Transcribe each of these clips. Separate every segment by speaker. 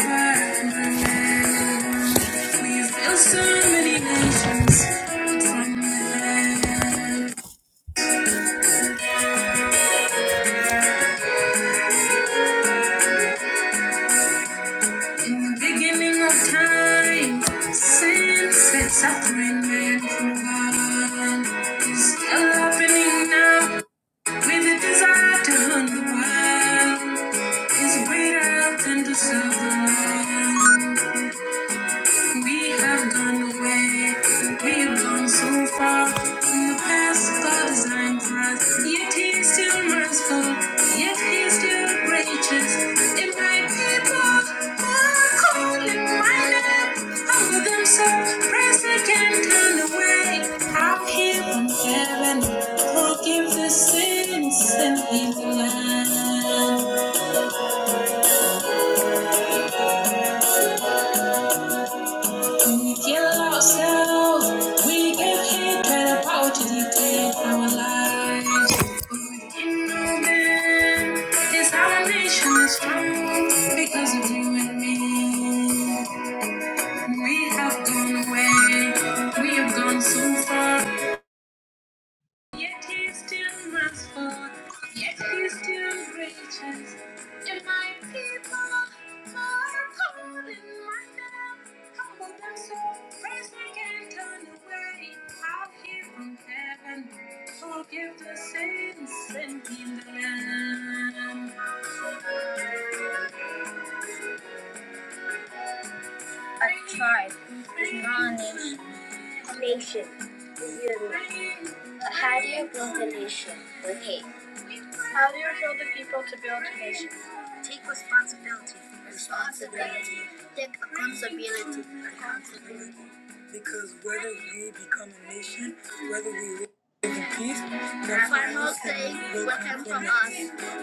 Speaker 1: Desire to understand Is greater than the sun. We have gone away. We have gone so far from the past God designed for us. Yet He is still merciful. Yet He is still gracious. If my people are calling my name, humble themselves, praise again, turn away. I'll hear from heaven, forgive the sins and heal the land. We kill ourselves. We give hate and the power to dictate our lives. Human is our nation is strong because of you and me. We have gone away. We have gone so far. Yet he still runs forth, yet he still reaches. And my people are called in my name. Humble themselves, praise me and turn away. I'll hear from heaven, forgive the sins and heal the land. Good morning. Beautiful. How do you build a nation Okay. How do you tell the people to build a nation? We have gone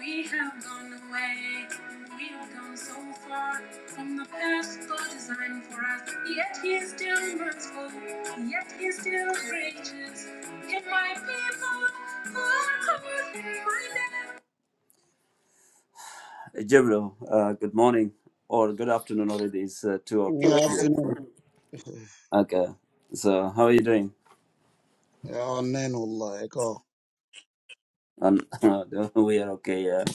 Speaker 1: away. We have gone so far from the past God designed for us. Yet He is still merciful. Yet He is still gracious. If my people who are called by name. Gabriel, uh, good morning or good afternoon already. It's uh, two o'clock
Speaker 2: يا
Speaker 1: here.
Speaker 2: اثنين
Speaker 1: Okay. So how are you doing?
Speaker 2: يا اثنين والله ايكو
Speaker 1: Um, we are okay. Yeah.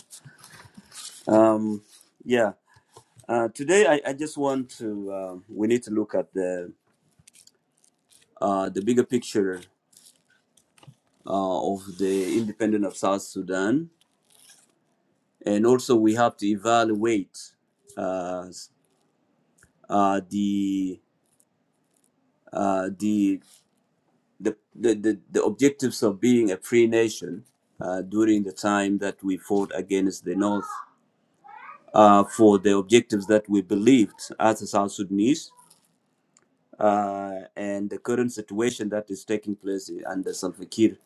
Speaker 1: Um. Yeah. Uh, today, I, I just want to. Uh, we need to look at the uh, the bigger picture uh, of the independence of South Sudan, and also we have to evaluate uh, uh, the, uh, the, the the the the objectives of being a free nation uh, during the time that we fought against the North uh, for the objectives that we believed as a South Sudanese. uh, and the current situation that is taking place under Salva Kiir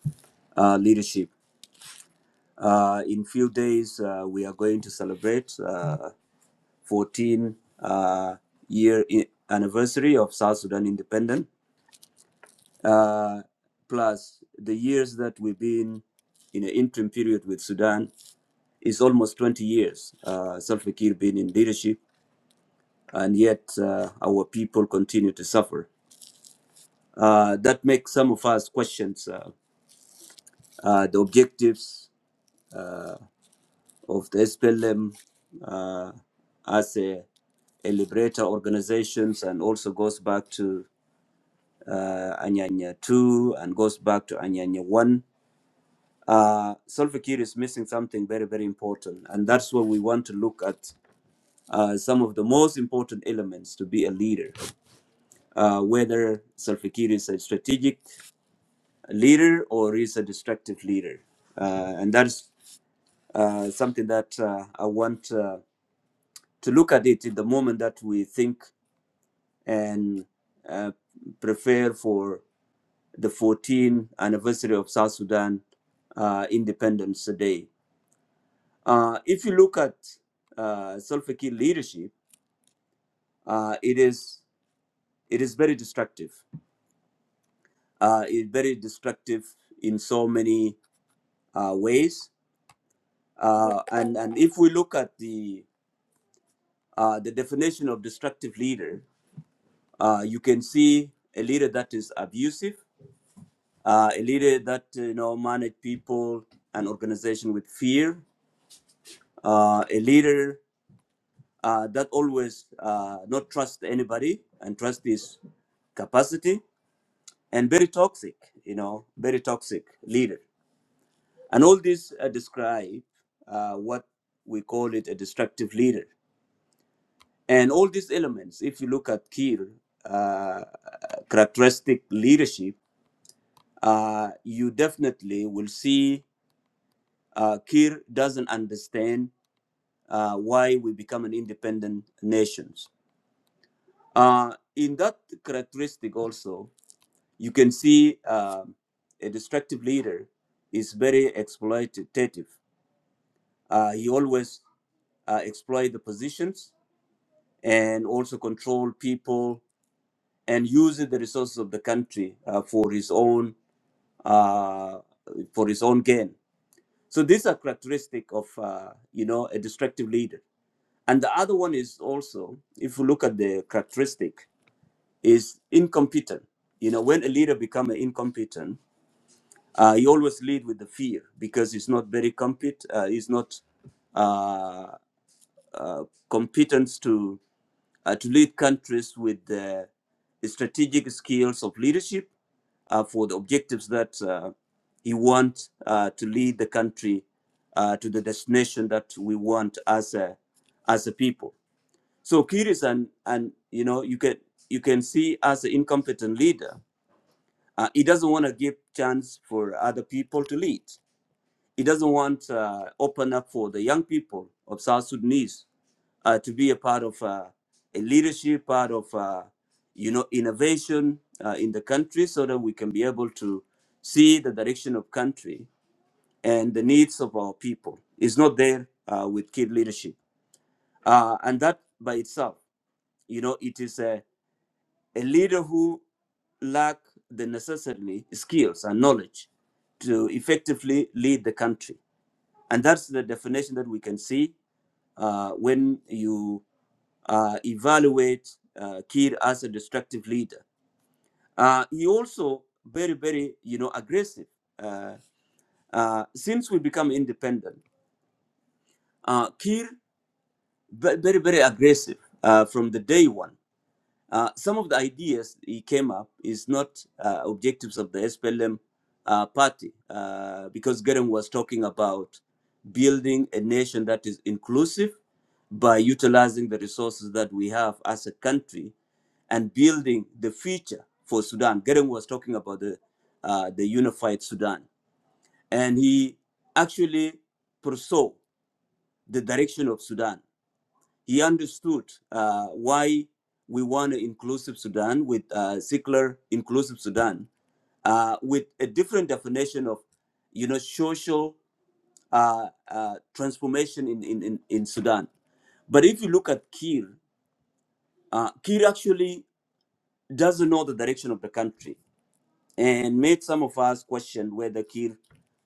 Speaker 1: uh, leadership. Uh, in few days, uh, we are going to celebrate uh, 14 uh, year i- anniversary of South Sudan independence, uh, plus the years that we've been in an interim period with Sudan is almost 20 years. Uh, Salva Kiir been in leadership, and yet uh, our people continue to suffer. Uh, that makes some of us questions uh, uh, the objectives uh, of the SPLM uh, as a, a liberator organizations and also goes back to uh, Anyanya 2 and goes back to Anyanya 1. Uh, Salva Kiir is missing something very, very important. And that's where we want to look at uh, some of the most important elements to be a leader, uh, whether Salva Kiir is a strategic leader or is a destructive leader. Uh, and that's uh, something that uh, I want uh, to look at it in the moment that we think and uh, prepare for the 14th anniversary of South Sudan uh, Independence Day. Uh, if you look at uh, Salva Kiir leadership, uh, it is it is very destructive. Uh, it's very destructive in so many uh, ways. Uh, and and if we look at the uh, the definition of destructive leader, Uh, you can see a leader that is abusive, uh, a leader that uh, you know manage people and organization with fear, uh, a leader uh, that always uh, not trust anybody and trust his capacity, and very toxic, you know, very toxic leader. And all these uh, describe uh, what we call it a destructive leader. And all these elements, if you look at Kier, uh, characteristic leadership uh, you definitely will see uh, Kir doesn't understand uh, why we become an independent nation. Uh, in that characteristic, also, you can see uh, a destructive leader is very exploitative. Uh, he always uh, exploit the positions and also control people and uses the resources of the country uh, for his own uh, for his own gain So these are characteristic of uh, you know a destructive leader. And the other one is also, if you look at the characteristic, is incompetent. You know, when a leader become incompetent, uh, he always lead with the fear because he's not very competent. Uh, he's not. uh, uh, competence to uh, to lead countries with the strategic skills of leadership uh, for the objectives that uh, he wants uh, to lead the country uh, to the destination that we want as a as a people. So Kir is an and you know you can you can see as an incompetent leader, uh, he doesn't want to give chance for other people to lead. He doesn't want to uh, open up for the young people of South Sudanese uh, to be a part of uh, a leadership, part of uh, you know innovation uh, in the country, so that we can be able to see the direction of country and the needs of our people. It's not there uh, with kid leadership, uh, and that by itself, you know, it is a, a leader who lack the necessarily skills and knowledge to effectively lead the country and that's the definition that we can see uh, when you uh, evaluate uh, Kir as a destructive leader. Uh, he also very, very, you know, aggressive. Uh, uh, since we become independent, uh, Kir ve- very, very aggressive uh, from the day one. Uh, some of the ideas he came up is not uh, objectives of the SPLM uh, party, uh, because Geren was talking about building a nation that is inclusive by utilizing the resources that we have as a country and building the future for Sudan. Geren was talking about the uh, the unified Sudan, and he actually foresaw the direction of Sudan. He understood uh, why we want an inclusive Sudan with uh, secular inclusive Sudan uh, with a different definition of, you know, social uh, uh, transformation in, in, in, in Sudan. But if you look at Kir, uh, Kir actually doesn't know the direction of the country and made some of us question whether Kir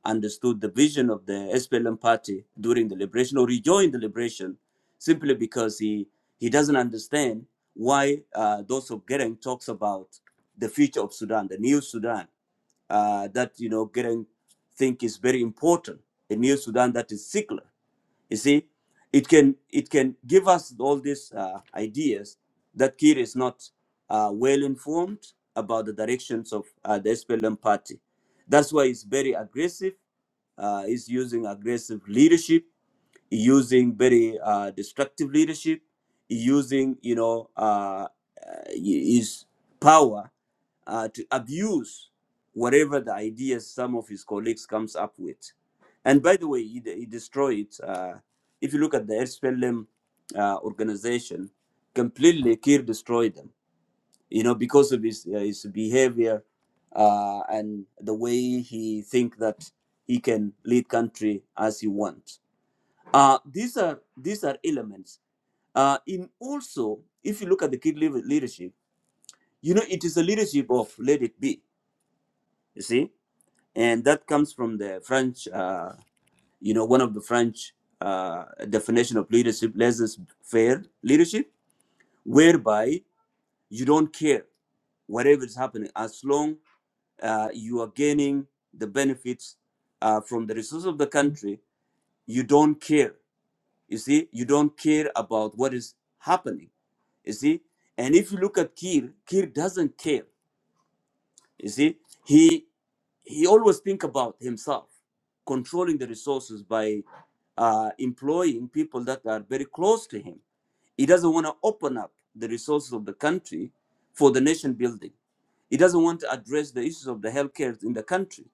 Speaker 1: understood the vision of the SPLM party during the liberation or rejoined the liberation simply because he, he doesn't understand why uh, those of Gereng talks about the future of Sudan, the new Sudan, uh, that, you know, Gereng think is very important, a new Sudan that is secular. You see, it can it can give us all these uh, ideas that Kir is not uh, well informed about the directions of uh, the SPLM party. That's why he's very aggressive. Uh, he's using aggressive leadership using very uh, destructive leadership, using you know uh, uh, his power uh, to abuse whatever the ideas some of his colleagues comes up with. And by the way, he, de- he destroyed. Uh, if you look at the SPLM uh, organization, completely Kir destroyed them. You know because of his uh, his behavior uh, and the way he think that he can lead country as he wants uh, these are these are elements. Uh, in also, if you look at the kid leader- leadership, you know it is a leadership of let it be. You see, and that comes from the French. Uh, you know, one of the French uh, definition of leadership, laissez faire leadership, whereby you don't care whatever is happening, as long uh, you are gaining the benefits uh, from the resources of the country, you don't care. You see, you don't care about what is happening You see, and if you look at Kir, Kir doesn't care. You see, he he always think about himself, controlling the resources by uh, employing people that are very close to him. He doesn't want to open up the resources of the country for the nation building. He doesn't want to address the issues of the healthcare in the country.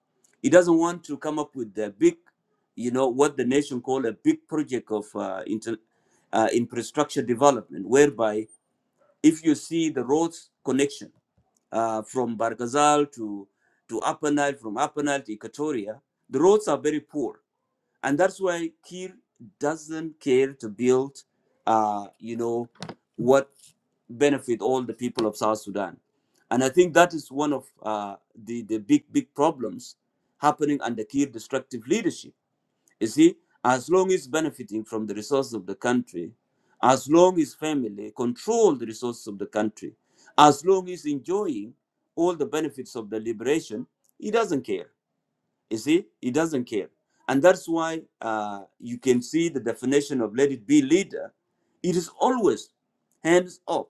Speaker 1: He doesn't want to come up with the big, you know, what the nation call a big project of uh, inter, uh, infrastructure development, whereby if you see the roads connection uh, from Bargazal to to Upper Nile, from Upper Nile to Equatoria, the roads are very poor, and that's why Kir doesn't care to build, uh, you know, what benefit all the people of South Sudan, and I think that is one of uh, the the big big problems happening under Kir destructive leadership you see, as long as benefiting from the resources of the country, as long as family control the resources of the country, as long as enjoying all the benefits of the liberation, he doesn't care. You see, he doesn't care. And that's why uh, you can see the definition of let it be leader. It is always hands off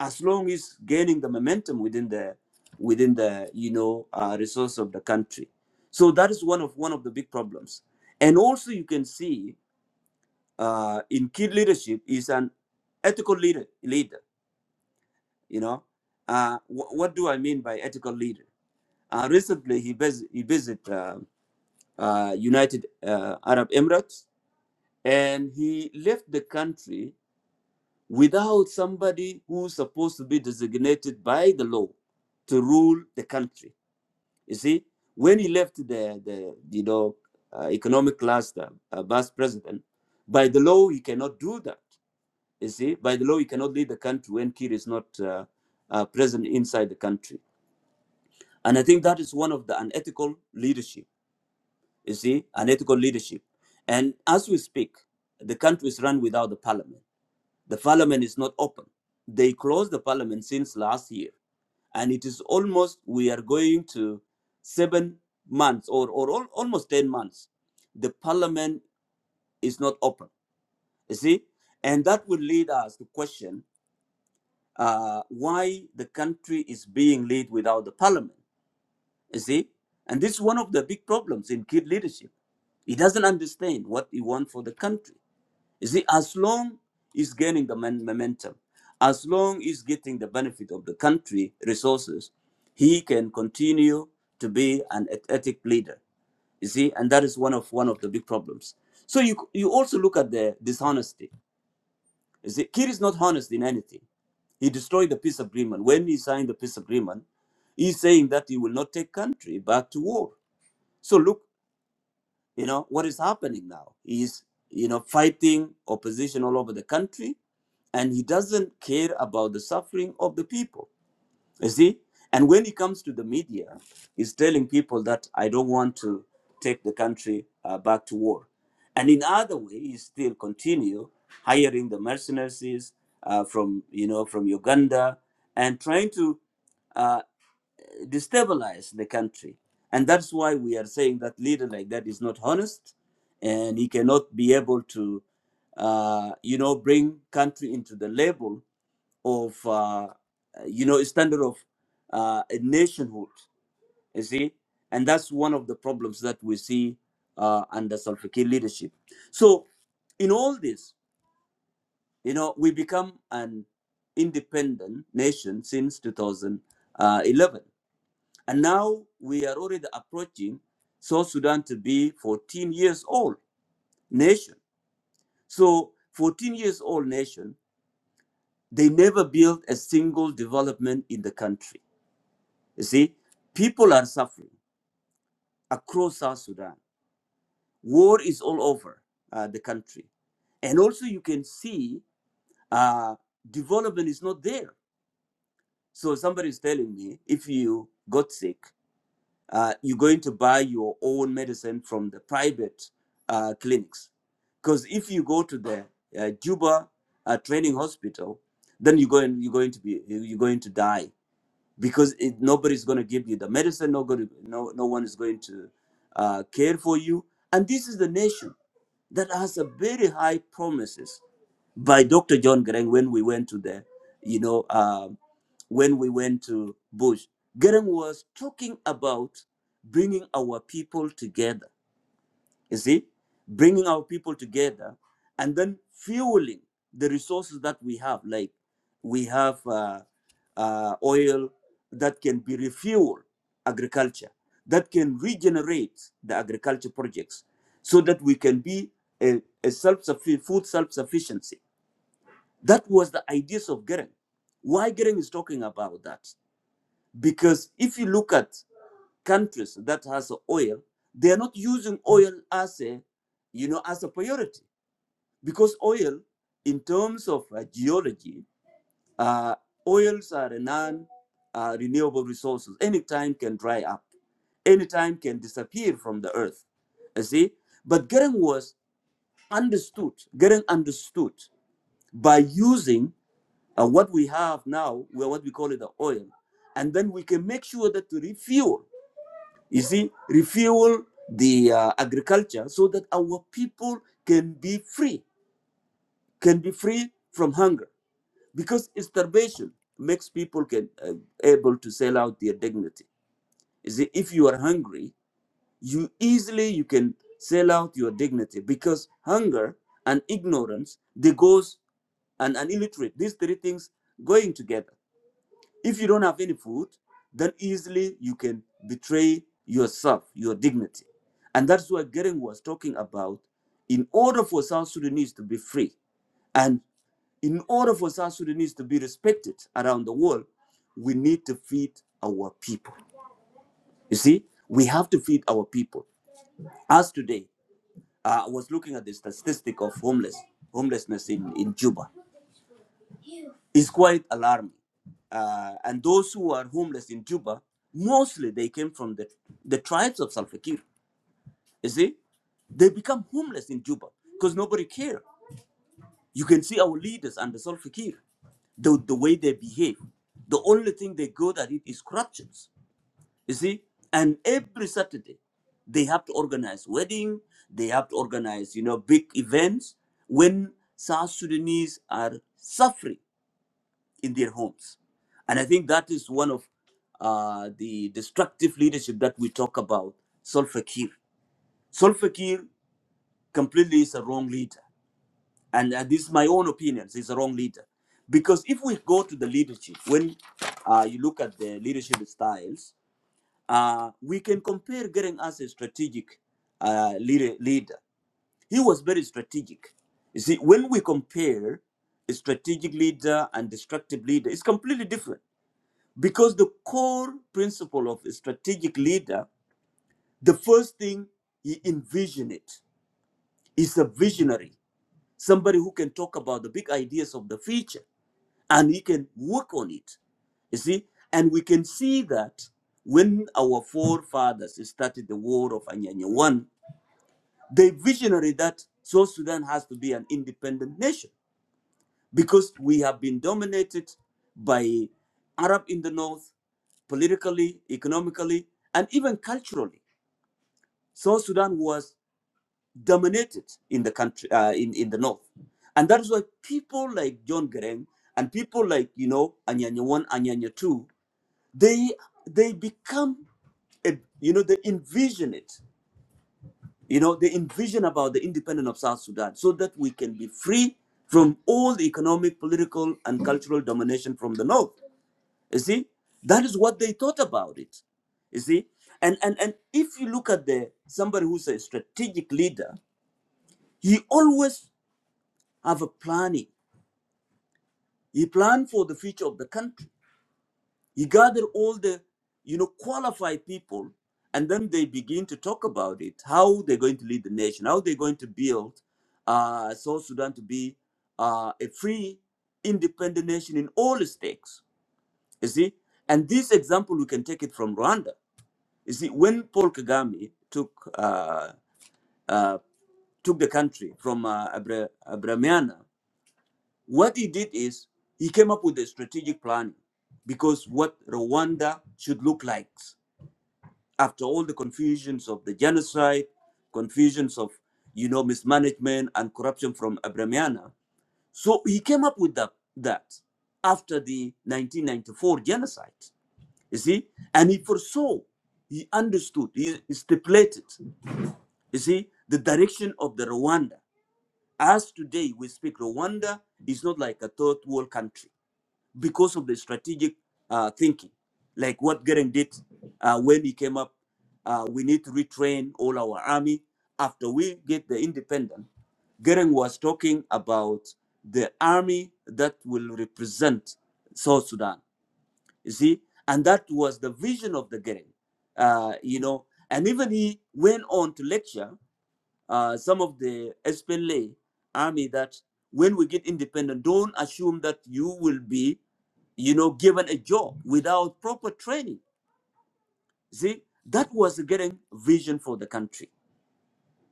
Speaker 1: as long as gaining the momentum within the within the you know uh, resource of the country so that is one of one of the big problems and also you can see uh, in kid leadership is an ethical leader leader you know uh, wh- what do i mean by ethical leader uh, recently he vis- he visited uh, uh, united uh, arab emirates and he left the country without somebody who's supposed to be designated by the law to rule the country. You see, when he left the, the you know, uh, economic cluster, uh, vice president, by the law, he cannot do that. You see, by the law, he cannot lead the country when Kir is not uh, uh, present inside the country. And I think that is one of the unethical leadership, you see, unethical leadership. And as we speak, the country is run without the parliament the parliament is not open. They closed the parliament since last year. And it is almost, we are going to seven months or, or al- almost 10 months. The parliament is not open. You see? And that will lead us to question uh, why the country is being led without the parliament. You see? And this is one of the big problems in kid leadership. He doesn't understand what he wants for the country. You see, as long he's gaining the men- momentum, as long he's getting the benefit of the country resources, he can continue to be an eth- ethic leader. You see, and that is one of one of the big problems. So you you also look at the dishonesty. You see, Kir is not honest in anything. He destroyed the peace agreement. When he signed the peace agreement, he's saying that he will not take country back to war. So look you know, what is happening now is, you know, fighting opposition all over the country, and he doesn't care about the suffering of the people. You see? And when he comes to the media, he's telling people that I don't want to take the country uh, back to war. And in other way, he still continue hiring the mercenaries uh, from, you know, from Uganda and trying to uh, destabilize the country. And that's why we are saying that leader like that is not honest, and he cannot be able to, uh, you know, bring country into the level of, uh, you know, standard of uh, a nationhood. You see, and that's one of the problems that we see uh, under Salva Kiir leadership. So, in all this, you know, we become an independent nation since 2011 and now we are already approaching South Sudan to be 14 years old nation. So 14 years old nation, they never built a single development in the country. You see, people are suffering across South Sudan. War is all over uh, the country. And also you can see uh, development is not there. So somebody is telling me if you got sick uh, you're going to buy your own medicine from the private uh, clinics. Because if you go to the uh, Juba uh, training hospital, then you're going, you're going to be you're going to die because it, nobody's going to give you the medicine no, gonna, no, no one is going to uh, care for you and this is the nation that has a very high promises by dr john Greng when we went to the you know um, when we went to bush Greng was talking about bringing our people together you see, bringing our people together and then fueling the resources that we have. Like we have uh, uh, oil that can be refuel agriculture, that can regenerate the agriculture projects so that we can be a, a self food self sufficiency. That was the ideas of Gering. Why Gering is talking about that? Because if you look at countries that has oil, they are not using oil as a, you know, as a priority because oil, in terms of uh, geology, uh, oils are a non uh, renewable resources. Any time can dry up, any time can disappear from the earth. You see, but Gering was understood. Gering understood by using uh, what we have now, well, what we call it the oil, and then we can make sure that to refuel you see, refuel the uh, agriculture so that our people can be free, can be free from hunger, because starvation makes people can uh, able to sell out their dignity. You see, if you are hungry, you easily you can sell out your dignity because hunger and ignorance they goes and, and illiterate these three things going together If you don't have any food, then easily you can betray yourself, your dignity. And that's what Gering was talking about. In order for South Sudanese to be free, and in order for South Sudanese to be respected around the world, we need to feed our people. You see, we have to feed our people. As today, uh, I was looking at the statistic of homeless homelessness in, in Juba. is quite alarming. Uh, and those who are homeless in Juba, mostly they came from the, the tribes of Salva Kiir. You see, they become homeless in Juba because nobody cares. You can see our leaders under Salva Kiir, the, the way they behave. The only thing they good at it is corruptions. You see, and every Saturday they have to organize wedding, they have to organize you know big events when South Sudanese are suffering in their homes. And I think that is one of uh, the destructive leadership that we talk about, Solfa Kiir. Solfa Kiir completely is a wrong leader. And uh, this is my own opinion, he's a wrong leader. Because if we go to the leadership, when uh, you look at the leadership styles, uh, we can compare Gering as a strategic uh, leader, leader. He was very strategic. You see, when we compare a strategic leader and destructive leader, it's completely different Because the core principle of a strategic leader, the first thing he envision it is a visionary, somebody who can talk about the big ideas of the future and he can work on it. You see, and we can see that when our forefathers started the war of Anyanyawan, they visionary that South Sudan has to be an independent nation because we have been dominated by Arab in the north politically, economically, and even culturally. South Sudan was dominated in the country, uh, in, in the north. And that is why people like John Geren and people like, you know, Anyanya 1, Anyanya 2, they, they become, a, you know, they envision it. You know, they envision about the independence of South Sudan so that we can be free from all the economic, political, and cultural domination from the north. You see, that is what they thought about it. You see, and and and if you look at the somebody who's a strategic leader, he always have a planning. He planned for the future of the country. He gathered all the you know qualified people, and then they begin to talk about it. How they're going to lead the nation. How they're going to build uh, South Sudan to be uh, a free, independent nation in all its stakes. You see, and this example we can take it from Rwanda You see, when Paul Kagame took uh, uh, took the country from uh, Abra- Abramiana, what he did is he came up with a strategic plan because what Rwanda should look like after all the confusions of the genocide, confusions of you know mismanagement and corruption from Abramiana. So he came up with that that after the 1994 genocide. You see, and he foresaw, he understood, he stipulated You see, the direction of the Rwanda, as today we speak, Rwanda is not like a third world country because of the strategic uh, thinking, like what Gering did uh, when he came up. Uh, we need to retrain all our army. After we get the independence, Gering was talking about the army that will represent South Sudan. You see, and that was the vision of the Gering. Uh, you know, and even he went on to lecture uh, some of the SPLA army that when we get independent, don't assume that you will be, you know, given a job without proper training. See, that was getting vision for the country.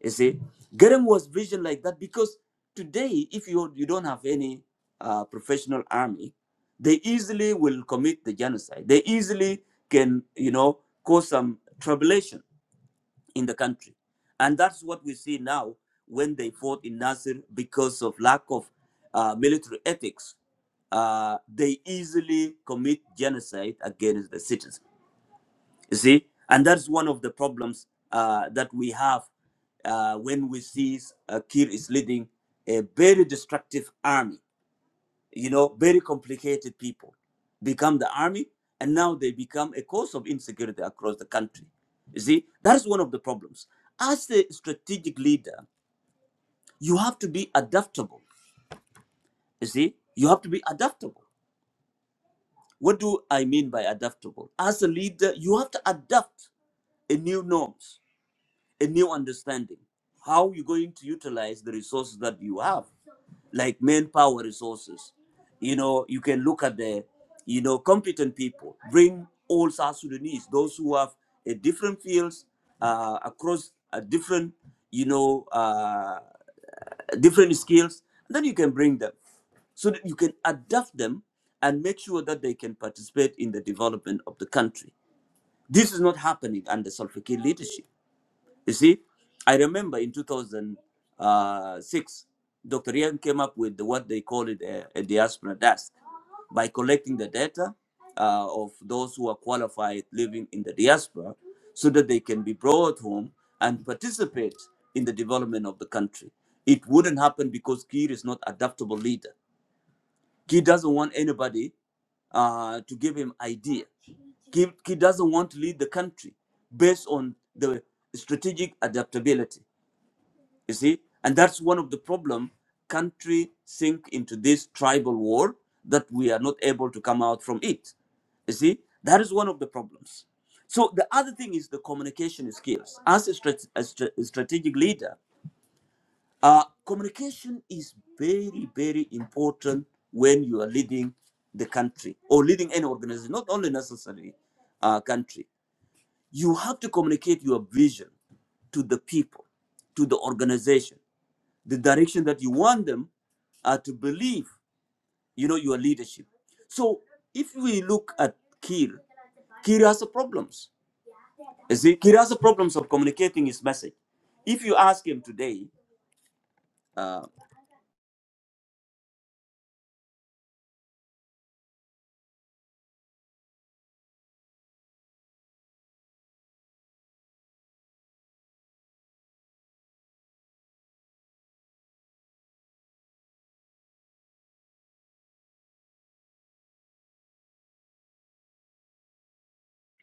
Speaker 1: You see, getting was vision like that because today, if you you don't have any uh, professional army, they easily will commit the genocide. They easily can, you know, cause some tribulation in the country. And that's what we see now when they fought in Nasir because of lack of uh, military ethics. Uh, they easily commit genocide against the citizens. You see, and that's one of the problems uh, that we have uh, when we see uh, Kir is leading a very destructive army you know, very complicated people become the army, and now they become a cause of insecurity across the country. You see, that is one of the problems. As a strategic leader, you have to be adaptable. You see, you have to be adaptable. What do I mean by adaptable? As a leader, you have to adapt a new norms a new understanding how you're going to utilize the resources that you have like manpower resources you know you can look at the you know competent people bring all south sudanese those who have a different fields uh, across a different you know uh, different skills and then you can bring them so that you can adapt them and make sure that they can participate in the development of the country this is not happening under Salva Kiir leadership you see, I remember in 2006, Dr. Young came up with what they call it a, a diaspora desk by collecting the data uh, of those who are qualified living in the diaspora so that they can be brought home and participate in the development of the country. It wouldn't happen because Kiir is not adaptable leader. Kiir doesn't want anybody uh, to give him idea. Kiir he doesn't want to lead the country based on the strategic adaptability you see and that's one of the problem country sink into this tribal war that we are not able to come out from it you see that is one of the problems so the other thing is the communication skills as a, strat- a stra- a strategic leader uh, communication is very very important when you are leading the country or leading any organization not only necessarily uh, country you have to communicate your vision to the people to the organization the direction that you want them are to believe, you know, your leadership. So if we look at Kir, Kir has a problems. You see, Kir has a problems of communicating his message. If you ask him today, uh,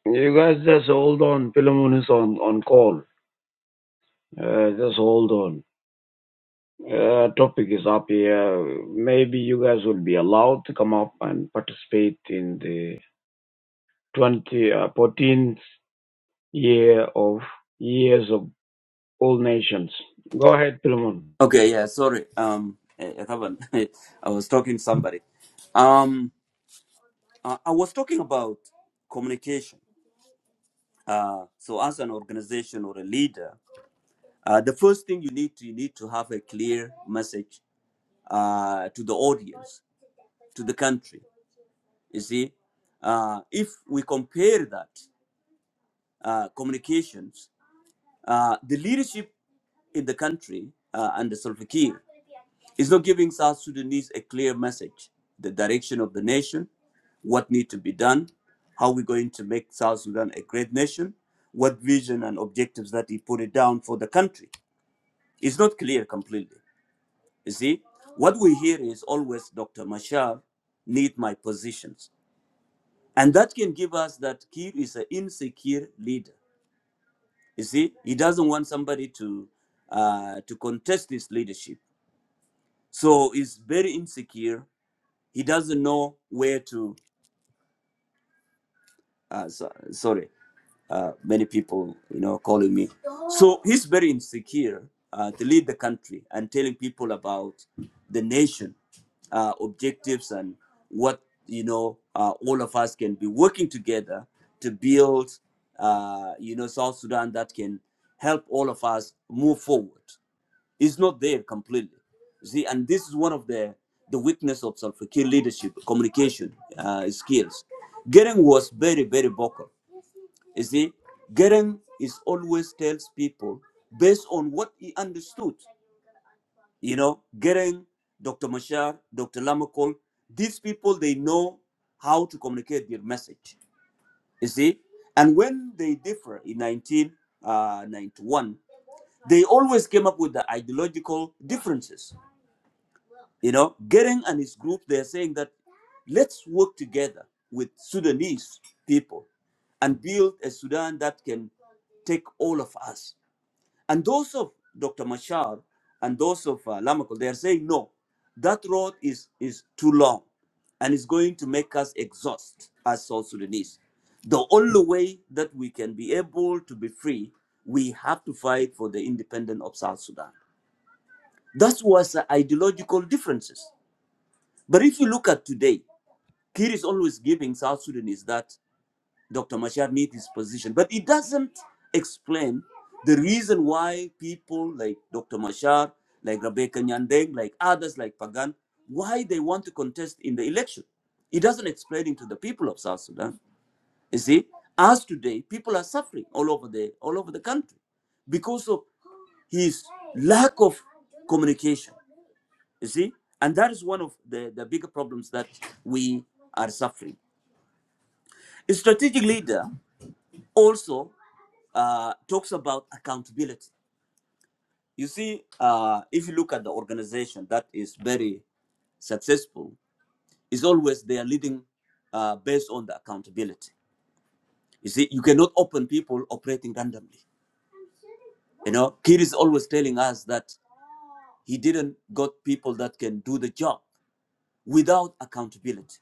Speaker 2: You guys just hold on. Philemon is on, on call. Uh, just hold on. Uh, topic is up here. Maybe you guys will be allowed to come up and participate in the 20, uh, 14th year of years of all nations. Go ahead, Philemon.
Speaker 1: okay, yeah, sorry, um, eh, eh, Taban, I was talking to somebody. Um, I I was talking about communication. Uh, so as an organization or a leader, uh, the first thing you need to you need to have a clear message uh, to the audience to the country. You see, uh, if we compare that uh, communications, uh, the leadership in the country uh, under Salva Kiir is not giving South Sudanese a clear message, the direction of the nation, what need to be done, how we're going to make South Sudan a great nation, what vision and objectives that he put it down for the country. It's not clear completely. You see, what we hear is always Dr. Mashar need my positions. And that can give us that Kir is an insecure leader. You see, he doesn't want somebody to uh, to contest his leadership. So he's very insecure. He doesn't know where to. uh, so, sorry, uh, many people, you know, calling me. So he's very insecure uh, to lead the country and telling people about the nation uh, objectives and what you know uh, all of us can be working together to build, uh, you know, South Sudan that can help all of us move forward. It's not there completely. You see, and this is one of the the weakness of Salva Kiir leadership, communication uh, skills. Gering was very, very vocal. You see, Gering is always tells people based on what he understood. You know, Gering, Dr. Mashar, Dr. Lamakol, these people they know how to communicate their message. You see, and when they differ in 1991, they always came up with the ideological differences You know, Gering and his group, they're saying that let's work together with Sudanese people and build a Sudan that can take all of us. And those of Dr. Machar and those of uh, Lamakol, they are saying, no, that road is, is too long and it's going to make us exhaust as South Sudanese. The only way that we can be able to be free, we have to fight for the independence of South Sudan. That was the ideological differences. But if you look at today, Kir is always giving South Sudanese that Dr. Machar needs his position, but it doesn't explain the reason why people like Dr. Machar, like Rebecca Nyandeng, like others like Pagan, why they want to contest in the election. It doesn't explain it to the people of South Sudan. You see, as today, people are suffering all over the all over the country because of his lack of communication you see? And that is one of the, the bigger problems that we are suffering. A strategic leader also uh, talks about accountability. You see, uh, if you look at the organization that is very successful, is always they are leading uh, based on the accountability. You see, you cannot open people operating randomly. You know, Kir is always telling us that he didn't got people that can do the job without accountability.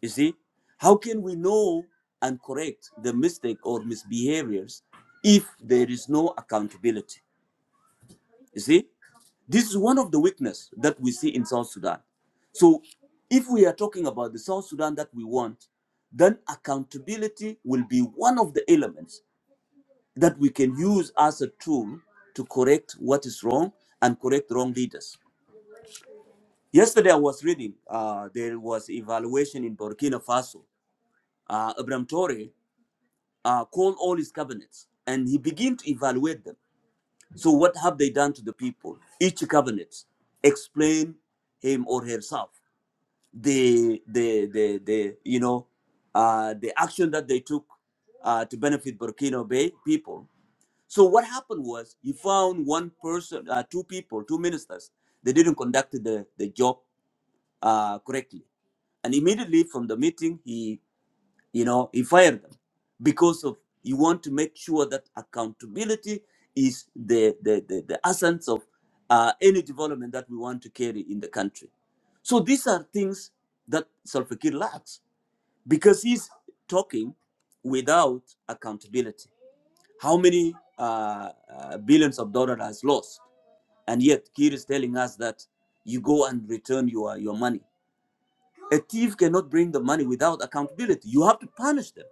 Speaker 1: You see, how can we know and correct the mistake or misbehaviors if there is no accountability? You see, this is one of the weakness that we see in South Sudan. So, if we are talking about the South Sudan that we want, then accountability will be one of the elements that we can use as a tool to correct what is wrong and correct wrong leaders. Yesterday, I was reading uh, there was evaluation in Burkina Faso. Uh, Abraham Tore uh, called all his cabinets and he began to evaluate them. So, what have they done to the people? Each cabinet explain him or herself the the the, the you know uh, the action that they took uh, to benefit Burkina Bay people. So, what happened was he found one person, uh, two people, two ministers. They didn't conduct the the job uh, correctly, and immediately from the meeting, he you know he fired them because of you want to make sure that accountability is the the the, the essence of uh, any development that we want to carry in the country so these are things that Salva Kiir lacks because he's talking without accountability how many uh, uh, billions of dollars has lost and yet Kiir is telling us that you go and return your your money a thief cannot bring the money without accountability you have to punish them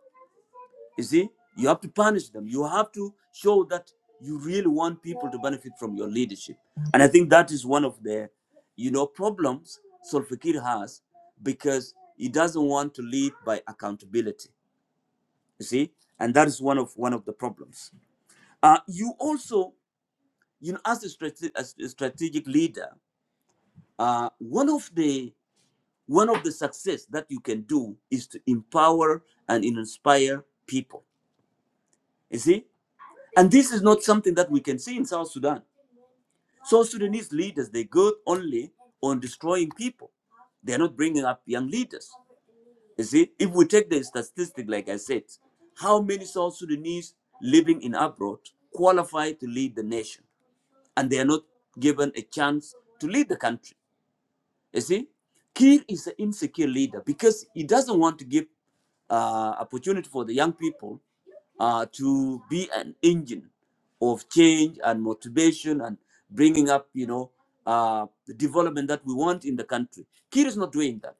Speaker 1: you see, you have to punish them. You have to show that you really want people to benefit from your leadership. And I think that is one of the, you know, problems Solfakir has because he doesn't want to lead by accountability. You see, and that is one of one of the problems. Uh, you also, you know, as a, strate- as a strategic leader, uh, one of the one of the success that you can do is to empower and inspire people. You see, And this is not something that we can see in South Sudan. South Sudanese leaders, they go only on destroying people. They're not bringing up young leaders. You see, if we take the statistic, like I said, how many South Sudanese living in abroad qualify to lead the nation? And they are not given a chance to lead the country. You see, Kiir is an insecure leader because he doesn't want to give uh, opportunity for the young people uh, to be an engine of change and motivation and bringing up, you know, uh, the development that we want in the country. Kiir is not doing that.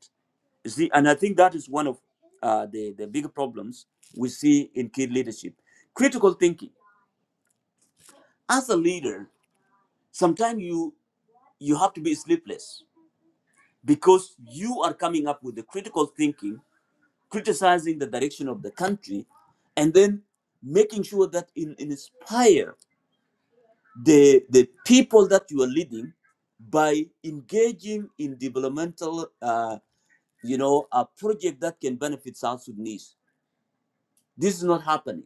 Speaker 1: You see, and I think that is one of uh, the, the big problems we see in Kiir leadership. Critical thinking. As a leader, sometimes you you have to be sleepless because you are coming up with the critical thinking, criticizing the direction of the country, and then making sure that in, inspire the the people that you are leading by engaging in developmental, uh, you know, a project that can benefit South Sudanese. This is not happening.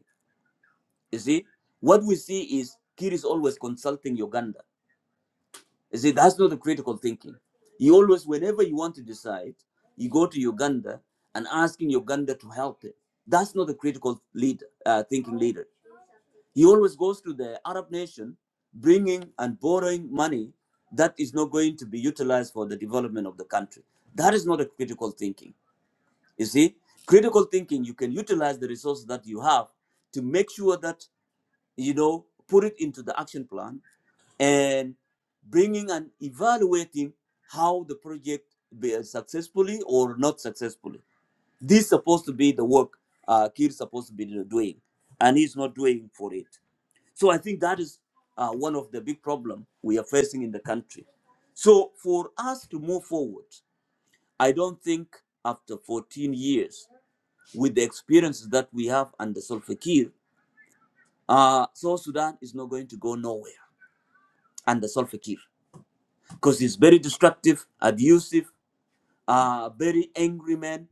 Speaker 1: You see, what we see is Kir is always consulting Uganda. You see, that's not the critical thinking. You always, whenever you want to decide, you go to Uganda and asking Uganda to help it. That's not a critical leader, uh, thinking leader. He always goes to the Arab nation, bringing and borrowing money that is not going to be utilized for the development of the country. That is not a critical thinking. You see, critical thinking, you can utilize the resources that you have to make sure that you know, put it into the action plan and bringing and evaluating how the project be successfully or not successfully. This is supposed to be the work uh, Kir is supposed to be doing, and he's not doing for it. So I think that is uh, one of the big problem we are facing in the country. So for us to move forward, I don't think after 14 years, with the experiences that we have under Solfakir, uh, South Sudan is not going to go nowhere and the Salva Kiir because he's very destructive, abusive, uh, very angry man.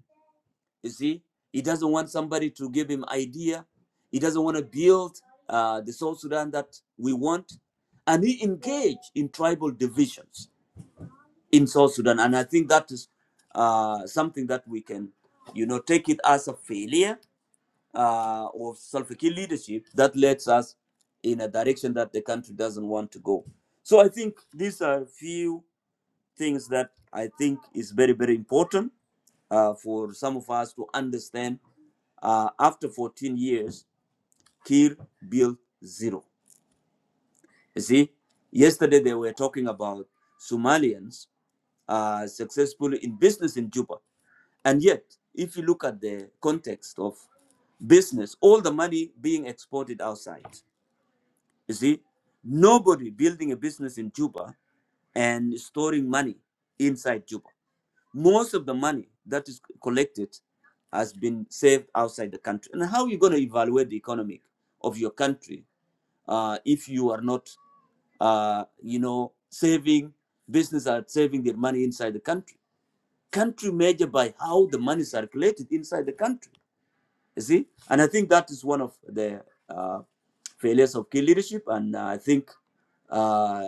Speaker 1: You see, he doesn't want somebody to give him idea. He doesn't want to build uh, the South Sudan that we want, and he engaged in tribal divisions in South Sudan. And I think that is uh, something that we can, you know, take it as a failure uh, of Salva Kiir leadership that leads us in a direction that the country doesn't want to go. So I think these are a few things that I think is very, very important uh, for some of us to understand. Uh, after 14 years, Kir built zero. You see, yesterday they were talking about Somalians uh, successful in business in Juba. And yet, if you look at the context of business, all the money being exported outside, you see, nobody building a business in Juba and storing money inside Juba. Most of the money that is collected has been saved outside the country. And how are you going to evaluate the economic of your country uh, if you are not, uh, you know, saving business are saving their money inside the country? Country measured by how the money is circulated inside the country. You see, and I think that is one of the uh, failures of key leadership. And I think uh,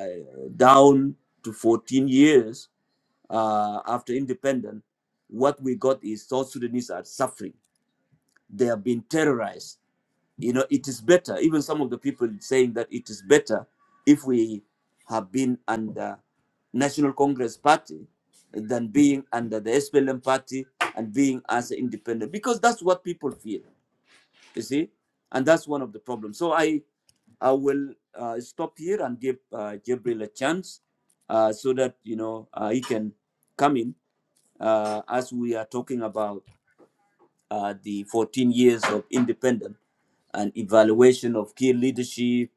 Speaker 1: down to 14 years uh, after independence, what we got is South Sudanese are suffering. They have been terrorized. You know, it is better. Even some of the people saying that it is better if we have been under National Congress Party than being under the SPLM party and being as independent, because that's what people feel you see and that's one of the problems so i i will uh, stop here and give uh, jibril a chance uh, so that you know uh, he can come in uh, as we are talking about uh, the 14 years of independence and evaluation of key leadership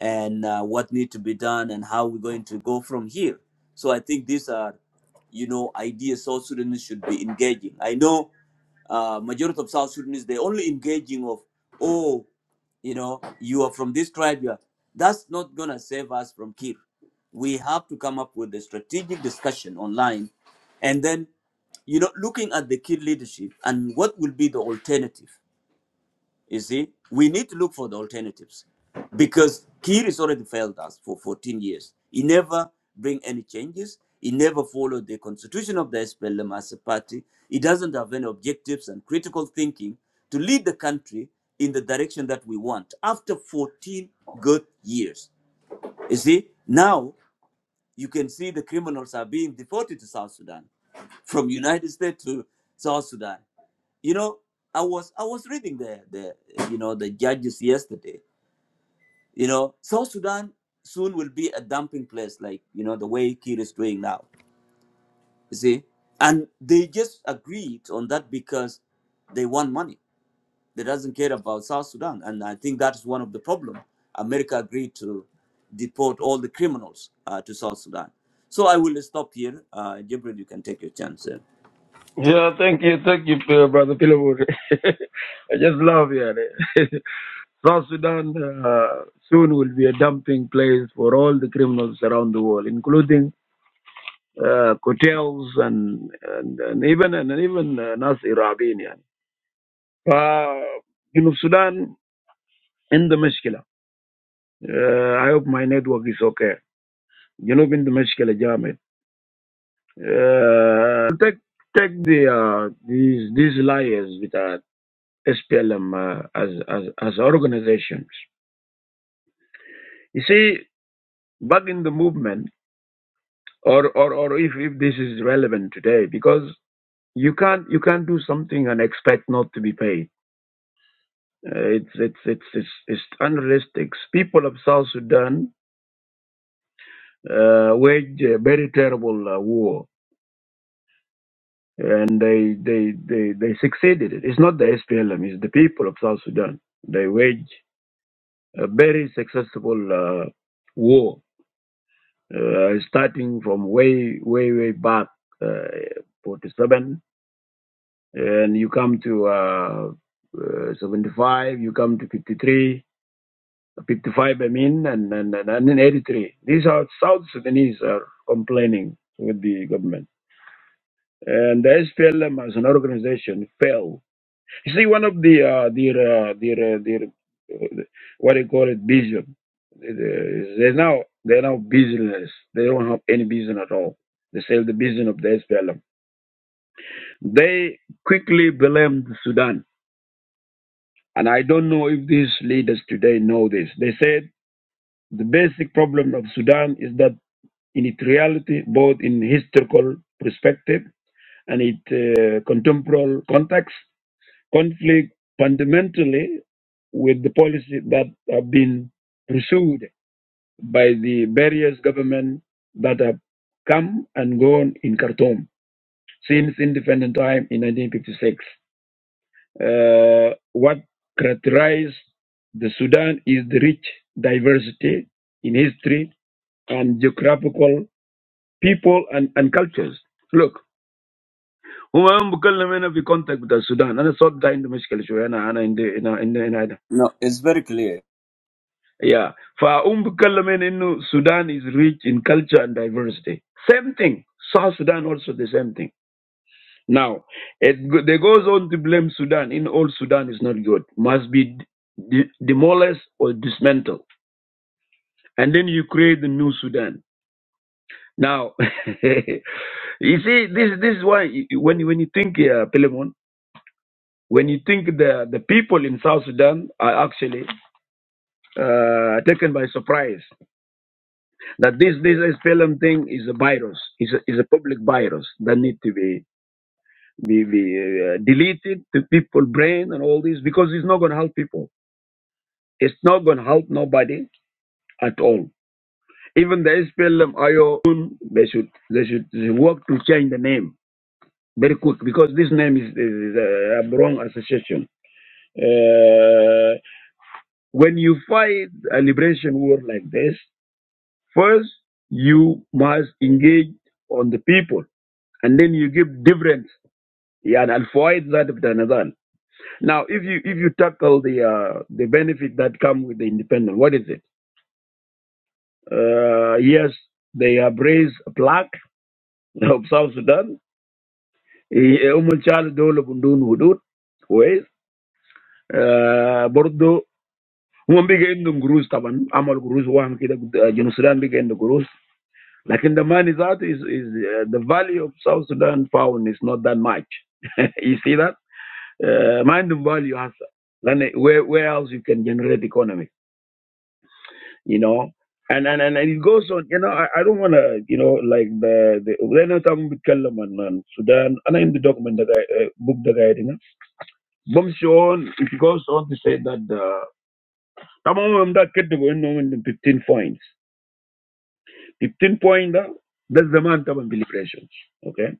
Speaker 1: and uh, what need to be done and how we're going to go from here. So I think these are, you know, ideas South Sudanese should be engaging. I know uh, majority of South Sudanese they only engaging of, oh, you know, you are from this tribe. You are. That's not gonna save us from Kir. We have to come up with a strategic discussion online, and then, you know, looking at the Kir leadership and what will be the alternative you see, we need to look for the alternatives because Kiir has already failed us for 14 years. He never bring any changes. He never followed the constitution of the SPLM as a party. He doesn't have any objectives and critical thinking to lead the country in the direction that we want after 14 good years. You see, now you can see the criminals are being deported to South Sudan, from United States to South Sudan you know i was i was reading the the you know the judges yesterday you know south sudan soon will be a dumping place like you know the way kid is doing now you see and they just agreed on that because they want money they doesn't care about south sudan and i think that's one of the problem america agreed to deport all the criminals uh, to south sudan so i will stop here uh jibril you can take your chance uh.
Speaker 2: Yeah, thank you, thank you, uh, brother Pilamur. I just love you. South Sudan uh, soon will be a dumping place for all the criminals around the world, including uh, cartels and, and, and even and even uh, Nas Irabin. يعني. ف جنوب السودان عنده مشكلة. Uh, I hope my network is okay. جنوب عنده مشكلة جامد. Uh, take take the uh, these these liars with uh, SPLM uh, as as as organizations. You see, back in the movement. or or or if if this is relevant today because you can't you can't do something and expect not to be paid uh, it's, it's it's it's it's unrealistic people of south sudan uh, waged a very terrible uh, war and they they they they succeeded it. it's not the SPLM it's the people of south sudan they waged a very successful uh, war uh, starting from way way way back uh, 47 and you come to uh, uh, 75, you come to 53, 55. I mean, and, and, and, and then 83. These are South Sudanese are complaining with the government. And the SPLM as an organization fell. You see, one of the, uh, their, uh, their, uh, their, uh, what do you call it, vision, they now, they're now business. They don't have any business at all. They sell the business of the SPLM. They quickly blamed Sudan And I don't know if these leaders today know this. They said the basic problem of Sudan is that in its reality, both in historical perspective and its uh, contemporary context, conflict fundamentally with the policy that have been pursued by the various governments that have come and gone in Khartoum since independent time in 1956. Uh, what characterizes the Sudan is the rich diversity in history and geographical people and, and cultures. Look, هو أنا بتكلم هنا في context بتاع السودان أنا صوت ده عندي مشكلة شوية أنا أنا عندي هنا عندي هنا هنا
Speaker 1: no it's very clear
Speaker 2: yeah فأم بتكلم هنا إنه Sudan is rich in culture and diversity same thing South Sudan also the same thing Now, it go- they goes on to blame Sudan. In all, Sudan is not good. Must be de- demolished or dismantled. And then you create the new Sudan. Now, you see, this this is why you- when you- when you think uh, Pilemon, when you think the the people in South Sudan are actually uh, taken by surprise that this this SPLM thing is a virus, is a, is a public virus that need to be be, be uh, deleted to people brain and all this because it's not going to help people It's not going to help nobody at all. Even the SPLM IO, they should they should work to change the name very quick because this name is, is a wrong association. Uh, when you fight a liberation war like this, first you must engage on the people, and then you give different. Yeah, and fight that of the Nazan. Now, if you if you tackle the uh, the benefit that come with the independent, what is it? Uh, yes, they have raised a plaque of South Sudan. هم شال دولة بدون حدود كويس آه، برضو هم بيجي عندهم قروش طبعا عملوا قروش وهم كده آه، جنوب السودان بيجي عنده قروش لكن the money that is, is uh, the value of South Sudan pound is not that much you see that uh, ما the value has. Then where, where else you can generate economy you know. And and and, and it goes on, you know. I, I don't want to, you know, like the the when I'm talking with Kalam and Sudan, and I'm the document that I uh, book that I read, Bum on it goes on to say that uh, tamam that kid going on 15 points, 15 point uh, that's the man tamam liberation, okay?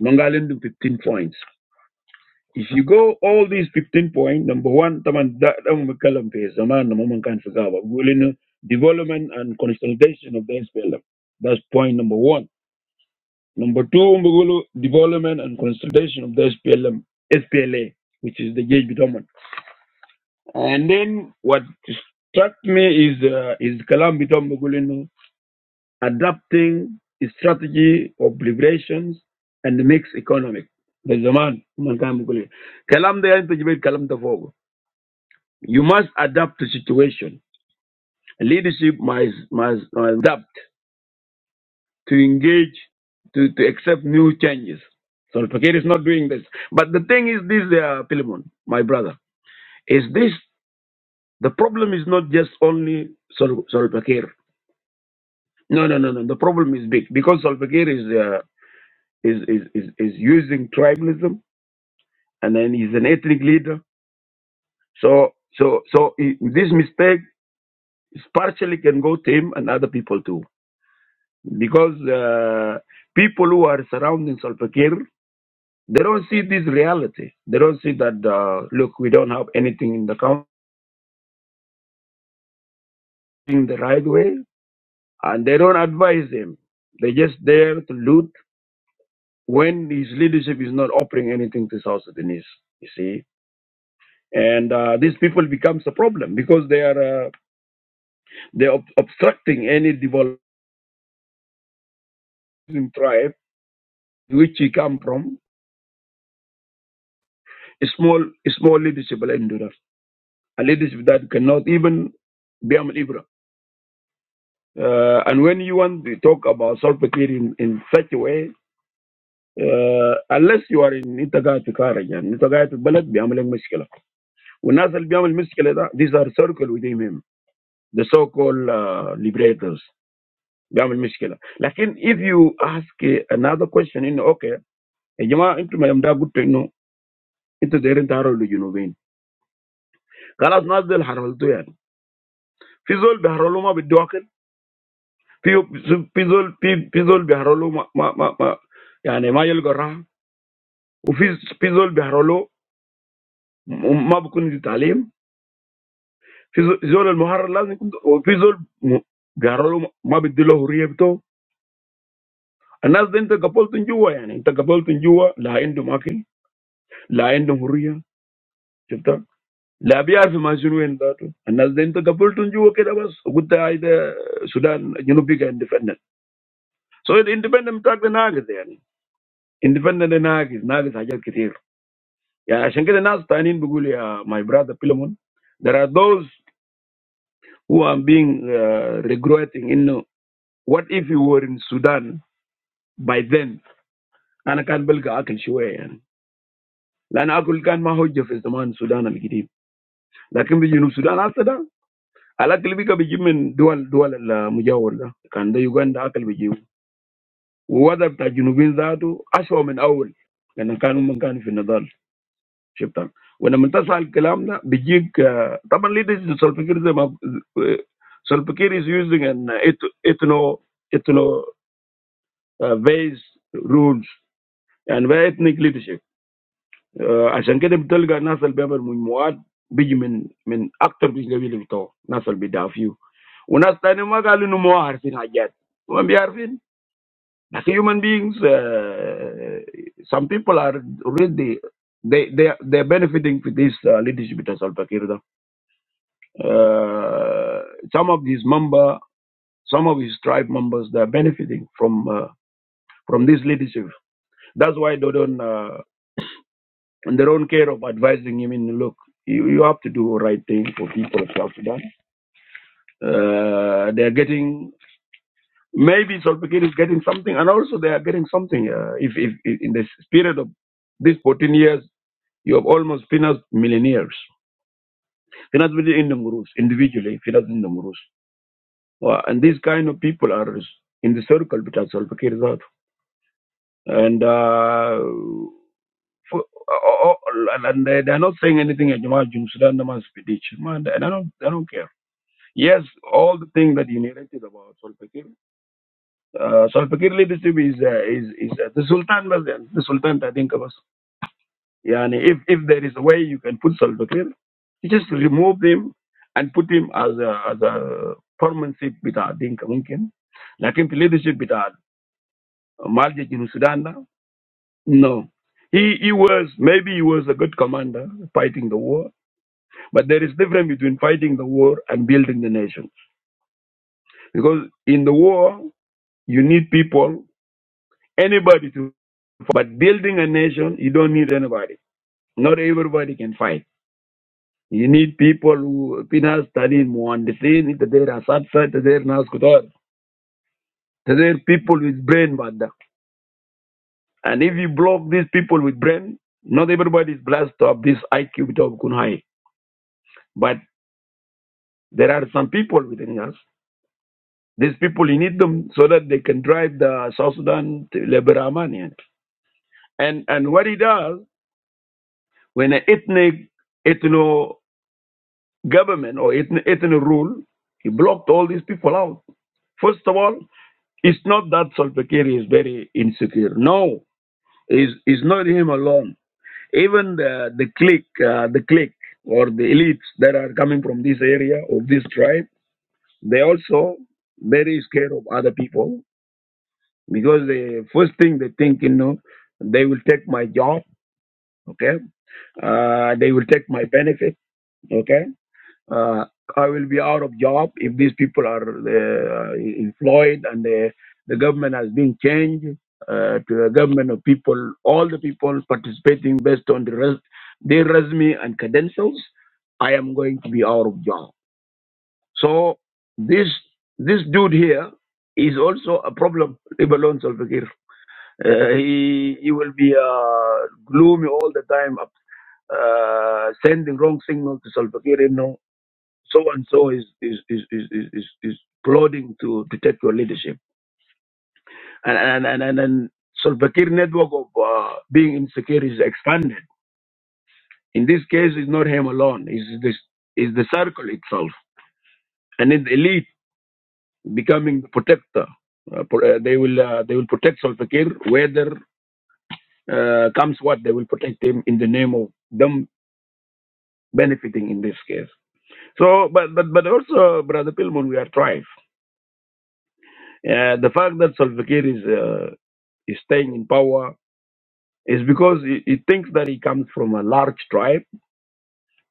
Speaker 2: Mangalin 15 points. If you go all these 15 points, number one, taman da dang magkalam pe zaman na mamang kan fagawa. Gulin development and consolidation of the SPLM. That's point number one. Number two, mbugulo development and consolidation of the SPLM, SPLA, which is the JB Domin. And then what struck me is uh, is kalam bitom mugulino adapting a strategy of liberations and mixed economic. The zaman man kan mugulin. Kalam da yan to jibit kalam da You must adapt to situation. Leadership must, must adapt to engage, to, to accept new changes. So Pakir is not doing this. But the thing is this, uh, Philemon, my brother, is this, the problem is not just only Sol, Sol Pakir. No, no, no, no. The problem is big because Sol Pakir is, uh, is, is, is, is using tribalism and then he's an ethnic leader. So, so, so he- this mistake partially can go to him and other people too. because uh, people who are surrounding Salva Kiir, they don't see this reality. They don't see that uh, look, we don't have anything in the country in the right way, and they don't advise him. They just there to loot when his leadership is not offering anything to South Sudanese. You see. And uh, these people becomes a problem because they are uh, they are ob- obstructing any developing tribe which he come from. A small, a small leadership. A leadership that cannot even be a liberator, and when you want to talk about something in in such a way, uh, unless you are in Ntagaya to Karanja, Ntagaya to Balat, be a little difficult. When others be a little difficult, these are circle within him, the so-called liberators, be a little difficult. But if you ask another question, in okay, if you want into my umda good thing, no, into the rentarolu you know when, because others the harolu do it. Physical haroluma be doaken. Fi fi zol fi zol biharolo ma ma ma yani ma yil gorah. Ufi zol biharolo ma bokun italim. Zol muharalaz ni kunta zol biharolo ma bidilohuriye bto. Anazden ta gabol tunjuwa yani. Ta gabol tunjuwa la endumaki la enduhuriya. Chonta la biar fi ma junu endato. Anazden ta gabol tunjuwa ke da bas. O kute ayda Sudan junupika independent. So independent taqdan nagiz yani. Independent nagiz nagiz ajal kithir. Yeah, I shouldn't get a nasty. I didn't begulia my brother Pillamon. There are those who are being regrowing. You know, what if you were in Sudan by then? I can't believe I can show you. And I can't believe I can show you. I can't believe I can show you. I can't believe I can show you. I can't believe I can show you. I can't believe I can show you. When a mental health club, na, big, uh, top leaders in South Africa is using an ethno-ethno-based rules and where ethnic leadership. As I'm getting told, Ghana's Albert Mugwa big men, men, actor, business leader, Victor, Ghana's Albert Dafiu. When a certain magalu number has been hired, human beings. uh, Some people are really they they they are benefiting with this uh, leadership in South Africa. Uh, some of these member, some of his tribe members, they are benefiting from uh, from this leadership. That's why they don't uh, in their own care of advising him. In look, you, you have to do the right thing for people of South Sudan. Uh, they are getting maybe Solpikir is getting something, and also they are getting something. Uh, if, if if in this period of these 14 years, you have almost financed millionaires, financed within Indian gurus individually, financed Indian Well, and these kind of people are in the circle between Salva Kiir that. And, uh, for, oh, oh, and and they, they're not saying anything about Jum Sudan they must be ditched. Man, and I don't, I don't care. Yes, all the things that you narrated about Salva Kiir, uh, Salva Kiir leadership is, uh, is, is uh, the Sultan was there, the Sultan Tadinkabas. Yani, if, if there is a way you can put Salva Kiir, you just remove him and put him as a, as a permanent seat with Adinka Mungkin. Like in the leadership with Malja in Sudan now? No. He, he was, maybe he was a good commander fighting the war, but there is difference between fighting the war and building the nation. Because in the war, you need people, anybody to, but building a nation, you don't need anybody. Not everybody can fight. You need people who, pinas tanin muandisin, there are there naskutar, there people with brain, bada. And if you block these people with brain, not everybody is blessed to have this IQ to have kun But there are some people within us. These people, you need them so that they can drive the South Sudan to Liberamania. And and what it does when an ethnic ethno government or ethno, ethno rule, he blocked all these people out. First of all, it's not that Salva Kiir is very insecure. No, it's, it's not him alone. Even the the clique, uh, the clique or the elites that are coming from this area of this tribe, they also very scared of other people because the first thing they think, you know, they will take my job, okay? Uh, they will take my benefit, okay? Uh, I will be out of job if these people are uh, employed and the, the government has been changed uh, to a government of people, all the people participating based on the res- their resume and credentials. I am going to be out of job. So this this dude here is also a problem, leave alone Salva Kiir. Uh, he, he will be uh, gloomy all the time, uh, sending wrong signal to Salva Kiir. You know, so and so is is is is is, is, is plotting to, to take your leadership, and and and and, and Salva Kiir network of uh, being insecure is expanded. In this case, it's not him alone. It's this is the circle itself, and then the elite becoming the protector. Uh, pro- uh, they will uh, they will protect Salva Kiir, whether uh, comes what they will protect him in the name of them benefiting in this case. So, but but, but also, Brother Pillman, we are thrived. Uh, the fact that Salva Kiir is uh, is staying in power is because he, he thinks that he comes from a large tribe,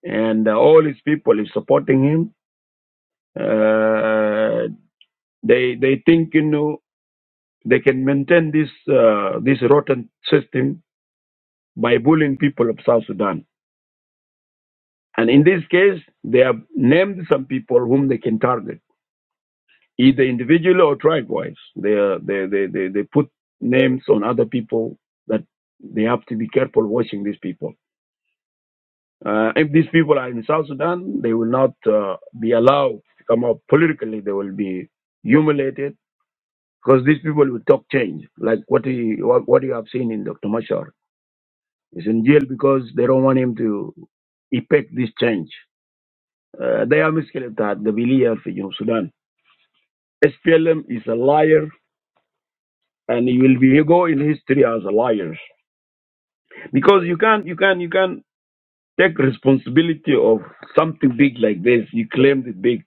Speaker 2: and uh, all his people is supporting him. Uh, they they think you know they can maintain this uh, this rotten system by bullying people of South Sudan. And in this case, they have named some people whom they can target either individually or tribe-wise. They, they, they, they, they put names on other people that they have to be careful watching these people. Uh, if these people are in South Sudan, they will not uh, be allowed to come up politically. They will be humiliated because these people will talk change, like what you, what, what you have seen in Dr. Mashar. He's in jail because they don't want him to effect this change. Uh, they are misled that the belief in Sudan. SPLM is a liar and he will be he go in history as a liar because you can't you can you can take responsibility of something big like this you claimed it big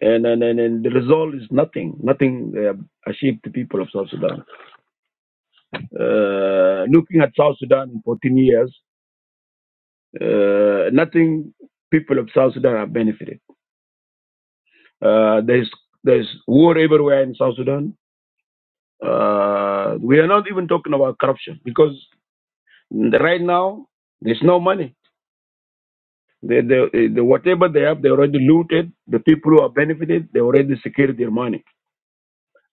Speaker 2: and and and, and the result is nothing nothing uh, achieved the people of south sudan uh, looking at south sudan in 14 years uh, nothing people of south sudan have benefited uh, there's there's war everywhere in south sudan uh, we are not even talking about corruption because right now there's no money They, they, they, whatever they have, they already looted. The people who are benefited, they already secured their money.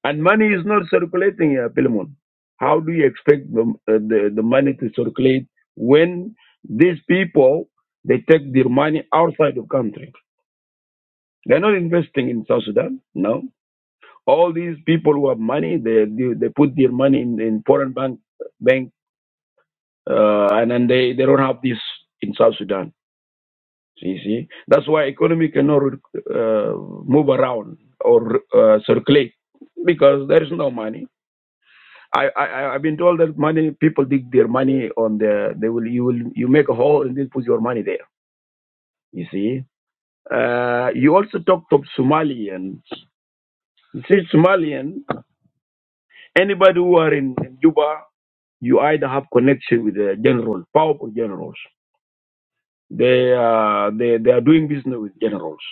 Speaker 2: And money is not circulating here, Pilimon. How do you expect the, uh, the, the money to circulate when these people, they take their money outside of country? They're not investing in South Sudan, no. All these people who have money, they they, they put their money in, in foreign bank, bank uh, and then they, they don't have this in South Sudan. So you see, that's why economy cannot uh, move around or uh, circulate because there is no money. I, I I- have been told that money people dig their money on the they will you will you make a hole and then put your money there. You see, uh, you also talk to Somalians. You see, Somalian anybody who are in, in Juba, you either have connection with the general, powerful generals. They uh, they they are doing business with generals.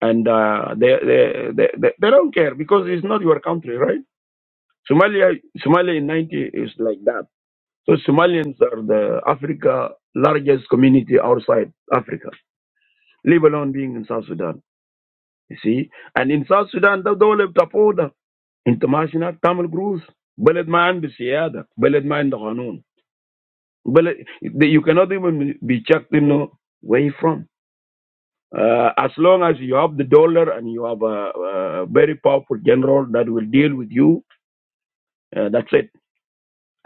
Speaker 2: and uh, they, they, they, they they don't care because it's not your country, right? Somalia, Somalia in 90 is like that. So Somalians are the Africa largest community outside Africa, leave alone being in South Sudan. You see, and in South Sudan, the دولة بتفوضى international تعمل قروش بلد ما عنده سيادة بلد ما عنده قانون بلد you cannot even be checked you know where you from Uh, as long as you have the dollar and you have a, a very powerful general that will deal with you, uh, that's it.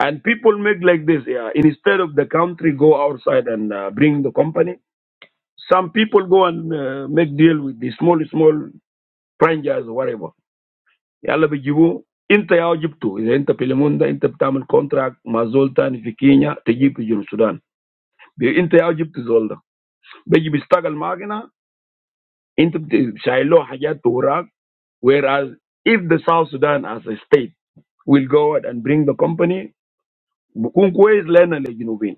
Speaker 2: And people make like this. Yeah. Instead of the country go outside and uh, bring the company, some people go and uh, make deal with the small, small franchise or whatever. يلا بيجيبوه انت يا جبته اذا انت في ليموندا انت بتعمل كونتراكت مع زول تاني في كينيا تجيب في جنوب السودان بي- انت يا جبت زول ده بيجي بيشتغل معاك هنا Whereas if the South Sudan as a state will go out and bring the company, بكون كويس لنا للجنوبين.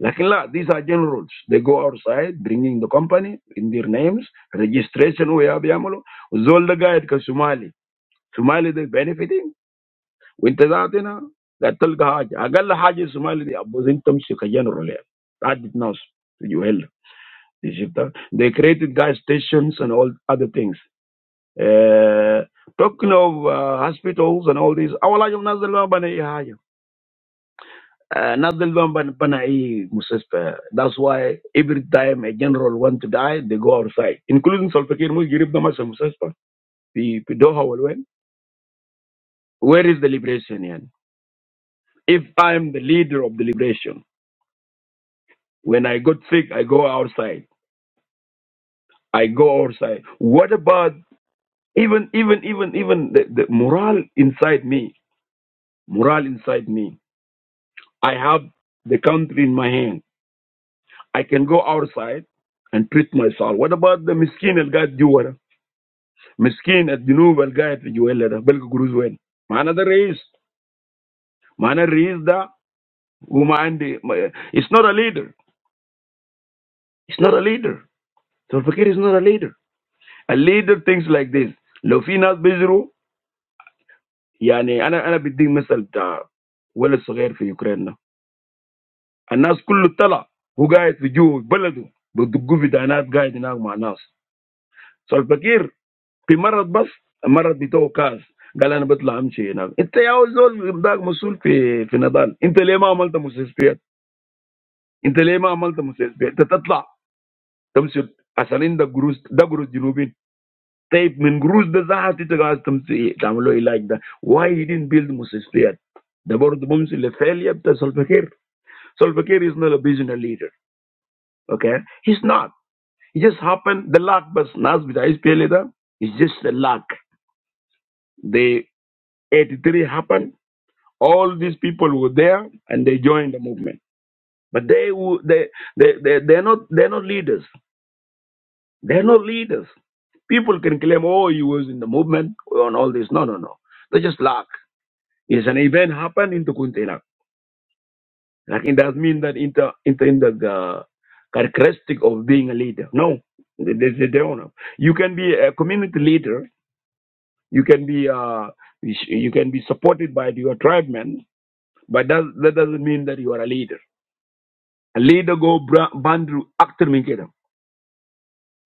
Speaker 2: لكن لا these are generals they go outside bringing the company in their names registration ويا بيعملوا والزول ده قاعد كصومالي Somali they benefiting وانت ذاتنا قاعد تلقى حاجه اقل حاجه الصومالي دي ابوزين تمشي كجنرال يعني تعدد ناس تجي وهلا دي شفتها they created gas stations and all other things Uh, talking of uh, hospitals and all this, awala yung nazil ba bana ihayo? Nazil ba bana bana i musaspa? That's why every time a general want to die, they go outside. Including Solfakir Mus girib na masa musaspa. Pi pi doha walwen. Where is the liberation yan? If I'm the leader of the liberation, when I got sick, I go outside. I go outside. What about even even even even the, the morale inside me? Morale inside me. I have the country in my hand. I can go outside and treat myself. What about the miskin? El guy do what? Miskin at the new will guide you. El leader, Bel Guru's well. Another is, another is the woman. It's not a leader. It's not a leader. So, Pakir is not a leader. A leader thinks like this. Lo fi nas bezero. I mean, I I be doing, for example, the wells small in Ukraine. The people all the time who guide the Jew, Belledu, but the Guru did not guide the wrong man. So, Pakir. في مرض بس المرض بتوع كاس قال انا بطلع امشي هناك انت يا أول زول ده مسؤول في في نضال انت ليه ما عملت مستشفيات انت ليه ما عملت مستشفيات انت تطلع تمشي عشان عندك جروز ده جروز جنوبين طيب من جروز ده زحت انت قاعد تمشي تعمل له علاج ده why he didn't build مستشفيات ده برضه بمشي للفالية بتاع سلفاكير سلفاكير is not a visionary leader okay he's not he just happened the luck بس ناس بتاع اس بي ال ده is just the luck they 83 happened all these people were there and they joined the movement but they wo- they they, they they're not they're not leaders they're not leaders people can claim oh he was in the movement and all this no no no they just luck is an event happened in Tukuntina. Like it does mean that inter inter in the uh, characteristic of being a leader. No, they, they, they don't know. You can be a community leader. You can be uh, you sh- you can be supported by your tribe men, but that that doesn't mean that you are a leader اللي جو باندرو اكتر من كده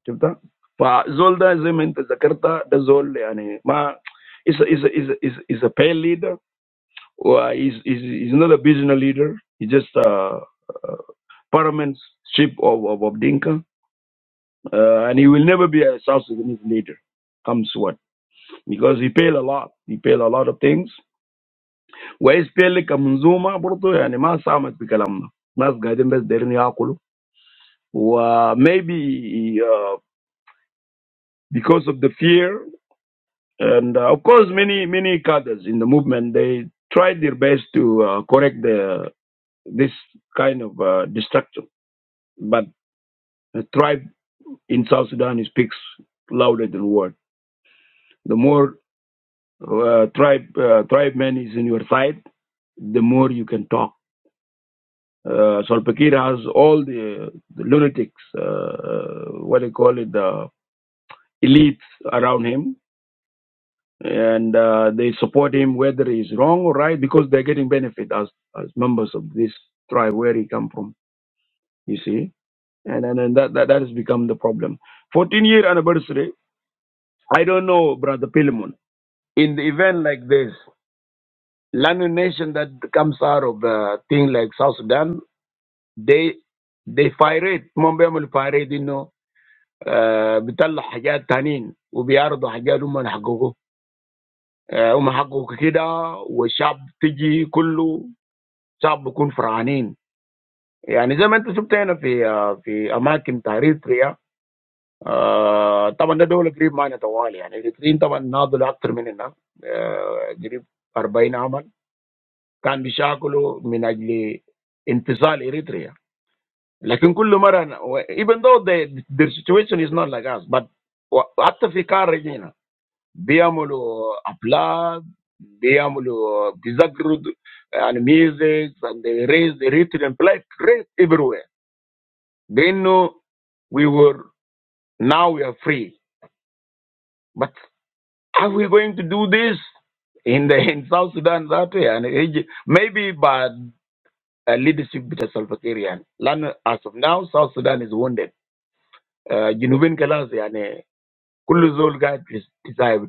Speaker 2: شفتها فزول ده زي ما انت ذكرت ده زول يعني ما is a, is a, is a, is a, is a pale leader or is is is not a business leader he's just a a parliament ship of of, of Dinka uh, and he will never be a South Sudanese leader comes what because he pale a lot he pale a lot of things وإيش بيل كمنظومة برضه يعني ما ساهمت بكلامنا ناس قاعدين بس دايرين ياكلوا و maybe uh, because of the fear. And uh, of course, many many cadres in the movement they tried their best to uh, correct the this kind of uh, destruction. But the tribe in South Sudan speaks louder than word. The more uh, tribe uh, tribe man is in your side, the more you can talk. Uh, Salva Kiir has all the, the lunatics, uh, uh, what do you call it, the elites around him, and uh, they support him whether he's wrong or right because they're getting benefit as as members of this tribe where he come from you see and and, and that, that that has become the problem 14 year anniversary i don't know brother pilimon in the event like this Lanu nation that comes out of uh, thing like South Sudan, they they pirate, هم بيعملوا pirate انه آه بيطلع حاجات تانيين وبيعرضوا حاجات هم اللي حققوه آه هم حققوا كده والشعب تجي كله الشعب بيكون فرحانين يعني زي ما انت شفت هنا في آه، في اماكن بتاع اريتريا. آه، طبعا ده دوله قريب معنا طوال يعني. الاريتريين طبعا ناضلوا اكثر مننا، آه، قريب أربعين عاما كان بيشاكلوا من اجل انفصال اريتريا. لكن كل مره أنا- و- Even though the the situation is not like us, but what the car region? We have a lot. We have disagreements and music and the race, the religion, play great everywhere. They know we were now we are free. But are we going to do this in the in South Sudan that way? And Egypt? maybe by uh, leadership with the Salva Kiir. and Land as of now, South Sudan is wounded. Uh, Junubin Kalas, and kullu zol gad is desire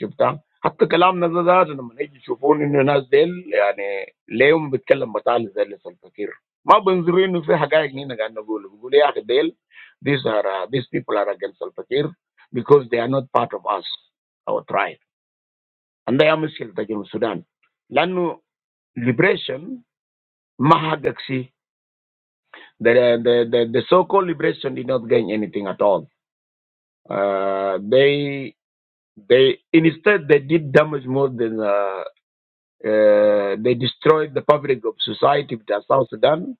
Speaker 2: شفتها حتى كلامنا ده ذاته لما يجي يشوفون انه الناس ديل يعني ليهم بيتكلم بطال زي اللي الفقير ما بينظروا انه في حقائق هنا قاعد نقول بيقول يا اخي ديل these are uh, these people are against الفقير because they are not part of us our tribe and they are مشكلة تجي من السودان لانه liberation ما حقق شيء the, the, the, the so-called liberation did not gain anything at all uh, they they instead they did damage more than uh, Uh, they destroyed the fabric of society with their South Sudan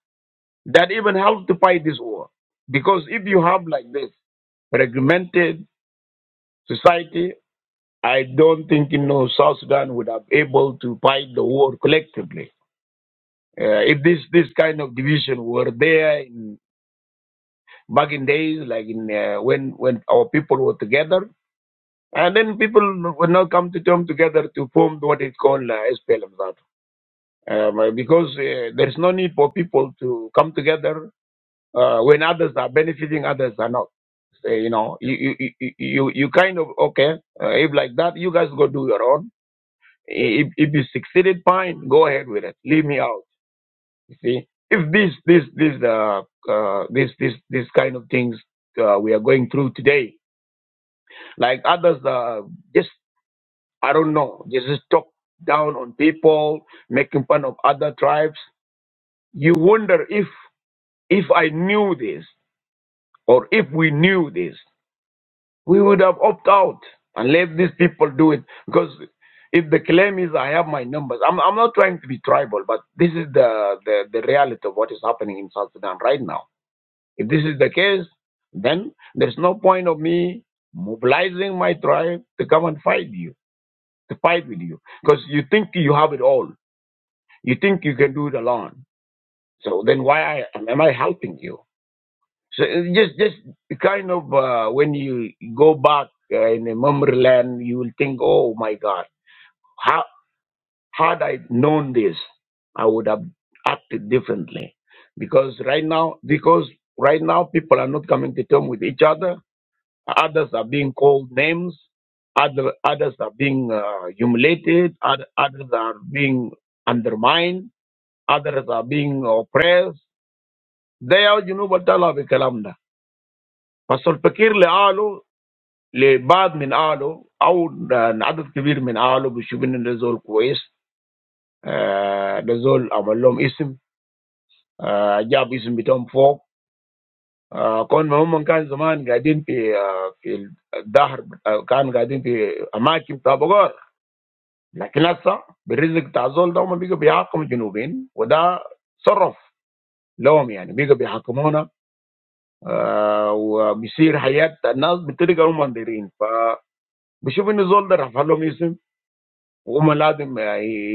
Speaker 2: that even helped to fight this war. Because if you have like this fragmented society, I don't think you know South Sudan would have able to fight the war collectively. Uh, if this this kind of division were there in, back in days, like in uh, when when our people were together, and then people would not come to term together to form what is called uh, SPLM. um, uh, because uh, there is no need for people to come together uh, when others are benefiting, others are not. Uh, you know, you you you you you kind of okay. Uh, if like that, you guys go do your own. If if you succeeded, fine, go ahead with it. Leave me out. You see, if this this this uh, uh this this this kind of things uh, we are going through today, like others uh, just I don't know, just just talk down on people, making fun of other tribes. You wonder if If I knew this, or if we knew this, we would have opted out and let these people do it. Because if the claim is I have my numbers, I'm, I'm not trying to be tribal, but this is the, the, the reality of what is happening in South Sudan right now. If this is the case, then there's no point of me mobilizing my tribe to come and fight you, to fight with you. Because you think you have it all. You think you can do it alone. So then why I, am I helping you? So it's just just kind of uh, when you go back uh, in a memory lane, you will think, "Oh my God, how had I known this, I would have acted differently." Because right now, because right now, people are not coming to terms with each other. Others are being called names. Other others are being uh, humiliated. Other, others are being undermined. Others are being oppressed. They are, you know, what I love, Kalamda. لبعض من اهله او ل- عدد كبير من اهله بيشوف ان ده زول كويس آه، ده زول عمل لهم اسم آه، جاب اسم بتاعهم فوق آه، كون ما هم كان زمان قاعدين في آه، في الدهر آه، كانوا قاعدين في اماكن بتاع بقار لكن هسه بالرزق بتاع الزول ده هم بيجوا بيحكموا الجنوبين وده صرف لهم يعني بيجوا بيحكمونا آه، وبيصير حياه الناس بطريقه هم دايرين فبشوف ان الزول ده رفع لهم اسم وهم لازم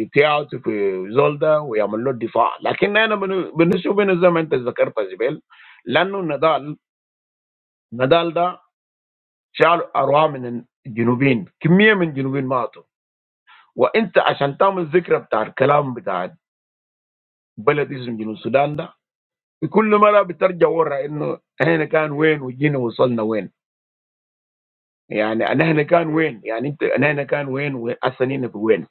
Speaker 2: يتيعوا في زول ده ويعملوا له دفاع لكن انا بن- بالنسبه لنا زي ما انت ذكرت زبيل لانه نضال نضال ده شال ارواح من الجنوبين كميه من الجنوبين ماتوا وانت عشان تعمل ذكرى بتاع الكلام بتاع بلد اسمه جنوب السودان ده بكل مره بترجع ورا انه احنا كان وين وجينا وصلنا وين يعني انا هنا كان وين يعني انت انا هنا كان وين واسنين في وين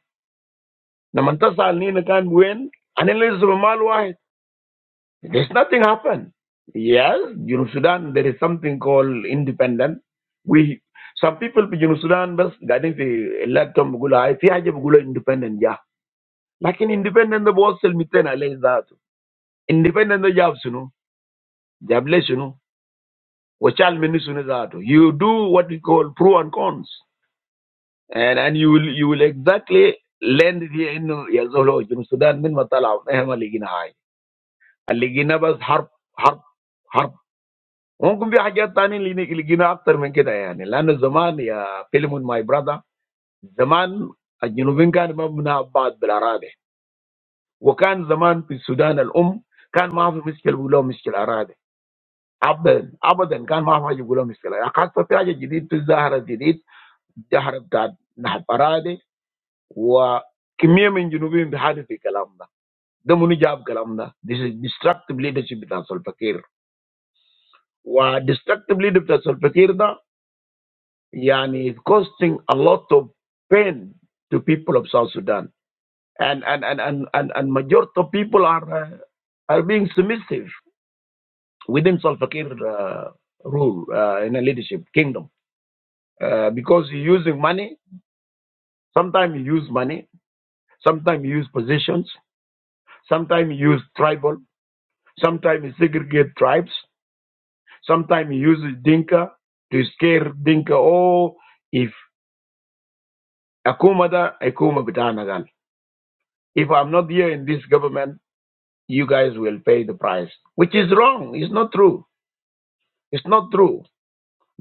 Speaker 2: لما تسال هنا كان وين انا لسه بمال واحد There's nothing happened. Yes, Junub Sudan, there is something called independent. We some people in Junub Sudan بس قاعدين في اللاتهم بيقولوا هاي في حاجة بيقولوا independent جاه لكن independent ده بوصل 200 عليه ذاته independent ده جاب شنو؟ جاب ليه شنو؟ وشال منه شنو ذاته you do what we call pro and cons and and you will you will exactly land it here انه يا زول جنوب السودان من ما طلعوا ما هم اللي لقينا هاي اللي لقينا بس حرب حرب ممكن في حاجات تانية اللي لقينا اكتر من كده يعني لانه زمان يا فيلمون ماي براذر زمان الجنوبيين كانوا ما بناء بعض بالاراضي وكان زمان في السودان الام كان ما في مشكلة بيقولوا مشكلة اراضي ابدا ابدا كان ما في حاجه بيقولوا مشكله خاصه في حاجه جديد في ظاهره جديد ظاهره بتاعت نحب اراضي وكميه من الجنوبيين بيحادث في الكلام ده ده منو جاب الكلام ده؟ This is destructive leadership بتاع سلفكير و destructive leadership بتاع سلفكير ده yani, it's costing a lot of pain to people of South Sudan. And and and and and, and majority of people are uh, are being submissive within Salva Kiir uh, rule uh, in a leadership kingdom uh, because you're using money. Sometimes you use money. Sometimes you use positions. Sometimes you use tribal. Sometimes you segregate tribes. Sometimes you use Dinka to scare Dinka. Oh, if Akuma da, Akuma bitana gal. If I'm not here in this government. you guys will pay the price, which is wrong. It's not true. It's not true.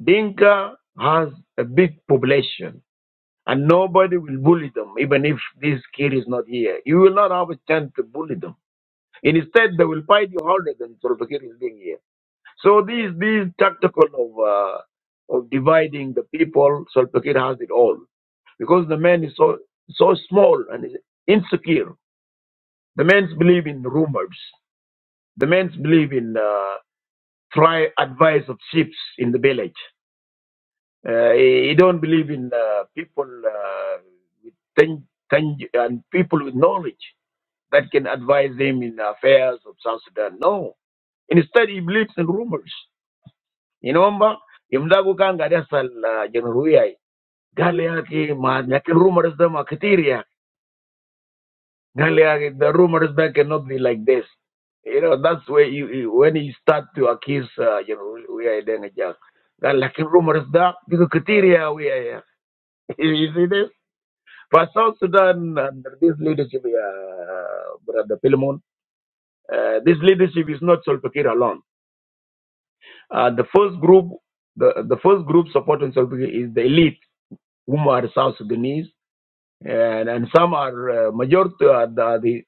Speaker 2: Dinka has a big population, and nobody will bully them, even if this kid is not here. You will not have a chance to bully them. Instead, they will fight you harder than Solvakir is being here. So these these tactical of uh, of dividing the people, Solvakir has it all because the man is so so small and insecure. The men believe in rumors. The men believe in uh, try advice of chiefs in the village. Uh, he, he don't believe in uh, people uh, with ten ten and people with knowledge that can advise him in affairs of South Sudan. No. Instead, he believes in rumors. You know, Mba? Imdabu kanga desal jeneruya. Gale yake ma nyakin rumors da ma Goliath, the rumors back cannot be like this. You know, that's where you, you when you start to accuse, uh, you know, we are then a joke. That like rumors that because criteria we are you see this? For South Sudan under this leadership, uh, brother Philemon, uh, this leadership is not Salva Kiir alone. Uh, the first group, the, the first group supporting Salva Kiir is the elite, whom are South Sudanese, and, and some are uh, majority are the, the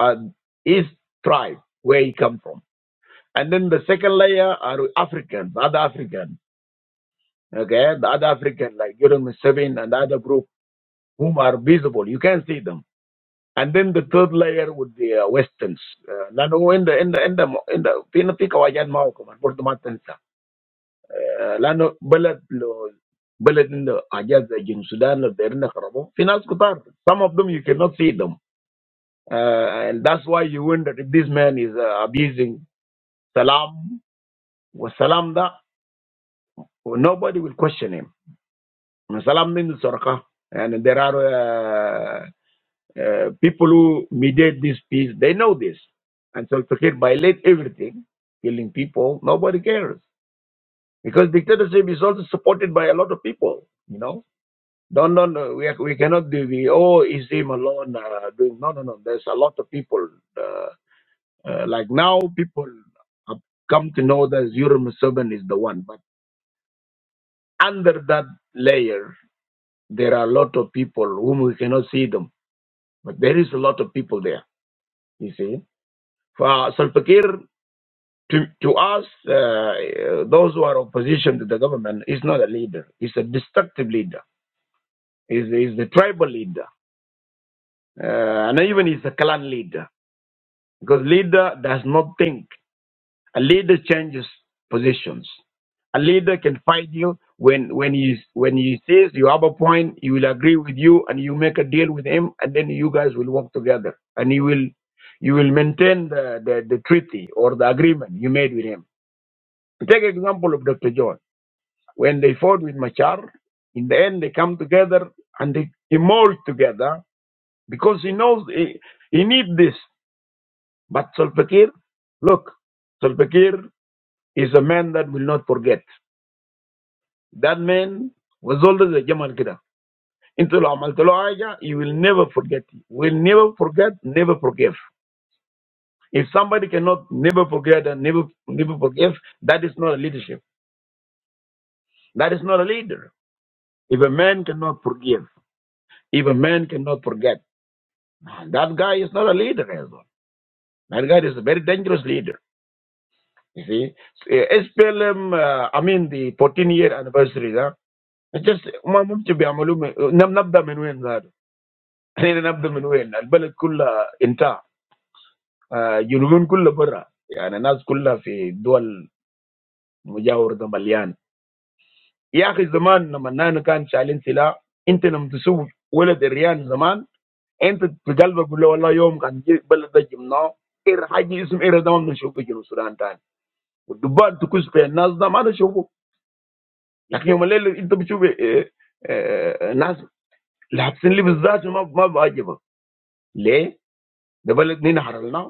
Speaker 2: are his tribe where he come from. And then the second layer are Africans, other Africans. Okay, the other African like Jeremy Sabin and the other group whom are visible. You can see them. And then the third layer would be uh, Westerns. Uh, Lano in the in the in the in the معه كمان برضه ما تنسى. آه، لأنه بلد in the عنده in Sudan جنوب السودان لو دايرين يخربوه في ناس Some of them you cannot see them. Uh, and that's why you wonder if this man is uh, abusing Salam. والسلام ده nobody will question him. Salam means Sorka. And there are uh, uh, people who mediate this peace. They know this. And so Fakir violate everything, killing people. Nobody cares. Because dictatorship is also supported by a lot of people, you know. Don't, don't, uh, we, we cannot do the, oh, is him alone uh, doing, no, no, no. There's a lot of people. Uh, uh, like now, people have come to know that Zurul Museven is the one. But under that layer, there are a lot of people whom we cannot see them But there is a lot of people there, you see. For Salpakir, to, to us, uh, uh, those who are opposition to the government, is not a leader. He's a destructive leader. He's, he's the tribal leader. Uh, and even he's a clan leader. Because leader does not think. A leader changes positions. A leader can fight you when when he when he says you have a point, he will agree with you, and you make a deal with him, and then you guys will work together, and you will you will maintain the, the, the treaty or the agreement you made with him. Take example of Dr. John. When they fought with Machar, in the end they come together and they emerge together because he knows he, he needs this. But Solpakir, look, Solpakir is a man that will not forget. That man was always a German kid. Into Amaltoloaya, you will never forget. Will never forget, never forgive. If somebody cannot never forget and never never forgive, that is not a leadership. That is not a leader. If a man cannot forgive, if a man cannot forget, that guy is not a leader as well. That guy is a very dangerous leader. You see, Eh, SPLM, uh, I mean the 14 year anniversary. Huh? It's just, ما ممكن بيعملوه من- نبدأ من وين ذاته. خلينا نبدا من وين؟ البلد كلها انتهى آه، جنوبين كلها برا يعني الناس كلها في دول مجاور ده مليان يا اخي زمان لما نحن كان شايلين سلاح انت لما تسوق ولد الريان زمان انت في قلبك تقول له والله يوم كان جي بلد ده جبناه إير حاجة اسم إير ده ما بنشوفه في جنوب السودان تاني والدبان تكوس في الناس ده ما نشوفه لكن يوم الليل انت بتشوف إيه، إيه، ناس لابسين لبس ذاته ما ما بعجبك ليه؟ ده بلد نحن حررناه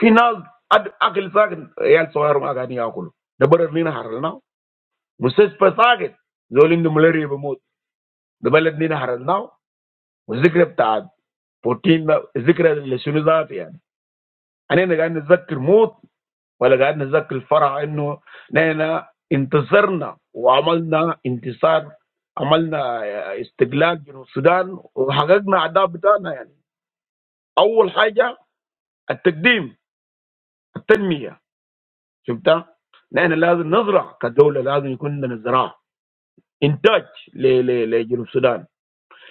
Speaker 2: Final agil saq real soharum aganiyakulu. Debarad ni na haral na. Muses pesaaget zolindo muliriye bimut. Debarad ni na haral na. Musikrep tad Putin ma zikre leshunuzat yani. Ani naga nizat kumut wala ga nizat kifara inu naina intizar na amal na intisar amal na istigla gino Sudan wakag na adabatana yani. Aul haja atkdim atnmiya. شفتها؟ نحن لازم نزرع كدولة لازم يكون عندنا زراعة انتاج ل- ل- لجنوب السودان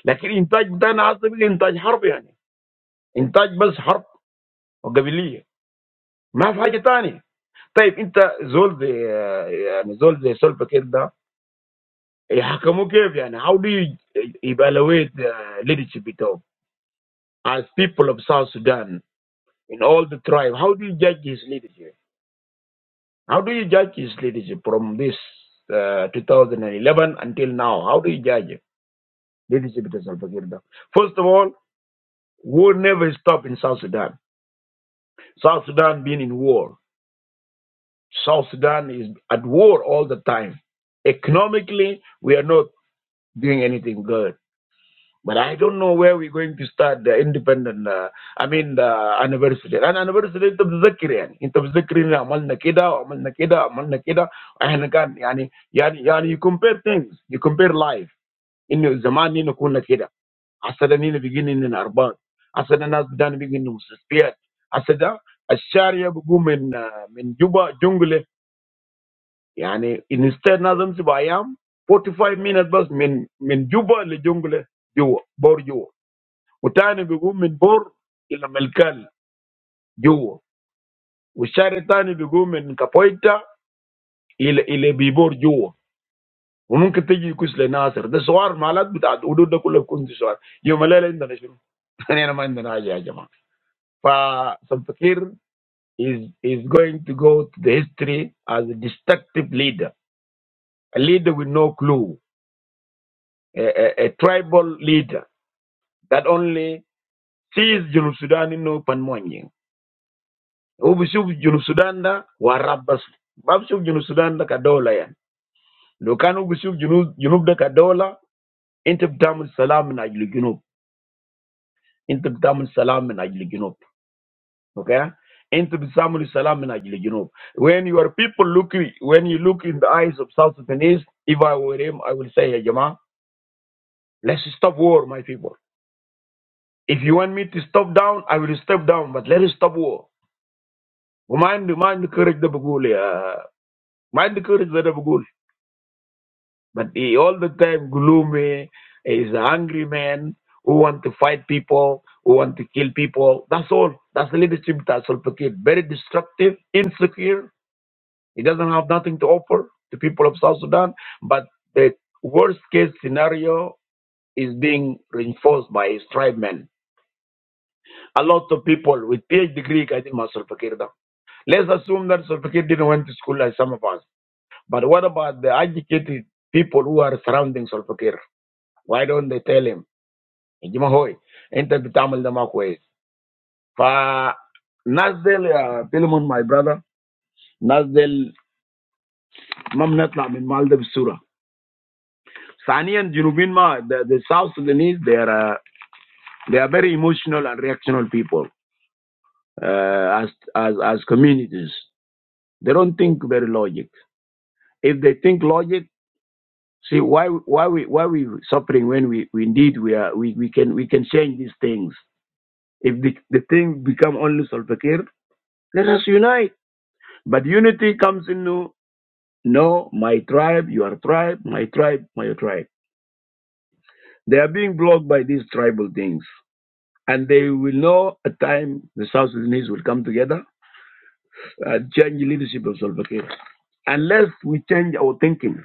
Speaker 2: لكن الانتاج بتاعنا اصلا بقى انتاج حرب يعني انتاج بس حرب وقبليه ما في حاجة تانية طيب انت زول زي يعني زول زي سولفا كده ده يحكموا كيف يعني how do you evaluate the leadership بتاعه as people of South Sudan in all the tribe how do you judge his leadership how do you judge his leadership from this uh, 2011 until now how do you judge it Leadership is Salva Kiir now. First of all, war never stopped in South Sudan. South Sudan being in war. South Sudan is at war all the time. Economically, we are not doing anything good. But I don't know where we're going to start the independent, uh, I mean, the anniversary. And anniversary, انت بتذكر يعني انت بتذكر ان عملنا كده وعملنا كده وعملنا كده احنا كان يعني يعني يعني you compare things, you compare life. انه زمان نحن كنا كده Asadani begining in Arbat. Asadani zidan begining in Sispeat. Asadah, as Sharie begum men men Juba jungle. I mean instead Nazam si bayam forty five minutes bas men men Juba le jungle jo bor jo. Utaani begum men bor ila Melkal jo. U Sharitaani begum men Kapaita ila ila Bibor jo. Mung ketiji kusle Nasir the swar malad bata ududakule kun swar. You Malay Indonesian. I no mind Indonesia. Pa, thought. is is going to go to the history as a destructive leader, a leader with no clue, a, a, a tribal leader that only sees Junub Sudan in open morning. Ubisub Junub Sudan da warabas. Babsub Junub Sudan da kadola yan. Lokan ubisub Junub Junub da kadola. Inta btamun salam min ajli Junub. Inta btamun salam min ajli Junub. Okay? Into Bisamul Salam min ajli Junub. When your people look, when you look in the eyes of South Sudanese, if I were him, I will say, hey, Jama, let's stop war, my people. If you want me to stop down, I will step down, but let us stop war. Mind, the mind the courage the Bagul, uh, mind the courage the Bagul. But he all the time gloomy, is an angry man who want to fight people, who want to kill people. That's all. That's the leadership that's all. Very destructive, insecure, It doesn't have nothing to offer to people of South Sudan, but the worst case scenario is being reinforced by his tribe men. A lot of people with PhD degree, I think, must Salva Kiir Let's assume that Salva Kiir didn't went to school like some of us. But what about the educated people who are surrounding Salva Kiir? Why don't they tell him, "Jima enter bitamal da Fa Nasdel, uh, Philemon, my brother, Nasdel, mam natla min malda Sani and Junubinma, the, the South Sudanese, they are uh, they are very emotional and reactional people uh, as as as communities. They don't think very logic. If they think logic, see why why we why we suffering when we, we indeed we are we, we can we can change these things. If the the thing become only Solpakir, let us unite. But unity comes into no my tribe, your tribe, my tribe, my tribe. They are being blocked by these tribal things. And they will know at time the South Sudanese will come together and change the leadership of Salva Kiir. Unless we change our thinking.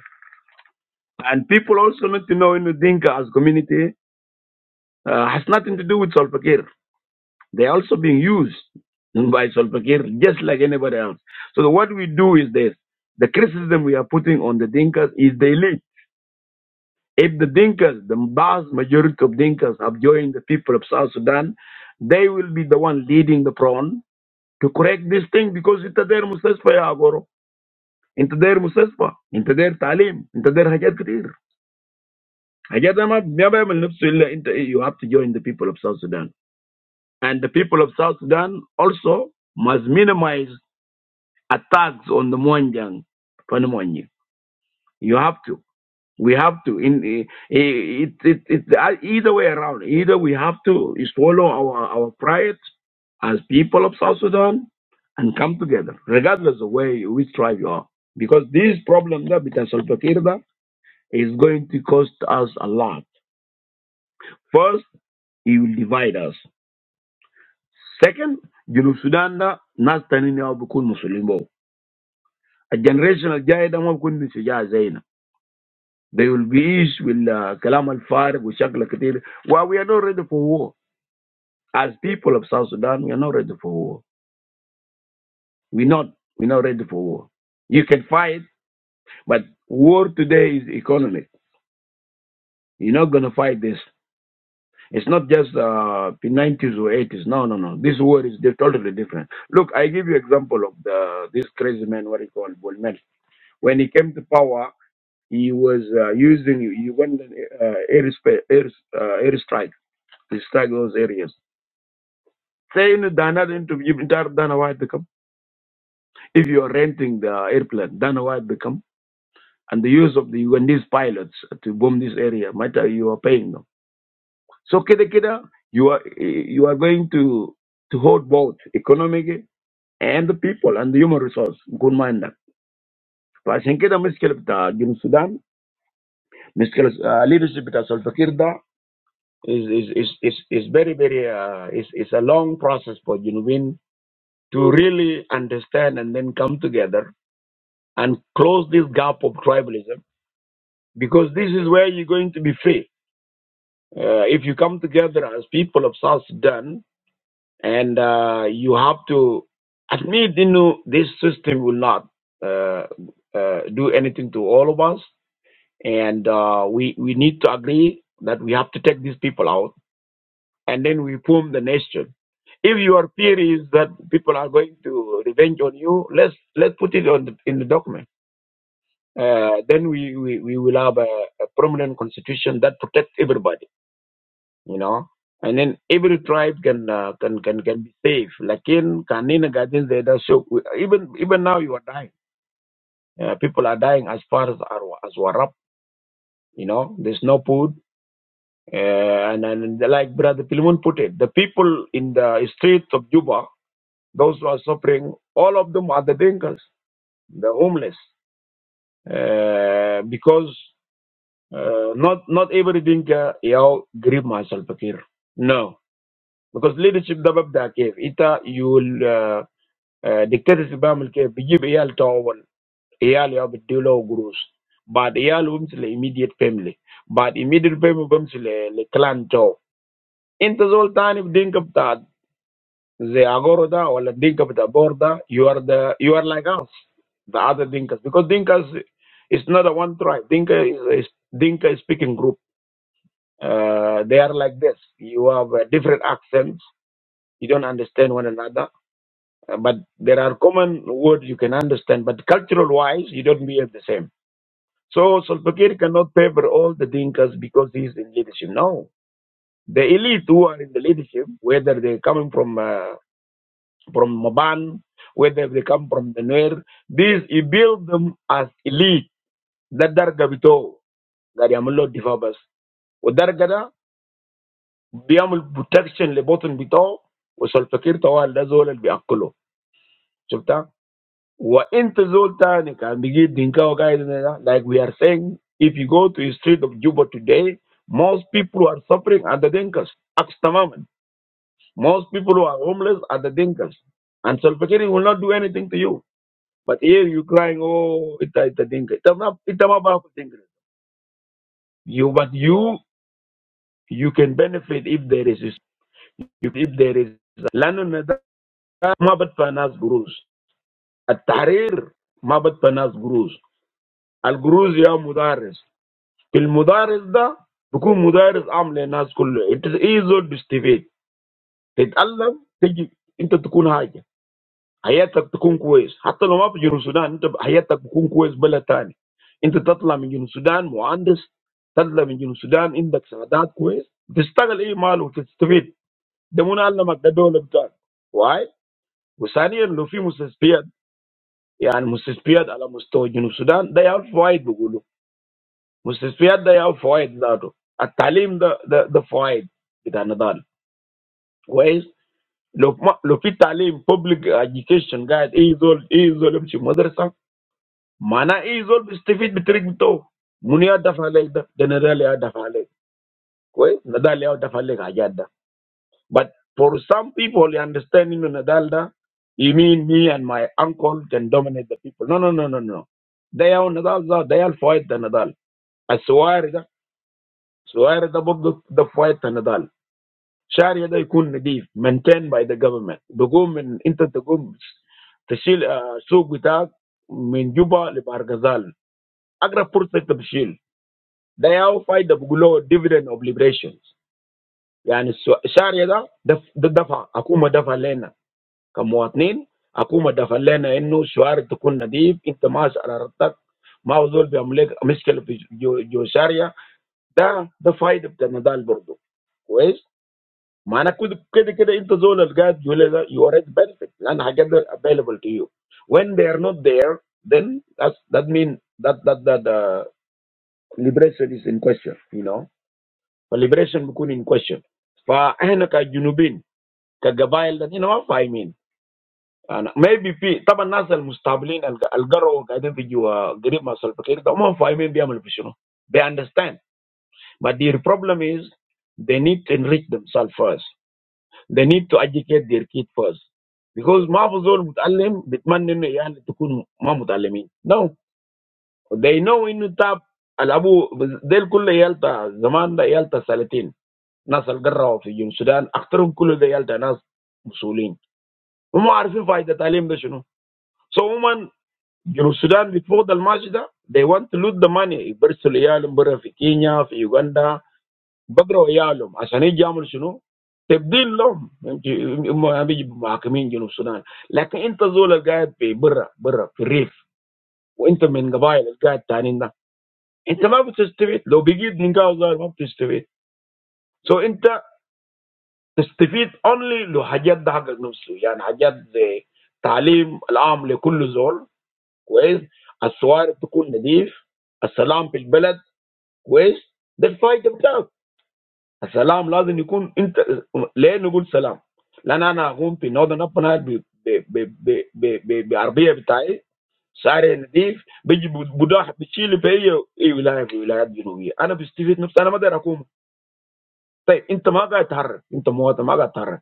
Speaker 2: And people also need to know in the Dinka as community uh, has nothing to do with Salva Kiir. They are also being used by Salva Kiir just like anybody else. So what we do is this. The criticism we are putting on the Dinkas is the elite. If the Dinkas, the vast majority of Dinkas have joined the people of South Sudan, they will be the one leading the front To correct this thing because انت داير مستشفى يا اغورو انت داير مستشفى انت داير تعليم انت داير حاجات كتير حاجات ده ما ما بيعمل نفسه الا انت you have to join the people of South Sudan and the people of South Sudan also must minimize attacks on the Mwanjang Fanimwanyi. You have to. We have to. In it, it, it, it uh, either way around. Either we have to swallow our our pride as people of South Sudan and come together, regardless of where you- which tribe you are, because this problem that between Salva Kiir da, is going to cost us a lot. First, he will divide us. Second, Junub Sudan da nas tanini au bukun musulimbo. A generational jaya da ma bukun They will be used with uh, kalam al-farik, with shakla katir. Well, we are not ready for war. As people of South Sudan, we are not ready for war. We're not. We're not ready for war. You can fight, but war today is economic. You're not going to fight this. It's not just uh, the 90s or 80s. No, no, no. This war is di- totally different. Look, I give you example of the this crazy man, what he called Bullman. When he came to power, he was uh, using Ugandan uh, air, air, uh, airstrike to strike those areas. Say Saying Dana to be entire Dana White become. If you are renting the airplane, Dana White become. And the use of the Ugandese pilots to bomb this area, matter you are paying them. So kida kida, you are you are going to to hold both economic and the people and the human resource. Good mind that. فعشان كده مشكلة بتاع جنوب السودان مشكلة leadership بتاع الفقير ده is is is is is very very uh, is is a long process for Junubin to really understand and then come together and close this gap of tribalism because this is where you're going to be free. Uh, if you come together as people of South Sudan and uh, you have to admit, you know, this system will not uh, uh, do anything to all of us. And uh, we, we need to agree that we have to take these people out and then we form the nation. If your theory is that people are going to revenge on you, let's let's put it on the, in the document uh, then we, we, we will have a, a permanent constitution that protects everybody, you know. And then every tribe can uh, can, can can be safe. Like in Kanina Gardens, they don't show. Even even now, you are dying. Uh, people are dying as far as Arwa- as Warap. You know, there's no food. Uh, and, and like Brother Pilimun put it, the people in the streets of Juba, those who are suffering, all of them are the drinkers, the homeless, uh, because Uh, not not everything uh, y'all grip myself here. No, because leadership da ده ببدأ كيف انت يقول دكتاتورشيب بعمل كيف بيجيب عيال تعاون عيال يا بدي له قروش But عيال بمشي le immediate family But immediate family bums le le clan تعو انت zol tani بدينك bta. زي agoroda ده ولا بدينك بتاع بور you are the you are like us the other dinkas because dinkas is not a one tribe dinka is, is dinka is speaking group Uh, they are like this. You have uh, different accents. You don't understand one another, uh, but there are common words you can understand. But cultural-wise, you don't behave the same. So Solpakir cannot favor all the Dinkas because he's in leadership. No, the elite who are in the leadership, whether they're coming from uh, from Maban, whether they come from the Nuer, these he built them as elite. That dargabito, gari amulo divabas. بيعمل بروتكشن لبطن بتاعه وسلفكير طوال ده زول اللي بياكله شفتها وانت زول تاني كان بيجي دينكاو قاعد هنا ده. like we are saying if you go to the street of Juba today most people who are suffering are the Dinkas عكس تماما most people who are homeless are the Dinkas and Solfakir will not do anything to you but here you crying oh it's a it's a Dinka it's not it's not about Dinka you but you you can benefit if there is if there is Ma bad fanaz gruz. Al tahrir ma bad fanaz gruz. Al gruz ya mudaris. Kil mudaris da bokun mudaris amla nas kol. It is easy to study. Ted allam teji inta bokun haige. Hayat ta bokun kuweis. Hatta lam apu jiru Sudan inta hayat ta bokun kuweis bela tani. Inta tatlami jiru Sudan moandes tatlami jiru Sudan inta baxa dad kuweis. It is taqal eey malu to study. Demuna allam ak dabola bta. Why? Usaniro fi musafiyad. يعني مستشفيات على مستوى جنوب السودان ده يعمل فوائد بيقولوا مستشفيات ده يعمل فوائد ذاته التعليم ده ده, ده فوائد بتاع نضال كويس لو ما لو في تعليم public education قاعد اي زول اي زول يمشي مدرسه معناه اي زول بيستفيد بالطريق بتاعه منو يدفع عليك ده ده نضال يدفع عليك كويس نضال يدفع عليك حاجات ده But for some people, they understand him in Nadalda, you mean me and my uncle can dominate the people. No, no, no, no, no. They are Nadal, they are fight the Nadal. السواري ده السواري ده برضه fight the Nadal. Sharia شارع ده يكون نضيف maintained by the government. The بقوم من the تقوم تشيل آه، سوق بتاعك من جوبا لبارغزال. اقرب فرصه انت بتشيل. They are fight the بيقولوا dividend of liberations. يعني السو- الشارع ده ده ده دفع حكومه دفع لنا. Kamuat nin aku mada kallana inu suara tu kun nadib intemas aratak maudul bi amleg miskal jo jo Sharia da the faid pertendal boru ku es mana kud kede kede inta zona algal juleza you are at benefit lan ageler available to you when they are not there then that that mean that that that the liberation is in question you know for liberation kun in question pa anaka juno bin kagabail tadi nawafaimin. Maybe people, but now some stable and algera, they don't teach you a great master. But you don't know. They understand, but the problem is they need to enrich themselves first. They need to educate their kid first, because my father would tell him that man didn't learn to cook. My mother told me now they know when you tap alabu, they'll cook the yalta. The man that yalta selectin, now some algera of Sudan, after all they yalta now Muslim. You must verify the telling, don't you? So woman. In Sudan, before the Masjidah, they want to lose the money. I go to the other countries, like Uganda, Bagro, other countries. They didn't know. I'm talking about the Masjidah. But in the whole area, they are rich. In the whole area, they are rich. In the whole area, they are rich. In the whole area, they are rich. In the whole area, they are rich. In the whole area, they are rich. In the whole area, they are rich. In the whole area, they are rich. In the whole area, they are rich. كويس، الصوارف تكون نظيف، السلام في البلد كويس. ده الفايده بتاعك. السلام لازم يكون انت. ليه نقول سلام؟ لان انا اقوم في نورثن ابنايل بعربيه بتاعي شعري نظيف، بيجي بداح بتشيل في اي ولايه في ولايات جنوبيه، انا بستفيد نفسي، انا ما اقدر اقوم. طيب انت ما قاعد تتحرك، انت مواطن ما قاعد تتحرك،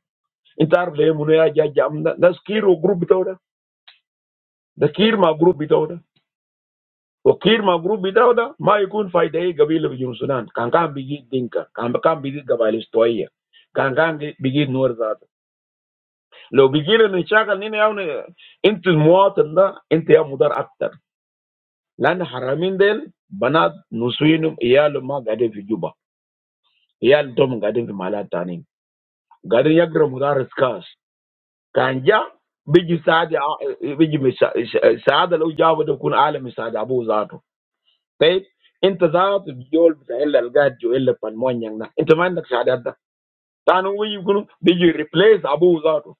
Speaker 2: انت عارف ليه منو يا جاي جاي ده؟ ده كير وجروب بتاعه، ده ده كير مع جروب بتاعه، وكير مع جروب بتاعه ده ما يكون فايده اي قبيله في جنوب السودان كان كان بيجي دينكا كان كان بيجي قبائل استوائيه كان كان بيجي نور ذات لو بيجي لنا نشاغل نينا يعني انت المواطن ده انت يا مدار اكتر لان حرامين ديل بنات نسوينهم ايالهم ما قاعدين في جوبا ايال دوم قاعدين في محلات تانيين قاعدين يقرا مدارس كاس كان جا بيجي سعد بيجي سعد لو جابه ده يكون عالم سعد ابوه ذاته طيب انت ذات بيول بتاع الا القاد جو الا بالمونيان ده انت ما عندك شهادات ده ثاني هو يقولوا بيجي ريبليس ابوه ذاته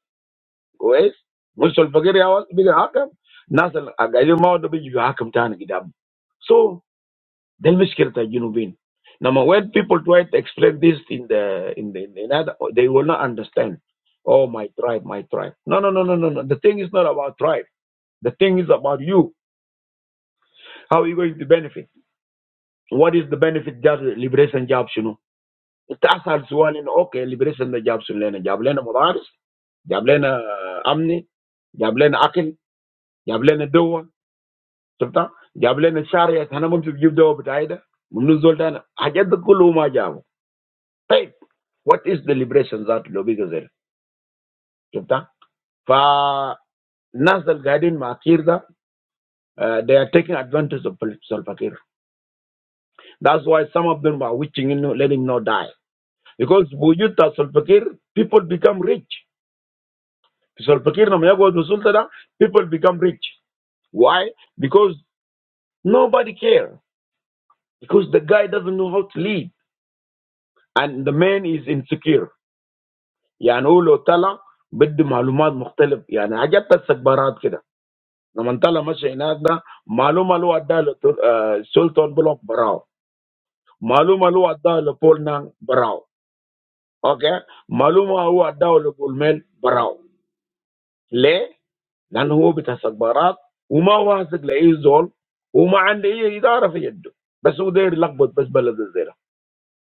Speaker 2: كويس مش الفقير يا واس بيجي حاكم ناس القاعدين ما ده بيجي حاكم ثاني قدام so ده المشكله بتاع الجنوبين لما when people try to explain this in the in the in another they will not understand oh my tribe my tribe no no no no no no the thing is not about tribe the thing is about you how are you going to benefit what is the benefit just liberation jobs you know It ask al sualin okay deliberations jab sun leena jab leena madaars jab leena amni jab leena aql jab leena dua, shabta jab leena sharaya. Then amom shub give dua btaida. Munuzul taana ajad kull umma jabo. Type what is the deliberations that lobby gazir, shabta. Fa nasal guiding makirtha. They are taking advantage of sulfakir. That's why some of them were witching in, letting him not die because by using sulfakir, people become rich. Sultan Pakir Namayagod Sultan, people become rich. Why? Because nobody care. Because the guy doesn't know how to lead, and the man is insecure. I mean, all of them, different information. I mean, I just have patience like that. No matter what, information. Malu malu ada Sultan Block Brown. Malu malu ada the pole man Brown. Okay. Malu malu ada the pole man Brown. ليه؟ لأنه هو بيتسق برات وما واثق لأي زول وما عنده أي إدارة في يده بس هو داير يلخبط بس بلد زي ده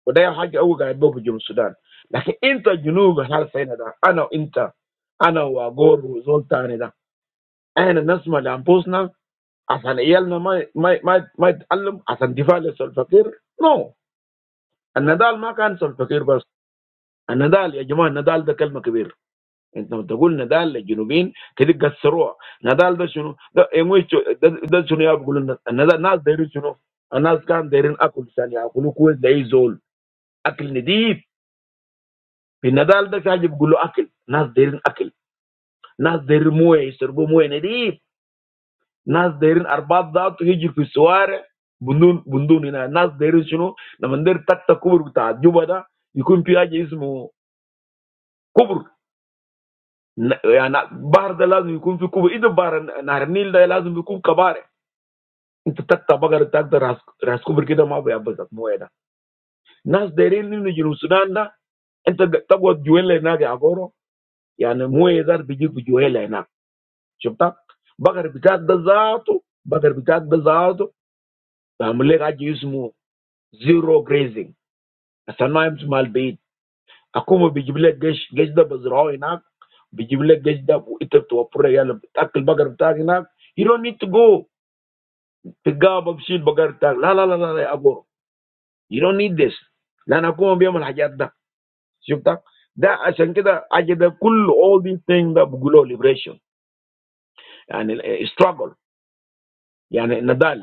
Speaker 2: وده حاجة هو قاعد به في جنوب السودان لكن أنت جنوب هالسنة ده أنا وأنت أنا وأجور وزول تاني ده إحنا نسمع لأنفسنا عشان عيالنا ما ما ما ما يتعلم عشان دفاع للفقير نو no. النضال ما كان سلف فقير بس النضال يا جماعة النضال ده كلمة كبيرة Entamoeba na dal le Juno bin kadi gasroa na dal da Juno da emuicho da da Juno ya b gulu na na Naz derin Juno Naz kan derin akul saniya akulu kuwa dayzol akil nedib fi na dal da kaje b gulu akil Naz derin akil Naz deri muhe isirbo muhe nedib Naz derin arbaat da tu higi ku suare bundun bundun ina Naz derin Juno na mandir taka kubur taat ju boda yiku mpyaje ismo kubur ya na bar da lazum yiku mpy kubur ido bar narnil da lazum yiku mpy kabare. Inti takta bagara tak da ras kubur kida ma be abazak moya Nas derin ni ni jinu Sudan da inta tagwat juwele na ga agoro yani moya biji ku juwele na. Shubta bagar bitak da zato bagar bitak da zato ba mule ga ji ismu zero grazing. Asana im mal bait. Akuma bijibile gesh gesh da bazrao ina bijibile gesh da bu itab to apura yala takil bagar bitak ina. You don't need to go. Tiga babshil bagar tak. la la la la la agoro. You don't need this. Let's not be able to have it. See? That that is the agenda. All these things that bring liberation and struggle. I mean, now,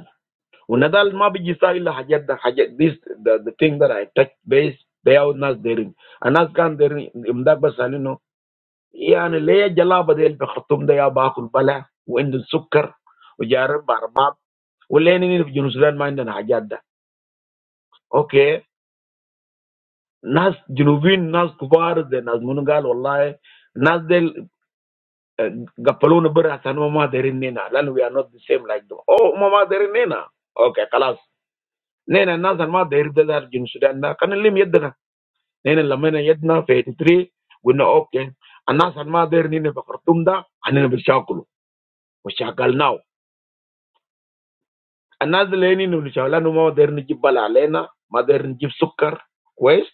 Speaker 2: now we just say we have to have this. The the thing that I touch base. They are not daring. And as can daring, you must be salino. I mean, lay jalaba del be kurtum daya baakul bala. We end in sugar. We jar barbab. We lay in the genus. We end in have it. Okay. Nas genus. Nas kuwarde. Nas monugal. Allah. Nas del. Uh, Gapaluna Bura San Mama Derinina. Then we are not the same like them. Oh Mama Derinina. Okay, Kalas. Nena Nasan Ma Derida Jun Sudan can lim yedna. Nena Lamena Yedna fifty three. We know okay. And Nasan Ma Derinina Bakartumda and then Bishakulu. Another thing we need to have, we need modern equipment like modern equipment, sugar, quest,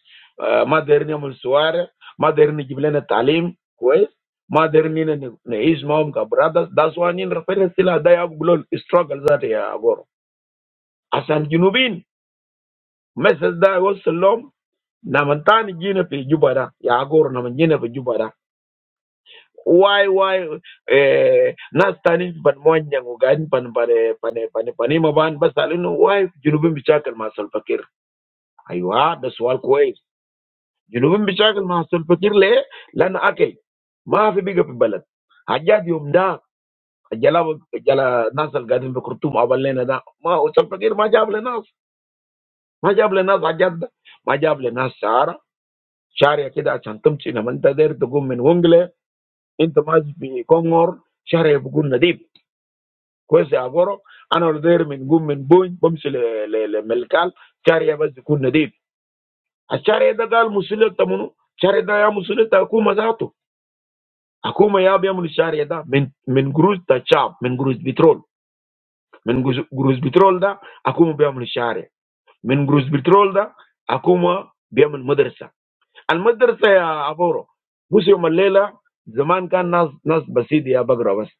Speaker 2: modern mobile phones, modern equipment for education, quest, modern things like computers. That's why when we refer to the day of global struggles, yeah, Agoro. As for Junubin, messages from Salam, Namatan, Gine for Jubara, yeah, Agoro, Namat Gine for Jubara. Why, why? We are not standing for money, we are standing for the people. Why, Junubin, we are talking about the past. Aiywa, the swaal kois. Junubin bichagal mahasil pakeer le lan akel. Mahafi biga pibalat. Ajadi umda. Ajala, ajala nasal gaidin pukrutu maaval leena da. Mah otsal pakeer ma jable na. Ma jable na zajad da. Ma jable na shar. Shar ya keda chan tumci namanta der to gumen wongle. Into maji bi kongor shar ya dukun nadib. Koise agoro anor der min gumen boin bomisle le le le melkal shar ya bas dukun nadib. A shareeda gal musulita mono shareeda ya musulita akuma zato akuma ya biya mushe shareeda men men guru da chab men guru bitrol men guru bitrol da akuma biya mushe sharee men guru bitrol da akuma biya men madrasa al madrasa ya avoro musi o malela zaman kan nas nas basidi ya bagrawas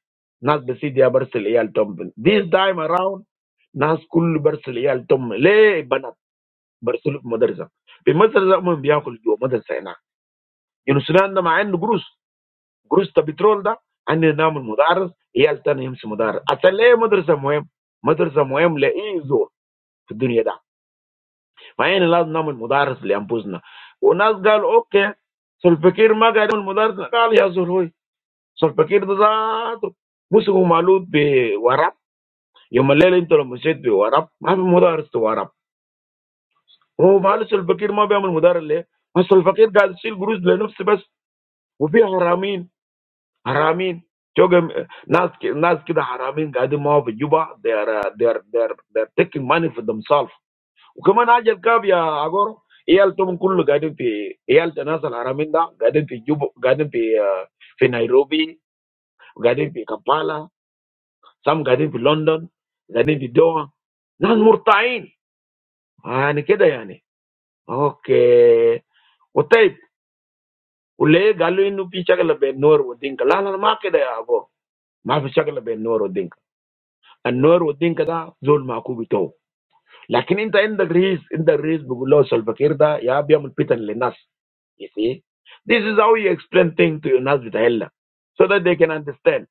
Speaker 2: nas basidi ya berseliyal tom this time around nas kul berseliyal tom le banat berseliu madrasa bi madrasa mo biya kul do madrasa ena. Yunusunanda ma end grus grus ta bitrol da ani namun mudar, hiyaltan imsim mudar. Ata le mudarza muem mudarza muem le in zor fiduniyada. Ma ani laz namun mudar le amuzna. Onazgal ok? Sulfakir maqamul mudar gal yazurui. Sulfakir dazat musuk malud bi warab yomallele intol mushid bi warab ma fi mudarist warab. Oo bal sulfakir ma bi amul mudar le ma sulfakir qad sil grus le nufsi bas wfi haramin. Haramin, so Nas Nas kita haramin, gadi mau bejuba they are uh, they are they are they are taking money for themselves. Ukuma najer kabe ya agor? Iyal tumkul gadi pi Iyal janasan haramin da gadi pi juba gadi pi in Nairobi gadi pi Kampala some gadi pi London gadi pi Doha Nas murtain? Ah, ni keda ya ni? Okay, oteb o le galu inu pi chakla be nor o ding kala la makeda ya ago mak chakla be nor o ding. النور والدين ده زول معكوب بتوعه لكن انت عندك رئيس عندك رئيس بيقول له سلفكير ده يا بيعمل فتن للناس You see? This is how you explain things to your Nas with Allah so that they can understand.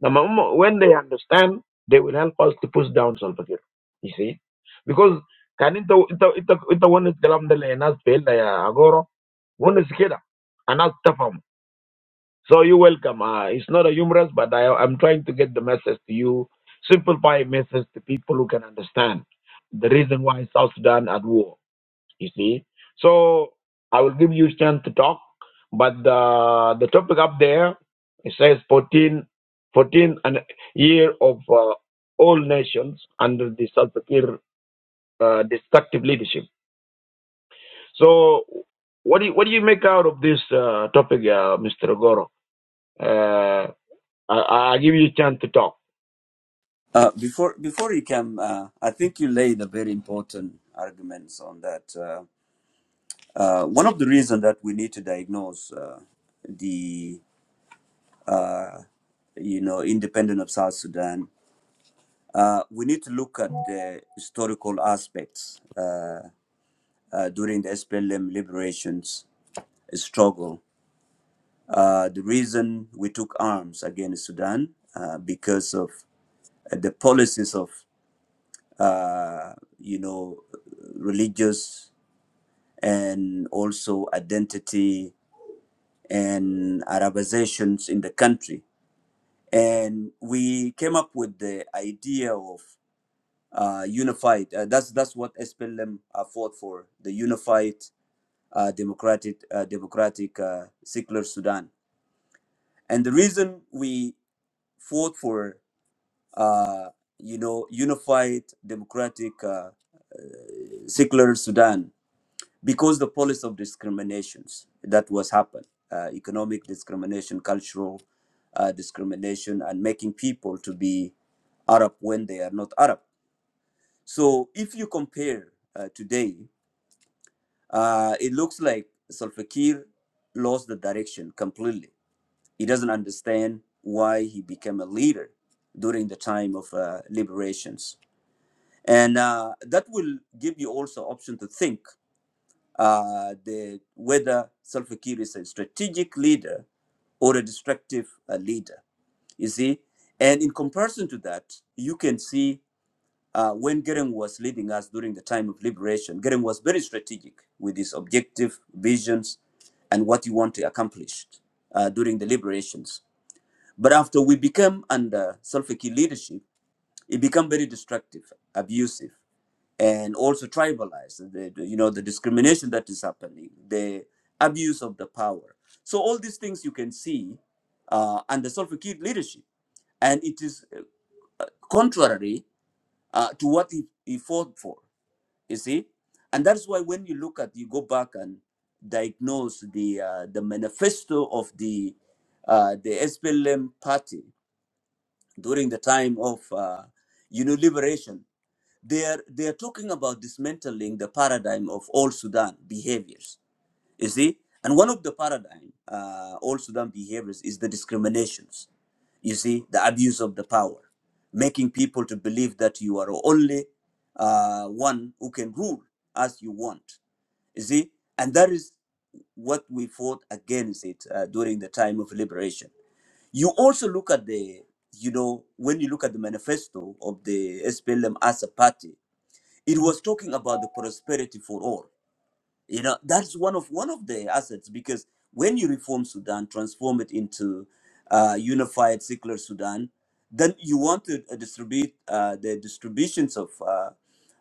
Speaker 2: Now, my when they understand, they will help us to push down Salva Kiir. You see? Because can it it it one is kalam dala ya Nas fail ya agoro one is kida so you're welcome. Uh, it's not a humorous, but I, I'm trying to get the message to you, simplify message to people who can understand the reason why South Sudan at war. You see, so I will give you a chance to talk, but the the topic up there it says 14, 14 and year of uh, all nations under the Salva Kiir uh, destructive leadership. So what do you, what do you make out of this uh, topic, uh, Mr. Goro? Uh, I, I give you chance to talk.
Speaker 1: Uh, before before you came, uh, I think you laid a very important arguments on that. Uh, uh, one of the reasons that we need to diagnose uh, the uh, you know independence of South Sudan, uh, we need to look at the historical aspects uh, uh, during the SPLM liberations struggle. Uh, the reason we took arms against Sudan uh, because of the policies of uh, you know religious and also identity and Arabizations in the country. And we came up with the idea of uh, unified. Uh, that's that's what SPLM uh, fought for: the unified uh, democratic uh, democratic uh, secular Sudan. And the reason we fought for uh, you know unified democratic uh, secular Sudan because the policy of discriminations that was happened uh, economic discrimination cultural uh, discrimination and making people to be arab when they are not arab so if you compare uh, today uh, it looks like Salfakir lost the direction completely he doesn't understand why he became a leader during the time of uh, liberations and uh, that will give you also option to think uh, the, whether Salva Kiir is a strategic leader or a destructive uh, leader. You see, and in comparison to that, you can see uh, when Gering was leading us during the time of liberation, Gering was very strategic with his objective visions and what he wanted to accomplish uh, during the liberations. But after we became under Salva Kiir leadership, it became very destructive, abusive and also tribalized the, the- you know the discrimination that is happening the abuse of the power so all these things you can see uh, under Salva Kiir leadership and it is uh, contrary uh, to what he, he fought for you see and that's why when you look at you go back and diagnose the uh, the manifesto of the uh, the SPLM party during the time of uh, you know liberation they are they are talking about dismantling the paradigm of all Sudan behaviors. You see, and one of the paradigm uh, all Sudan behaviors is the discriminations. You see, the abuse of the power, making people to believe that you are only uh, one who can rule as you want. You see, and that is what we fought against it uh, during the time of liberation. You also look at the, you know, when you look at the manifesto of the SPLM as a party, it was talking about the prosperity for all you know that's one of one of the assets because when you reform sudan transform it into uh, unified secular sudan then you want to uh, distribute uh, the distributions of uh,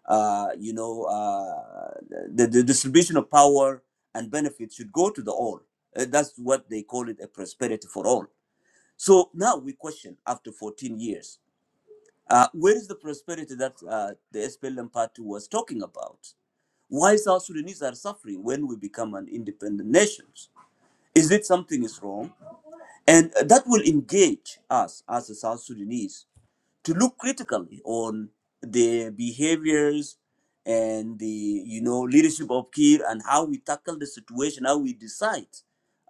Speaker 1: uh, you know uh, the, the distribution of power and benefits should go to the all Uh, that's what they call it a prosperity for all so now we question after 14 years uh, where is the prosperity that uh, the SPLM party was talking about? Why South Sudanese are suffering when we become an independent nation? Is it something is wrong? And uh, that will engage us as a South Sudanese to look critically on the behaviors and the you know leadership of Kir and how we tackle the situation, how we decide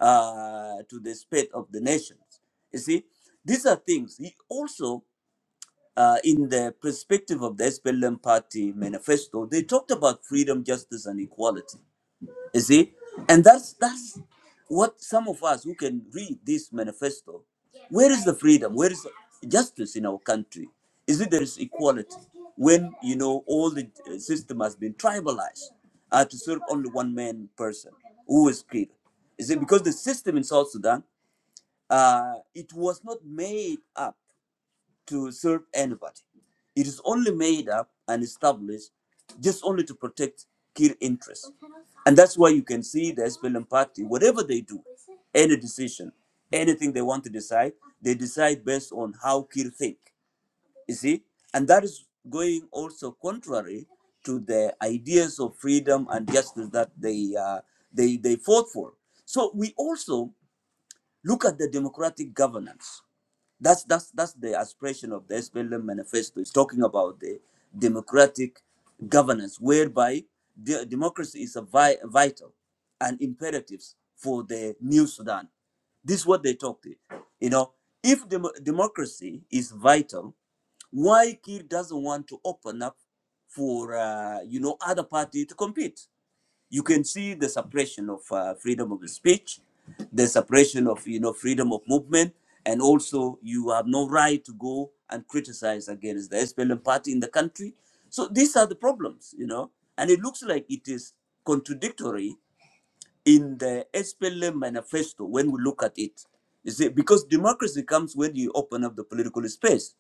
Speaker 1: uh, to the state of the nations. You see, these are things. He also, uh, in the perspective of the SPLM party manifesto, they talked about freedom, justice, and equality. You see, and that's that's what some of us who can read this manifesto. Where is the freedom? Where is justice in our country? Is it there is equality when you know all the uh, system has been tribalized uh, to serve only one man person who is killed? Is it because the system in South Sudan uh, it was not made up? to serve anybody. It is only made up and established just only to protect Kir interests. And that's why you can see the SPLM party, whatever they do, any decision, anything they want to decide, they decide based on how Kir think. You see? And that is going also contrary to the ideas of freedom and justice that they uh, they they fought for. So we also look at the democratic governance that's that's that's the aspiration of the SPLM manifesto. It's talking about the democratic governance, whereby the democracy is a vi- vital and imperatives for the new Sudan. This is what they talked. You know, if dem- democracy is vital, why Kir doesn't want to open up for uh, you know other party to compete? You can see the suppression of uh, freedom of speech, the suppression of you know freedom of movement, and also you have no right to go and criticize against the SPLM party in the country. So these are the problems, you know, and it looks like it is contradictory in the SPLM manifesto when we look at it. You see, because democracy comes when you open up the political space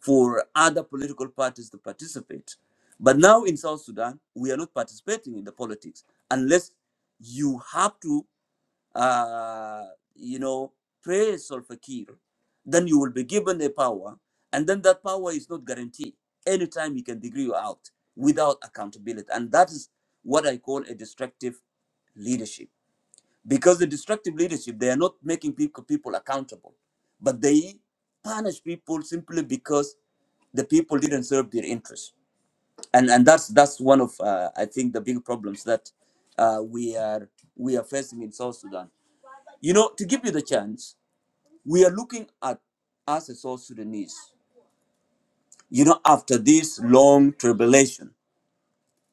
Speaker 1: for other political parties to participate. But now in South Sudan, we are not participating in the politics unless you have to, uh, you know, praise Salva Kiir. Then you will be given a power, and then that power is not guaranteed. Anytime he can degrade you out without accountability, and that is what I call a destructive leadership because the destructive leadership they are not making people people accountable but they punish people simply because the people didn't serve their interests and and that's that's one of uh, i think the big problems that uh, we are we are facing in south sudan you know to give you the chance we are looking at us as south sudanese you know after this long tribulation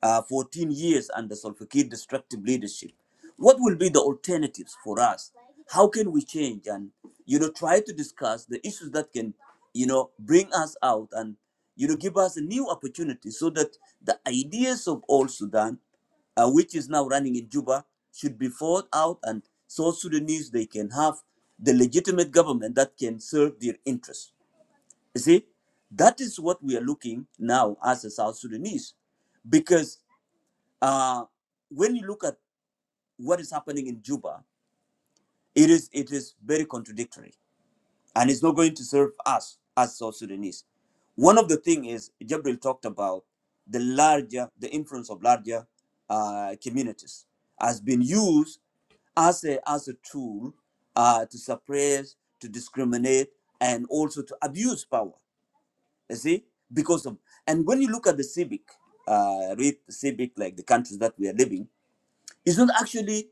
Speaker 1: uh, 14 years under Salva Kiir destructive leadership. What will be the alternatives for us? How can we change and you know try to discuss the issues that can you know bring us out and you know give us a new opportunity so that the ideas of Old Sudan, uh, which is now running in Juba, should be fought out and South Sudanese they can have the legitimate government that can serve their interests. You see, that is what we are looking now as a South Sudanese, because uh, when you look at what is happening in Juba, it is it is very contradictory, and it's not going to serve us as South Sudanese. One of the things is Jabril talked about the larger the influence of larger uh, communities has been used as a as a tool uh, to suppress, to discriminate, and also to abuse power. You see, because of and when you look at the civic, uh, read the civic like the countries that we are living, it's not actually.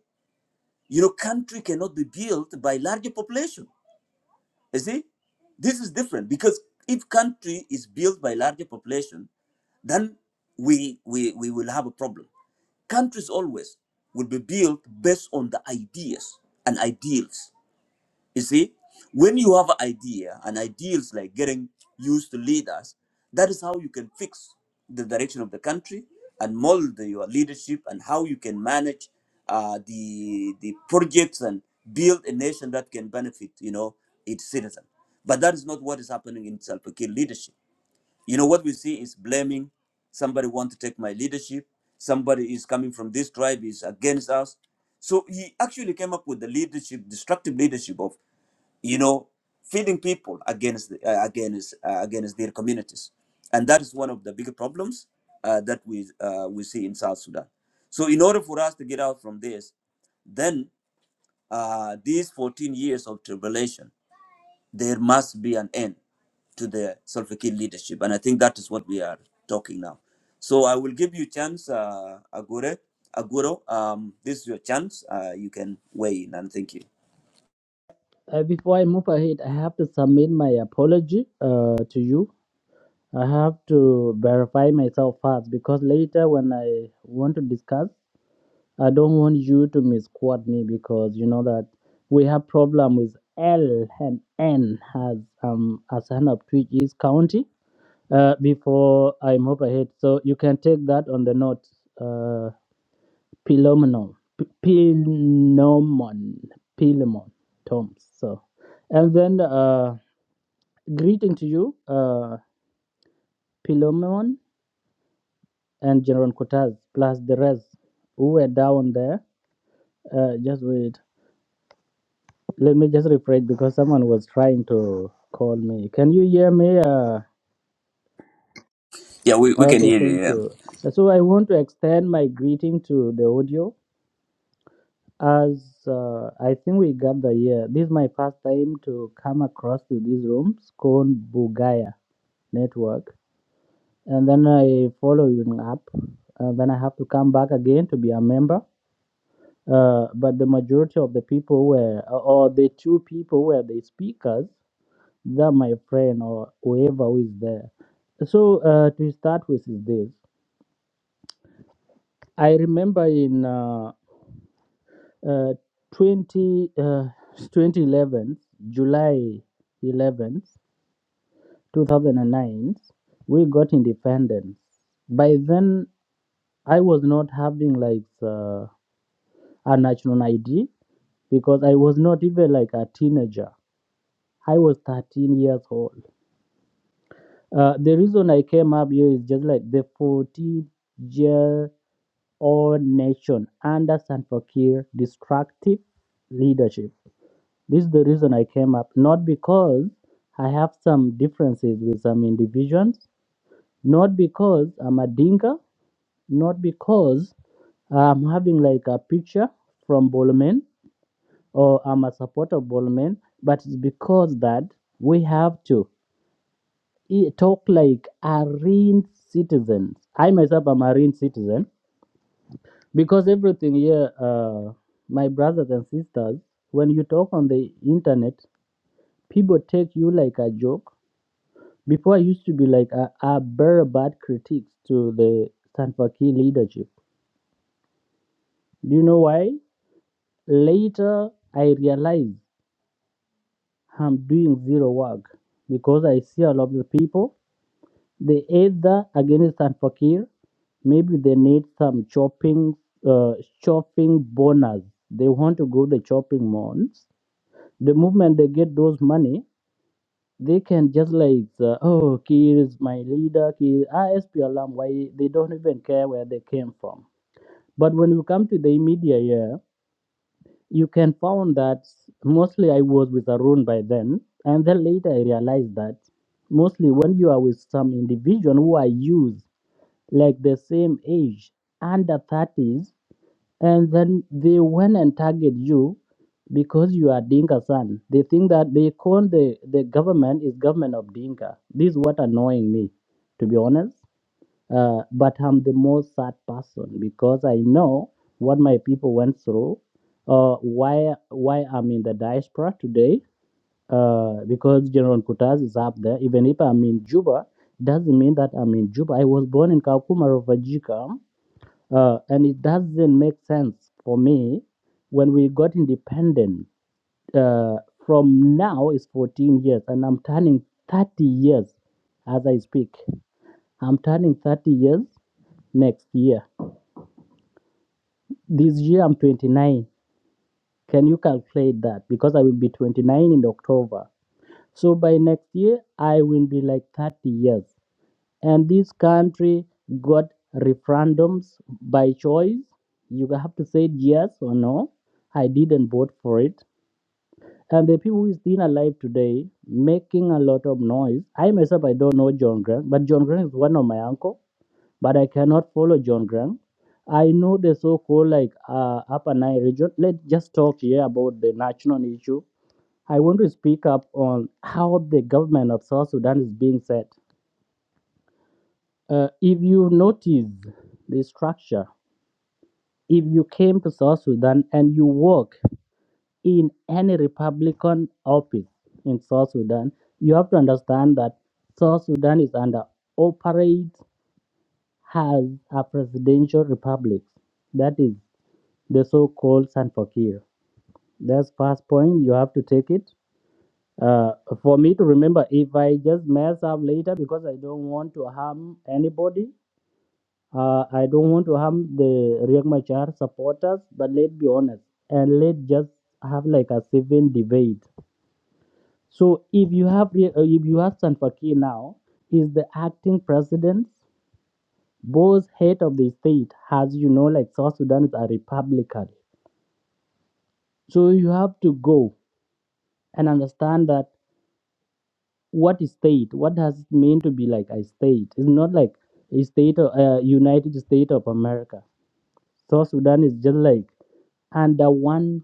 Speaker 1: You know, country cannot be built by larger population. You see, this is different because if country is built by larger population, then we we, we will have a problem. Countries always will be built based on the ideas and ideals. You see, when you have an idea, and ideals like getting used to leaders, that is how you can fix the direction of the country and mold your leadership and how you can manage uh, the the projects and build a nation that can benefit, you know, its citizen. But that is not what is happening in Salva Kiir leadership. You know what we see is blaming somebody want to take my leadership. Somebody is coming from this tribe is against us. So he actually came up with the leadership, destructive leadership of you know, feeding people against the- uh, against uh, against their communities, and that is one of the big problems uh, that we uh, we see in South Sudan. So, in order for us to get out from this, then uh, these 14 years of tribulation, there must be an end to the Salva Kiir leadership, and I think that is what we are talking now. So, I will give you chance, uh, Agure. Aguro, um, this is your chance. Uh, you can weigh in and thank you.
Speaker 3: Uh, before I move ahead, I have to submit my apology uh, to you. I have to verify myself first because later when I want to discuss, I don't want you to misquote me because you know that we have problem with L and N as um as an of Twitch is county. Uh, before I move ahead, so you can take that on the note. Uh, Pilomon, Pilomon, Pilomon, Tom. So, and then uh. Greeting to you, uh, Philemon and General Cortez plus the rest who were down there. Uh, just wait. Let me just rephrase because someone was trying to call me. Can you hear me? Uh,
Speaker 1: Yeah, we, we can
Speaker 3: okay,
Speaker 1: hear you.
Speaker 3: thank
Speaker 1: Yeah.
Speaker 3: you. So I want to extend my greeting to the audio as uh, I think we got the year. This is my first time to come across to these rooms called Bugaya Network. And then I follow you up. And then I have to come back again to be a member uh, but the majority of the people were, or the two people were the speakers, that my friend or whoever who is there. So uh, to start with is this. I remember in uh, uh, 20, uh, 2011, July 11th, 2009, we got independence. By then, I was not having like uh, a national ID because I was not even like a teenager I was 13 years old. Uh, the reason I came up here is just like the 14 year old nation under Sanfakir destructive leadership. This is the reason I came up, not because I have some differences with some individuals, not because I'm a dinka, not because I'm having like a picture from Bolman or I'm a supporter of Bolomen, but it's because that we have to. e- talk like arrogant citizens. I myself am a arrogant citizen because everything here, uh, my brothers and sisters, when you talk on the internet, people take you like a joke. Before I used to be like a, a very bad critics to the Sanfaki leadership. Do you know why? Later, I realized I'm doing zero work because I see a lot of the people They either against Al Fakir, maybe they need some chopping, uh, chopping bonus. They want to go the chopping months. The moment they get those money, they can just like, uh, oh, Kir is my leader. Kir, ISP alarm. Why they don't even care where they came from. But when you come to the media here, you can found that mostly I was with Arun by then, and then later I realized that mostly when you are with some individual who are used like the same age under 30s and then they went and target you because you are dinka son they think that they call the, the government is government of dinka this is what annoying me to be honest uh, but i'm the most sad person because i know what my people went through uh, why why i'm in the diaspora today uh, because General Kutaz is up there. Even if I'm in Juba, it doesn't mean that I'm in Juba. I was born in Kakuma, Refugee camp, uh, and it doesn't make sense for me when we got independent. Uh, from now is 14 years, and I'm turning 30 years as I speak. I'm turning 30 years next year. This year I'm 29. Can you calculate that? Because I will be 29 in October. So by next year, I will be like 30 years. And this country got referendums by choice. You have to say yes or no. I didn't vote for it. And the people who is still alive today, making a lot of noise. I myself, I don't know John Grant, but John Grant is one of my uncle. But I cannot follow John Grant. I know the so-called like uh, Upper Nile region. Let's just talk here about the national issue I want to speak up on how the government of South Sudan is being set. Uh, if you notice the structure, if you came to South Sudan and you work in any Republican office in South Sudan, you have to understand that South Sudan is under operates as a presidential republic. That is the so-called San Fakir. That's first point. You have to take it. uh, for me to remember if I just mess up later because I don't want to harm anybody. Uh, I don't want to harm the Riek Machar supporters, but let's be honest and let's just have like a civil debate. So if you have Rie- uh, if you have Sanfaki now is the acting president, both head of the state, as you know, like South Sudan is a republic. So you have to go and understand that what is state what does it mean to be like a state it's not like a state of uh, united states of america South sudan is just like under one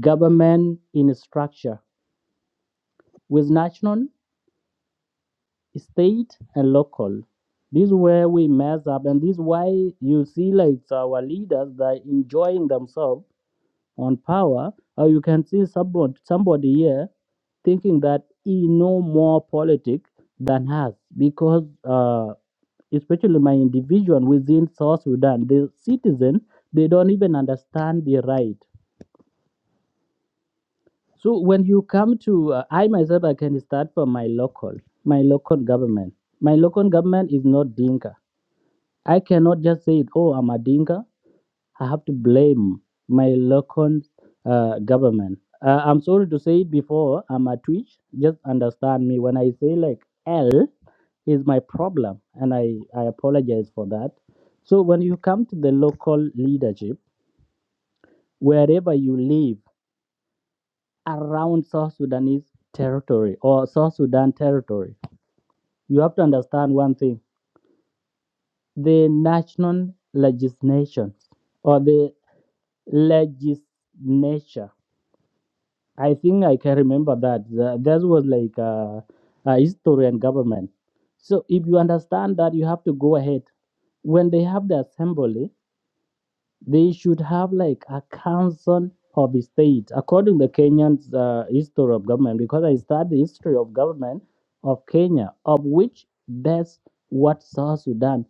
Speaker 3: government in structure with national state and local this is where we mess up and this is why you see like our leaders they're enjoying themselves on power, or you can see somebody, somebody here thinking that he know more politics than us because uh, especially my individual within South Sudan, the citizen, they don't even understand the right. So when you come to, uh, I myself, I can start from my local, my local government. My local government is not Dinka. I cannot just say, oh, I'm a Dinka I have to blame my local uh, government. Uh, I'm sorry to say it before, I'm a Twitch. Just understand me when I say like L is my problem, and I, I apologize for that. So when you come to the local leadership, wherever you live around South Sudanese territory or South Sudan territory, you have to understand one thing: the national legislation or the legislation I think I can remember that. Tha- That was like uh, a history and government. So if you understand that, you have to go ahead. When they have the assembly, they should have like a council of state, according to the Kenyan uh, history of government, because I studied the history of government of Kenya, of which that's what South Sudan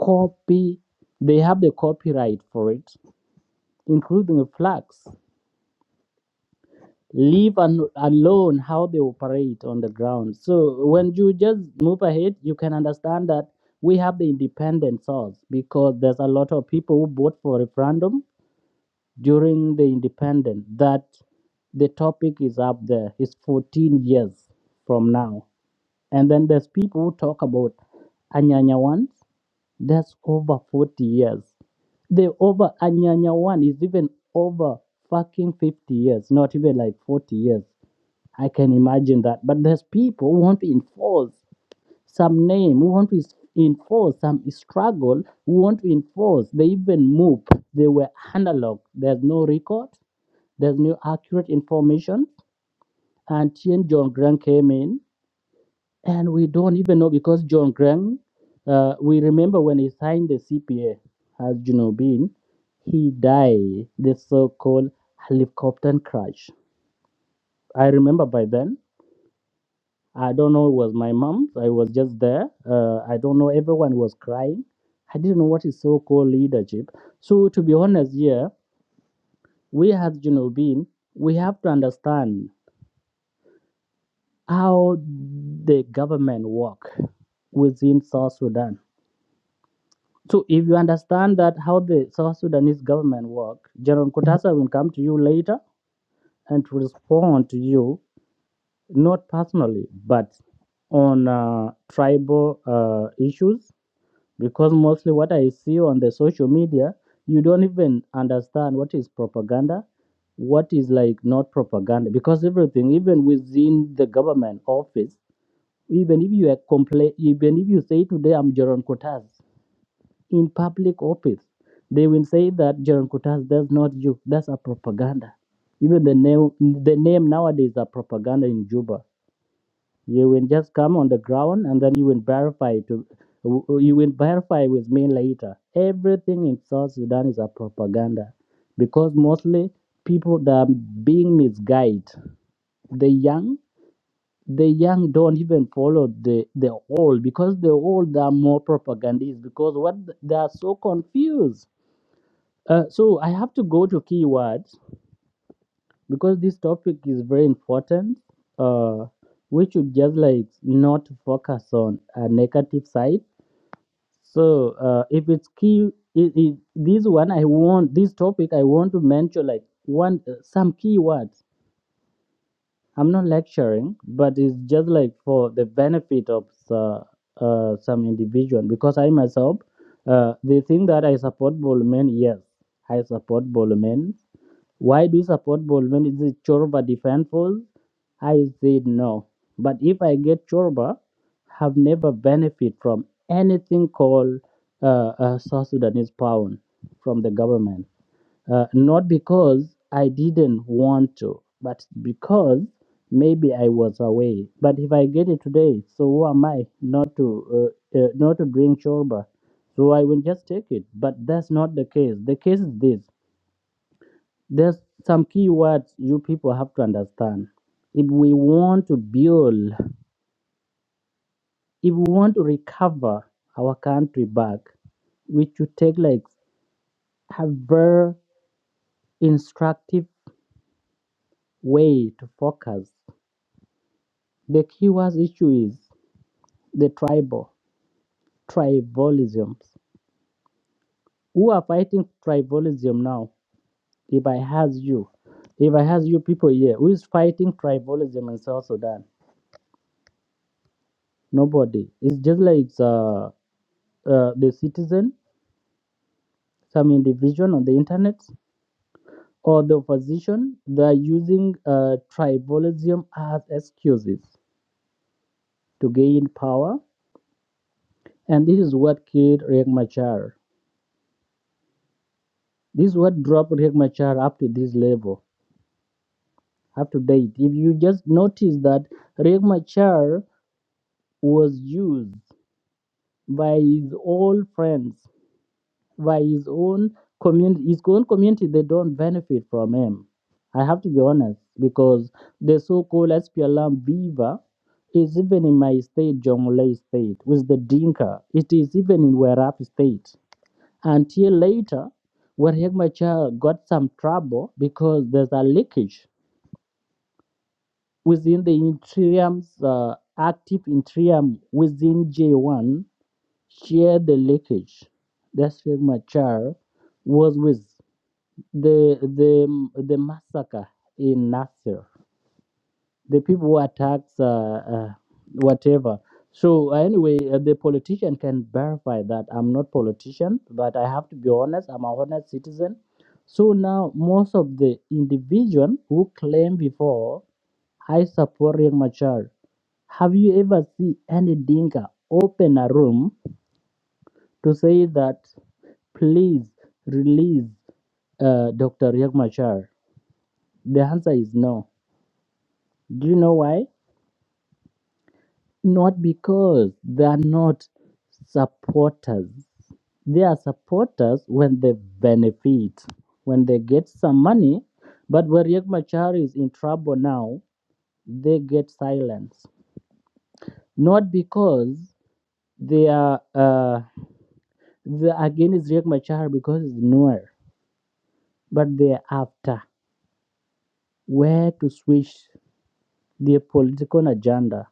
Speaker 3: copy. They have the copyright for it, including the flags. leave an, alone how they operate on the ground. So when you just move ahead, you can understand that we have the independent source because there's a lot of people who vote for referendum during the independent that the topic is up there is 14 years from now. And then there's people who talk about Anyanya ones. That's over 40 years. The over Anyanya one is even over fucking 50 years, not even like 40 years. I can imagine that. But there's people who want to enforce some name, who want to s- enforce some struggle, who want to enforce. They even move. They were analog. There's no record. There's no accurate information. Until John Grant came in, and we don't even know because John Grant, uh, we remember when he signed the CPA, as you know, been he died the so-called helicopter crash. I remember by then I don't know. It was my mom. I was just there. Uh, I don't know. Everyone was crying. I didn't know what is so-called leadership. So to be honest, yeah, we as you know we have to understand how the government work within South Sudan. So if you understand that how the South Sudanese government work, General Kutasa will come to you later and to respond to you not personally but on uh, tribal uh, issues because mostly what I see on the social media, you don't even understand what is propaganda, what is like not propaganda, because everything, even within the government office, even if you are compla- even if you say today I'm Jaron Kutas in public office, they will say that Jaron Kutas that's not you, that's a propaganda. Even the name, the name nowadays are propaganda in Juba you will just come on the ground and then you will verify to you will verify with me later. Everything in South Sudan is a propaganda because mostly people that are being misguided, the young, the young don't even follow the the old because the old are more propagandists because what they are so confused. Uh, so I have to go to keyword because this topic is very important uh we should just like not focus on a negative side so uh if it's key it, it, this one i want this topic i want to mention like one uh, some key words I'm not lecturing, but it's just like for the benefit of the, uh, some individual. Because I myself, uh, they think that I support Bolman. Yes, I support Bolman. Why do you support Bolman? Is it Chorba defense force? I said no. But if I get Chorba, have never benefit from anything called uh, uh, South Sudanese pound from the government uh, not because I didn't want to, but because maybe I was away. But if I get it today, so who am I not to uh, uh, not to drink shorba? So I will just take it. But that's not the case. The case is this: there's some key words you people have to understand. If we want to build, if we want to recover our country back, we should take like a very instructive way to focus The key was issue is the tribal tribalism. Who are fighting tribalism now? If I ask you, if I ask you people here, who is fighting tribalism in South Sudan? Nobody. It's just like uh, uh, the citizen, some individual on the internet, or the opposition. They are using uh, tribalism as excuses to gain power, and this is what killed Riek Machar. This is what dropped Riek Machar up to this level up to date. If you just notice that Riek Machar was used by his old friends, by his own community, his own community, they don't benefit from him. I have to be honest because the so-called SPLM Beaver is even in my state, Jonglei state, with the Dinka. It is even in Werap state. Until later, when Riek Machar got some trouble because there's a leakage within the yttrium's uh, active yttrium within J1 share the leakage that Machar was with the the the massacre in Nasser the people who attacks uh, uh, whatever. So uh, anyway, uh, the politician can verify that I'm not politician, but I have to be honest. I'm a honest citizen. So now most of the individual who claim before I support Riek Machar, have you ever seen any dinka open a room to say that please release uh, Dr. Riek Machar? The answer is no. Do you know why? Not because they are not supporters. They are supporters when they benefit, when they get some money. But when Riek Machar is in trouble now, they get silence. Not because they are uh, they are against Riek Machar because it's nowhere, but they are after where to switch their political agenda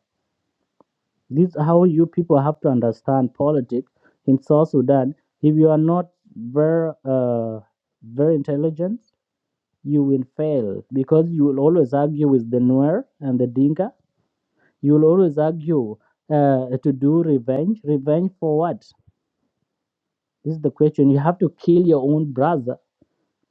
Speaker 3: This is how you people have to understand politics in South Sudan. If you are not very, uh, very intelligent, you will fail because you will always argue with the Nuer and the Dinka. You will always argue uh, to do revenge. Revenge for what? This is the question. You have to kill your own brother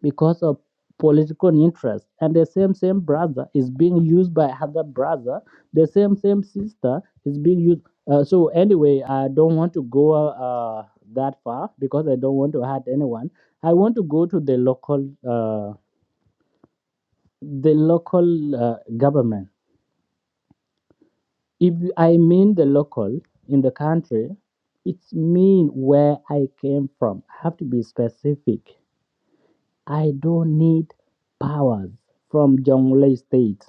Speaker 3: because of political interest and the same same brother is being used by other brother the same same sister is being used uh, so anyway i don't want to go uh, that far because i don't want to hurt anyone i want to go to the local uh, the local uh, government if you- i mean the local in the country it's mean where i came from i have to be specific i don't need powers from jonglei state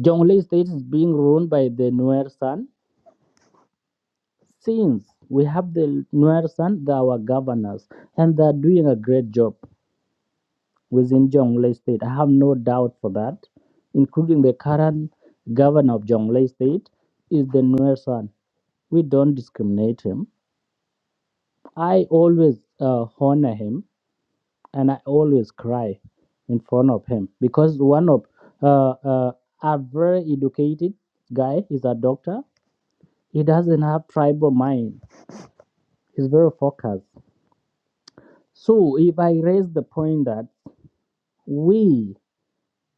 Speaker 3: Jonglei state is being ruled by the Nuer San. Since we have the Nuer San, they are our governors, and they are doing a great job within Jonglei state. I have no doubt for that, including the current governor of Jonglei state is the Nuer San. We don't discriminate him. I always uh, honor him, and I always cry in front of him because one of uh, uh, a very educated guy is a doctor He doesn't have tribal mind. He's very focused. So if I raise the point that we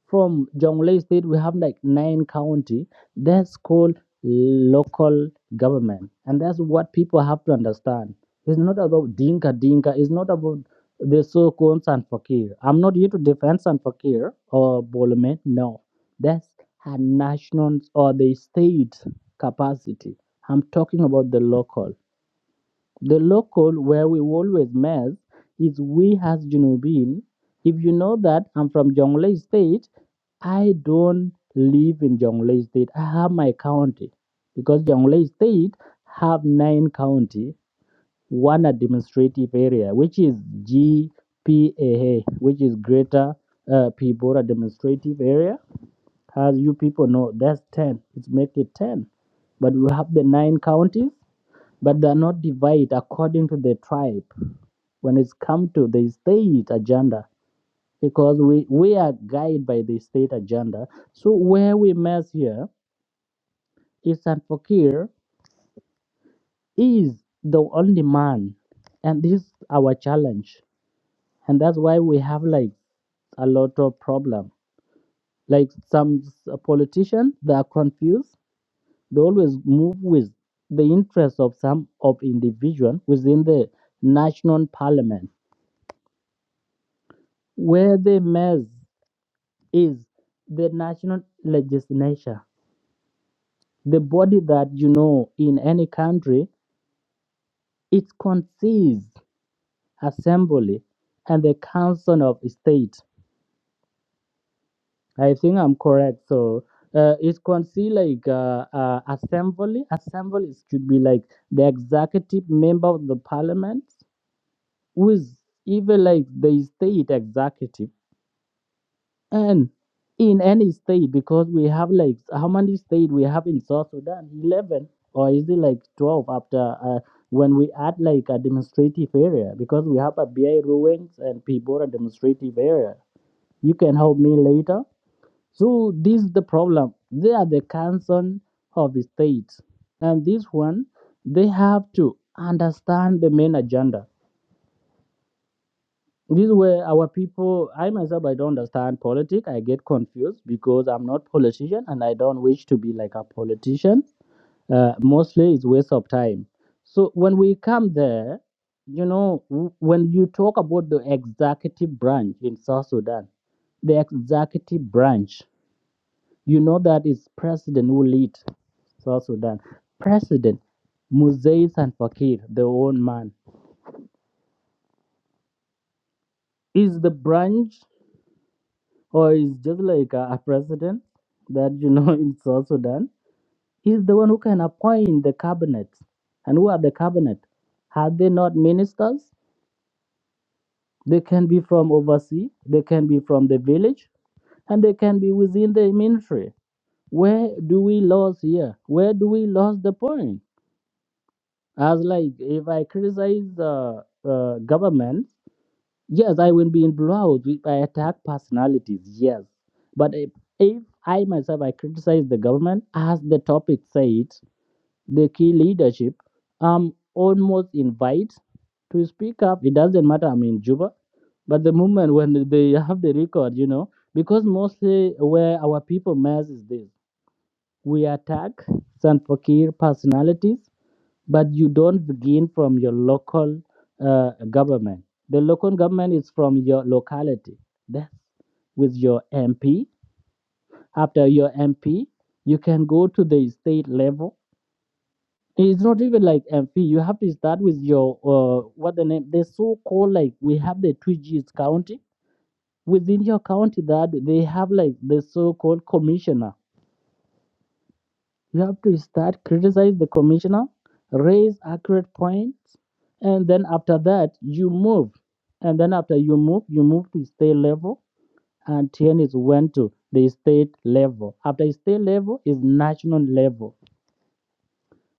Speaker 3: from Jonglei State we have like nine county, that's called local government, and that's what people have to understand. It's not about dinka dinka. It's not about the so-called San Fakir. I'm not here to defend San or Bolome. No, that's a national or the state capacity. I'm talking about the local. The local where we always mess is we as Junubin. If you know that I'm from Jonglei State, I don't live in Jonglei State. I have my county because Jonglei State have nine county, one administrative area, which is GPAA, which is Greater uh, Pibora Administrative Area. As you people know, that's ten. It's make it ten, but we have the nine counties but they are not divided according to the tribe when it's come to the state agenda because we, we are guided by the state agenda. So where we mess here is that Fakir is the only man and this is our challenge. And that's why we have like a lot of problem. Like some s- politicians, they are confused. They always move with the interests of some of individual within the national parliament where the mess is the national legislature, the body that you know in any country, it consists assembly and the council of state. I think I'm correct. So uh, it consists like uh, uh, assembly. Assembly should be like the executive member of the parliament, who is even like the state executive and in any state because we have like how many state we have in south sudan 11 or is it like 12 after uh, when we add like a demonstrative area because we have a bi ruins and pibora demonstrative area you can help me later so this is the problem they are the council of the states and this one they have to understand the main agenda this way, our people, I myself, I don't understand politics. I get confused because I'm not politician and I don't wish to be like a politician. Uh, mostly, it's waste of time. So when we come there, you know, w- when you talk about the executive branch in South Sudan, the executive branch, you know that is president who lead South Sudan. President Muzay Sanfakir, the own man, is the branch. or is just like a, a president that you know in South Sudan. He's the one who can appoint the cabinet. And who are the cabinet? Are they not ministers? They can be from overseas, they can be from the village, and they can be within the ministry. Where do we lose here? Where do we lose the point? As like if I criticize the uh, government Yes, I will be in blowout if I attack personalities. Yes, but if, if I myself I criticize the government, as the topic said, the key leadership, I'm almost invite to speak up. It doesn't matter. I'm in Juba, but the moment when they have the record, you know, because mostly where our people mess is this: we attack San Fakir personalities but you don't begin from your local uh, government. The local government is from your locality. That's with your MP. After your MP, you can go to the state level. It's not even like MP. You have to start with your uh, what the name. They so called like we have the two G's county within your county that they have like the so called commissioner You have to start criticize the commissioner, raise accurate points, and then after that you move. And then after you move, you move to state level, and TNS went to the state level. After state level is national level.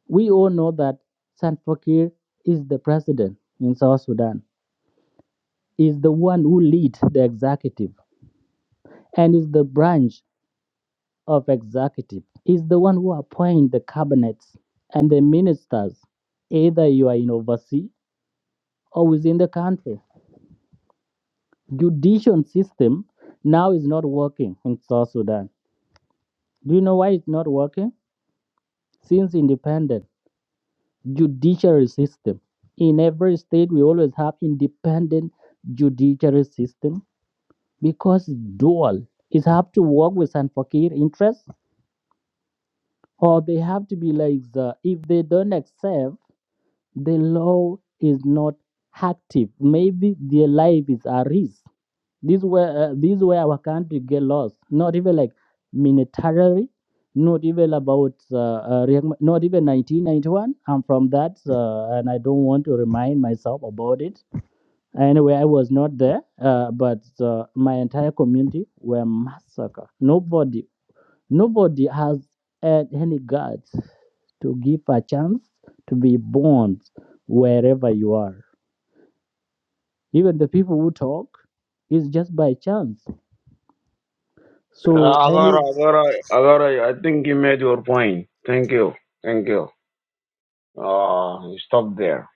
Speaker 3: We all know that San Fakir is the president in South Sudan. Is the one who leads the executive and is the branch. of executive is the one who appoints the cabinets and the ministers, either you are in overseas or within the country. Judicial system now is not working in South Sudan. Do you know why it's not working? Since independent judiciary system. In every state we always have independent judiciary system because it's dual. It have to work with Sanfakir interests or they have to be like the if they don't accept the law is not active. Maybe their life is at risk. This where uh, this where our country get lost. Not even like militarily, not even about uh, uh, not even 1991. I'm from that, uh, and I don't want to remind myself about it. Anyway, I was not there, uh, but uh, my entire community were massacred. Nobody Nobody has had any guts to give a chance to be born wherever you are. Even the people who talk is just by chance.
Speaker 2: Uh,
Speaker 3: So any
Speaker 2: Agora, Agora, Agora, I think you made your point. Thank you. Thank you. Uh, you stop there.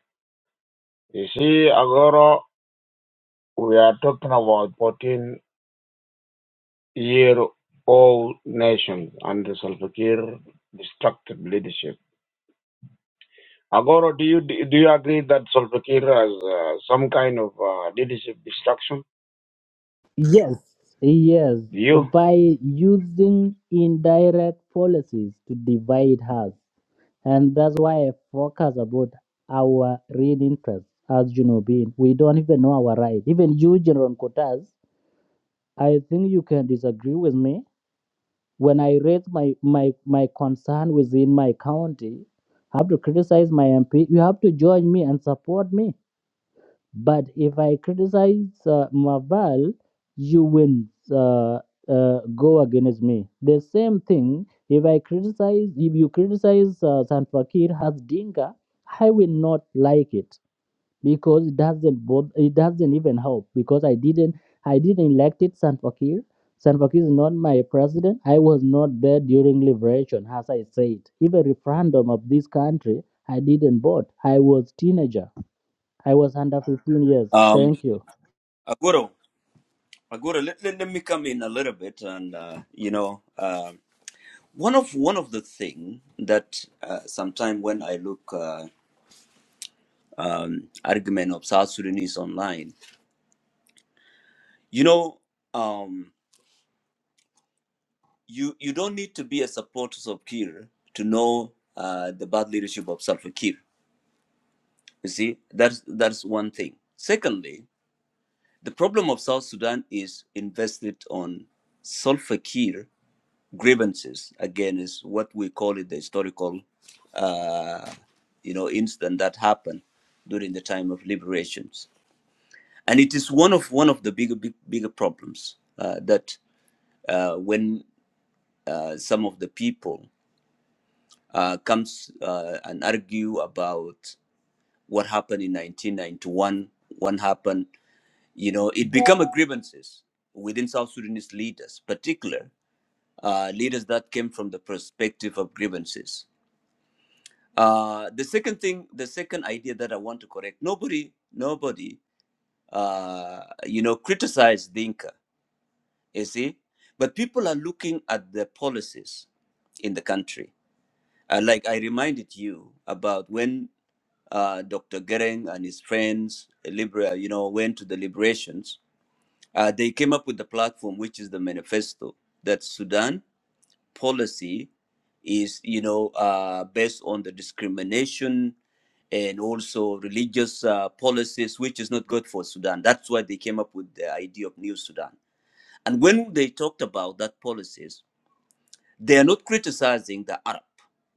Speaker 2: You see, Agora, we are talking about 14 year old nations under Salva Kiir destructive leadership. Agora, do you, do you agree that Salva Kiir has uh, some kind of uh, leadership destruction?
Speaker 3: yes, yes,
Speaker 2: Do you?
Speaker 3: by using indirect policies to divide us, and that's why I focus about our real interest as you know being. We don't even know our right. Even you, General Kotas, I think you can disagree with me When I raise my, my, my concern within my county, I have to criticize my MP. You have to join me and support me. But if I criticize uh, Maval, you will uh, uh, go against me. The same thing, if I criticize, if you criticize uh, San Fakir as Dinka, I will not like it because it doesn't bother, it doesn't even help because I didn't I didn't elect it Salva Kiir. Salva Kiir is not my president. I was not there during liberation, as I said. Even referendum of this country, I didn't vote. I was teenager. I was under 15 years.
Speaker 1: Um,
Speaker 3: Thank you.
Speaker 1: Aguro, Aguro, let, let, let me come in a little bit, and uh, you know, uh, one of one of the thing that uh, sometimes when I look uh, argument of South Sudanese online, you know, um, you you don't need to be a supporter of Kir to know uh, the bad leadership of Salva Kiir. You see, that's that's one thing. Secondly, the problem of South Sudan is invested on Salva Kiir grievances again is what we call it the historical uh, you know incident that happened during the time of liberations and it is one of one of the bigger big, bigger problems uh, that uh, when uh, some of the people uh, comes uh, and argue about what happened in 1991 what happened you know it become a grievances within south sudanese leaders particular uh, leaders that came from the perspective of grievances Uh, the second thing, the second idea that I want to correct, nobody, nobody, uh, you know, criticize Dinka, you see, but people are looking at the policies in the country. Uh, like I reminded you about when uh, Dr. Gering and his friends, uh, Libera, you know, went to the liberations, uh, they came up with the platform, which is the manifesto that Sudan policy is you know uh, based on the discrimination and also religious uh, policies which is not good for sudan that's why they came up with the idea of new sudan and when they talked about that policies they are not criticizing the arab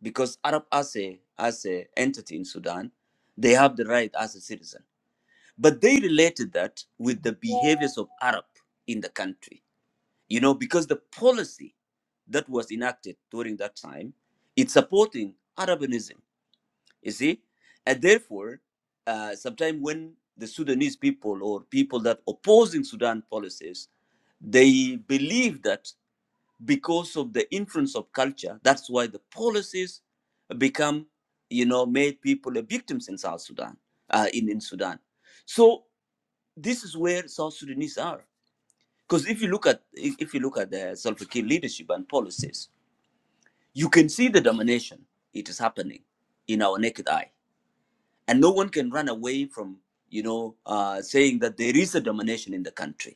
Speaker 1: because arab as a as a entity in sudan they have the right as a citizen but they related that with the behaviors of arab in the country you know because the policy that was enacted during that time it's supporting arabism you see and therefore uh, sometimes when the sudanese people or people that opposing sudan policies they believe that because of the influence of culture that's why the policies become you know made people a victims in south sudan uh, in, in sudan so this is where south sudanese are because if you look at if if you look at the Salva Kiir leadership and policies, you can see the domination. It is happening in our naked eye, and no one can run away from you know uh, saying that there is a domination in the country.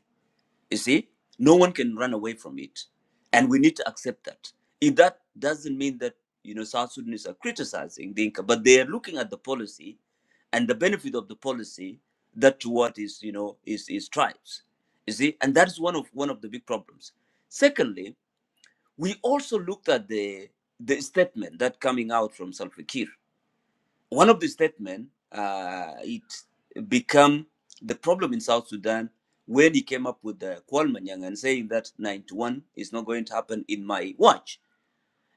Speaker 1: You see, no one can run away from it, and we need to accept that. If that doesn't mean that you know South Sudanese are criticizing the Inca, but they are looking at the policy and the benefit of the policy that to what is you know is is tribes. You see, and that is one of one of the big problems. Secondly, we also looked at the the statement that coming out from Salva Kiir. One of the statements, uh, it become the problem in South Sudan when he came up with the Kualmanyang and saying that 91 is not going to happen in my watch.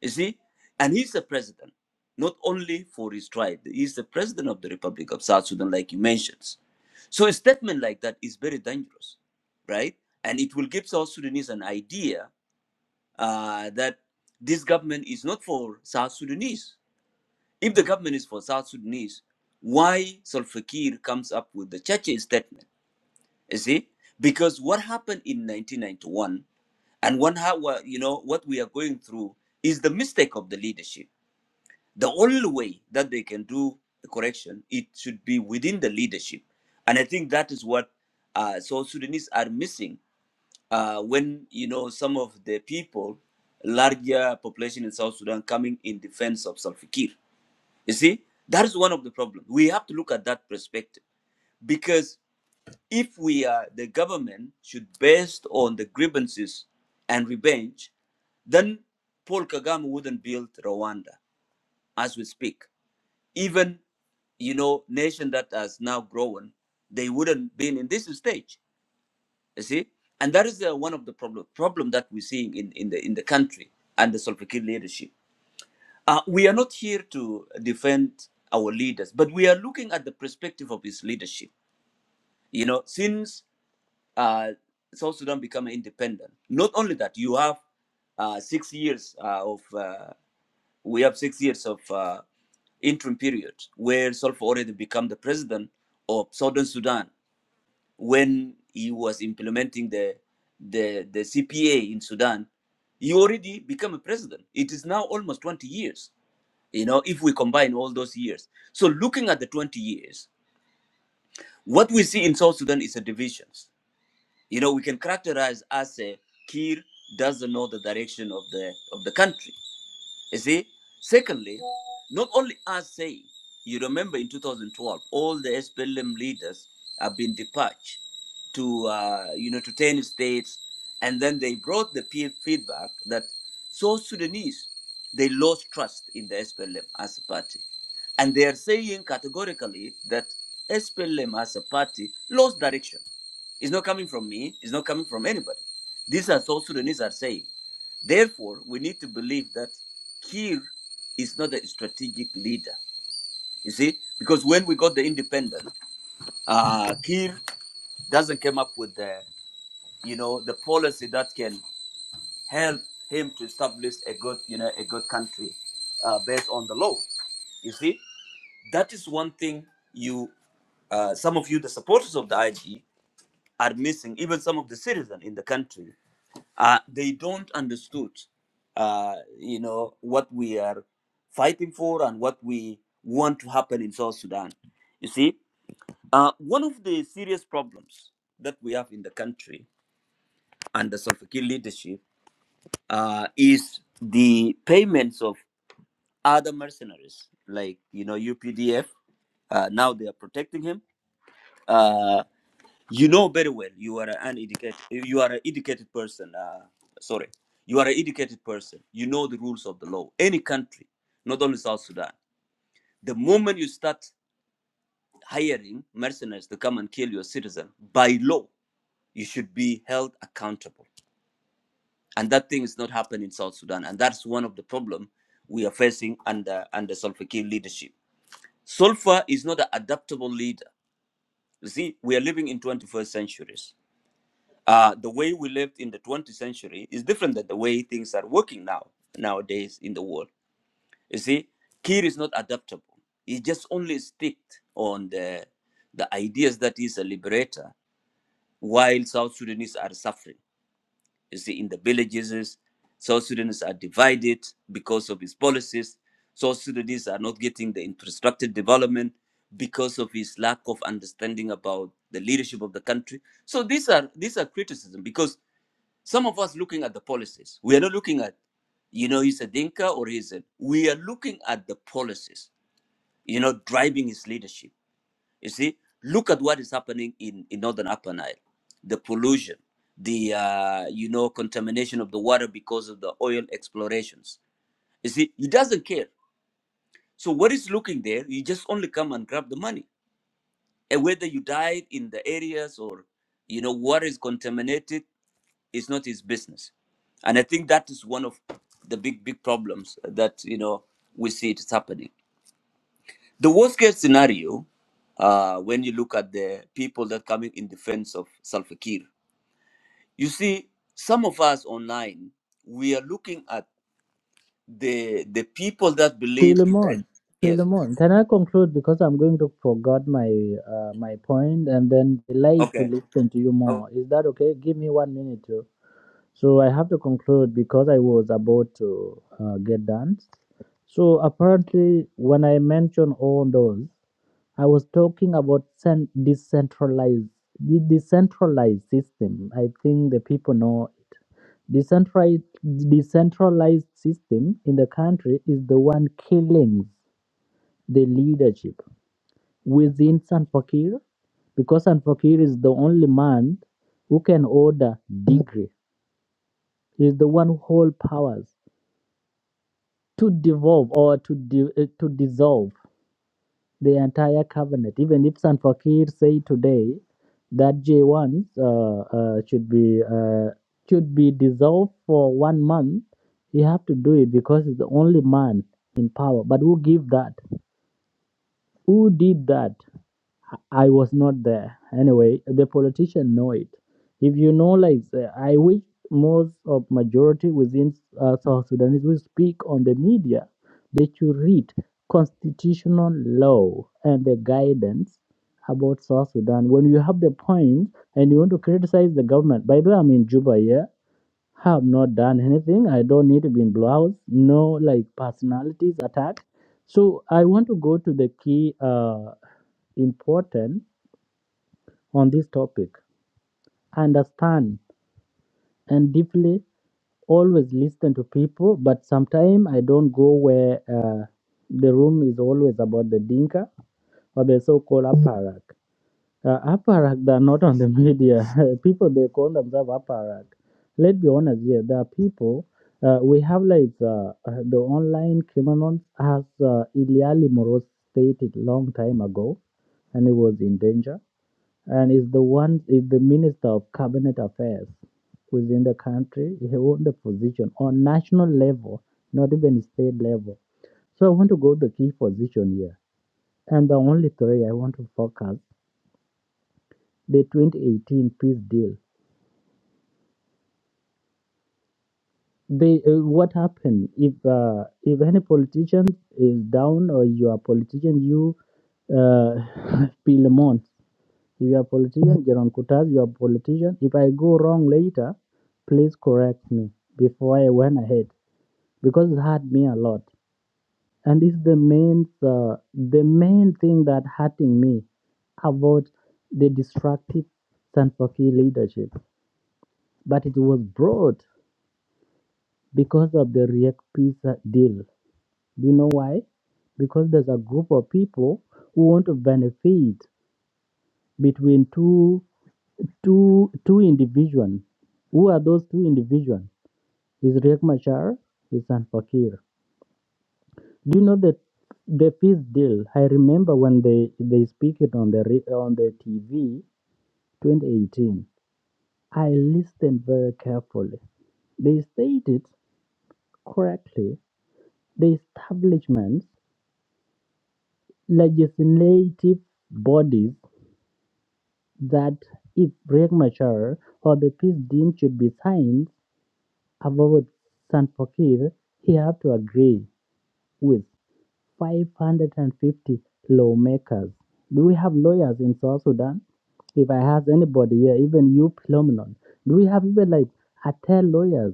Speaker 1: You see? And he's the president, not only for his tribe, he's the president of the Republic of South Sudan, like you mentioned. So a statement like that is very dangerous, right? And it will give South Sudanese an idea uh, that this government is not for South Sudanese if the government is for South Sudanese, why Salva Kiir comes up with the Churchill statement? You see, because what happened in 1991 and one how what- you know what we are going through is the mistake of the leadership. The only way that they can do a correction, it should be within the leadership, and I think that is what uh, South Sudanese are missing uh, when you know some of the people, larger population in South Sudan, coming in defense of Salva Kiir. You see, that is one of the problems. We have to look at that perspective because if we are the government should based on the grievances and revenge, then Paul Kagame wouldn't build Rwanda as we speak. Even you know, nation that has now grown, they wouldn't been in this stage. You see, and that is uh, one of the problem problem that we're seeing in, in the in the country and the Solpikir leadership. Uh, we are not here to defend our leaders, but we are looking at the perspective of his leadership. You know, since uh, South Sudan became independent, not only that, you have uh, six years uh, of uh, we have six years of uh, interim period where Solfa already became the president of Southern Sudan when he was implementing the the the CPA in Sudan. He already became a president. It is now almost 20 years you know, if we combine all those years. So looking at the 20 years, what we see in South Sudan is a divisions. You know, we can characterize as a Kir doesn't know the direction of the of the country. You see? Secondly, not only us saying, you remember in 2012, all the SPLM leaders have been dispatched to, uh, you know, to 10 states. And then they brought the peer feedback that South Sudanese, they lost trust in the SPLM as a party. And they are saying categorically that SPLM as a party lost direction. It's not coming from me. It's not coming from anybody. These are South Sudanese are saying. Therefore, we need to believe that Kir is not a strategic leader. You see, because when we got the independent, uh, Kir doesn't come up with the, you know, the policy that can help him to establish a good, you know, a good country uh, based on the law. You see, that is one thing you, uh, some of you, the supporters of the IG, are missing. Even some of the citizens in the country, uh, they don't understood, uh, you know, what we are fighting for and what we want to happen in South Sudan. You see, uh, one of the serious problems that we have in the country under Salva Kiir leadership uh, is the payments of other mercenaries, like you know UPDF. Uh, now they are protecting him. Uh, You know very well you are an educated you are an educated person. Uh, sorry, you are an educated person. You know the rules of the law. Any country, not only South Sudan. The moment you start hiring mercenaries to come and kill your citizen, by law, you should be held accountable. And that thing is not happening in South Sudan. And that's one of the problem we are facing under under Salva Kiir leadership. Sulfur is not an adaptable leader. You see, we are living in 21st centuries. Uh, the way we lived in the 20th century is different than the way things are working now nowadays in the world. You see, Kir is not adaptable. He just only sticks on the the ideas that he's a liberator, while South Sudanese are suffering. You see, in the villages, South Sudanese are divided because of his policies. South Sudanese are not getting the infrastructure development because of his lack of understanding about the leadership of the country. So these are these are criticism because some of us looking at the policies. We are not looking at, you know, he's a dinka or he's a. We are looking at the policies. You know, driving his leadership. You see, look at what is happening in in northern Upper Nile, the pollution, the uh, you know contamination of the water because of the oil explorations. You see, he doesn't care. So what is looking there? You just only come and grab the money, and whether you died in the areas or, you know, water is contaminated it's not his business and i think that is one of the big big problems that you know we see it's happening the worst case scenario uh, when you look at the people that coming in defense of Salva Kiir, you see some of us online we are looking at the the people that believe in that
Speaker 3: Philemon,
Speaker 1: yes
Speaker 3: Philemon, can I conclude because I'm going to forgot my uh, my point and then delight to
Speaker 1: okay
Speaker 3: listen to you
Speaker 1: Oh,
Speaker 3: more. Is that okay? Give me one minute. to So I have to conclude because I was about to uh, get done. So apparently, when I mentioned all those, I was talking about cen- decentralized the decentralized system. I think the people know it. Decentralized decentralized system in the country is the one killing the leadership within San because San is the only man who can order degree. He's the one who holds powers. to devolve or to di- uh, to dissolve the entire cabinet. Even if San Fakir say today that J1 uh, uh, should be uh, should be dissolved for one month, he have to do it because he's the only man in power. But who give that? Who did that? I was not there. Anyway, the politician know it. If you know, like, uh, I wish most of majority within uh, South Sudanese will speak on the media. They should read constitutional law and the guidance about South Sudan. When you have the point and you want to criticize the government, by the way, I'm in Juba, yeah have not done anything. I don't need to be in blue house. No, like personalities attack. So I want to go to the key uh, important on this topic. Understand and deeply always listen to people, but sometimes I don't go where uh, the room is always about the dinka or the so-called aparak. Uh, apparat, they are not on the media. people, they call themselves apparat. Let's be honest here. There are people, uh, we have like uh, uh, the online criminals, as uh, Iliali Moros stated long time ago, and he was in danger. And is the one, is the minister of cabinet affairs within the country. He owned the position on national level, not even state level. So I want to go the key position here. And the only three I want to focus the 2018 peace deal. They, uh, what happened if uh, if any politician is down or you are politician you uh, Pilemon if you are politician Jerome Kutas you are politician if I go wrong later please correct me before I went ahead because it hurt me a lot and this is the main uh, the main thing that hurting me about the destructive Sanfaki leadership but it was broad because of the React Pizza deal. Do you know why? Because there's a group of people who want to benefit between two two two individuals. Who are those two individuals? Is Riek Machar, is San Fakir. Do you know that the peace deal? I remember when they they speak it on the re- on the TV, 2018. I listened very carefully. They stated correctly the establishment legislative bodies that if Riek Machar or the peace deal should be signed about Salva Kiir, he have to agree with 550 lawmakers. Do we have lawyers in South Sudan? If I ask anybody here, even you, Phenomenon, do we have even like a 10 lawyers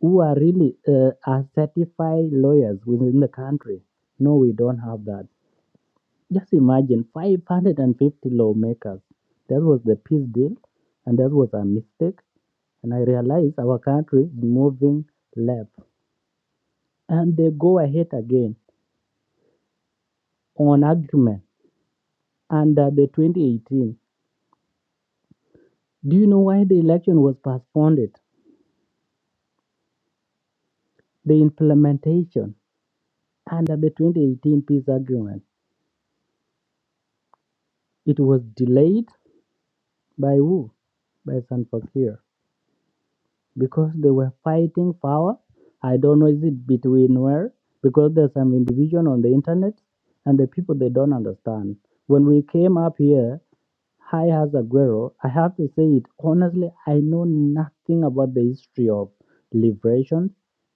Speaker 3: who are really uh, are certified lawyers within the country? No, we don't have that. Just imagine 550 lawmakers. That was the peace deal, and that was a mistake. And I realized our country is moving left. And they go ahead again on agreement under the 2018. Do you know why the election was postponed? The implementation under the 2018 peace agreement. It was delayed by who? By San Fakir. because they were fighting power. I don't know is it between where because there's some individual on the internet and the people they don't understand. When we came up here, Hi, as Aguero. I have to say it honestly, I know nothing about the history of liberation.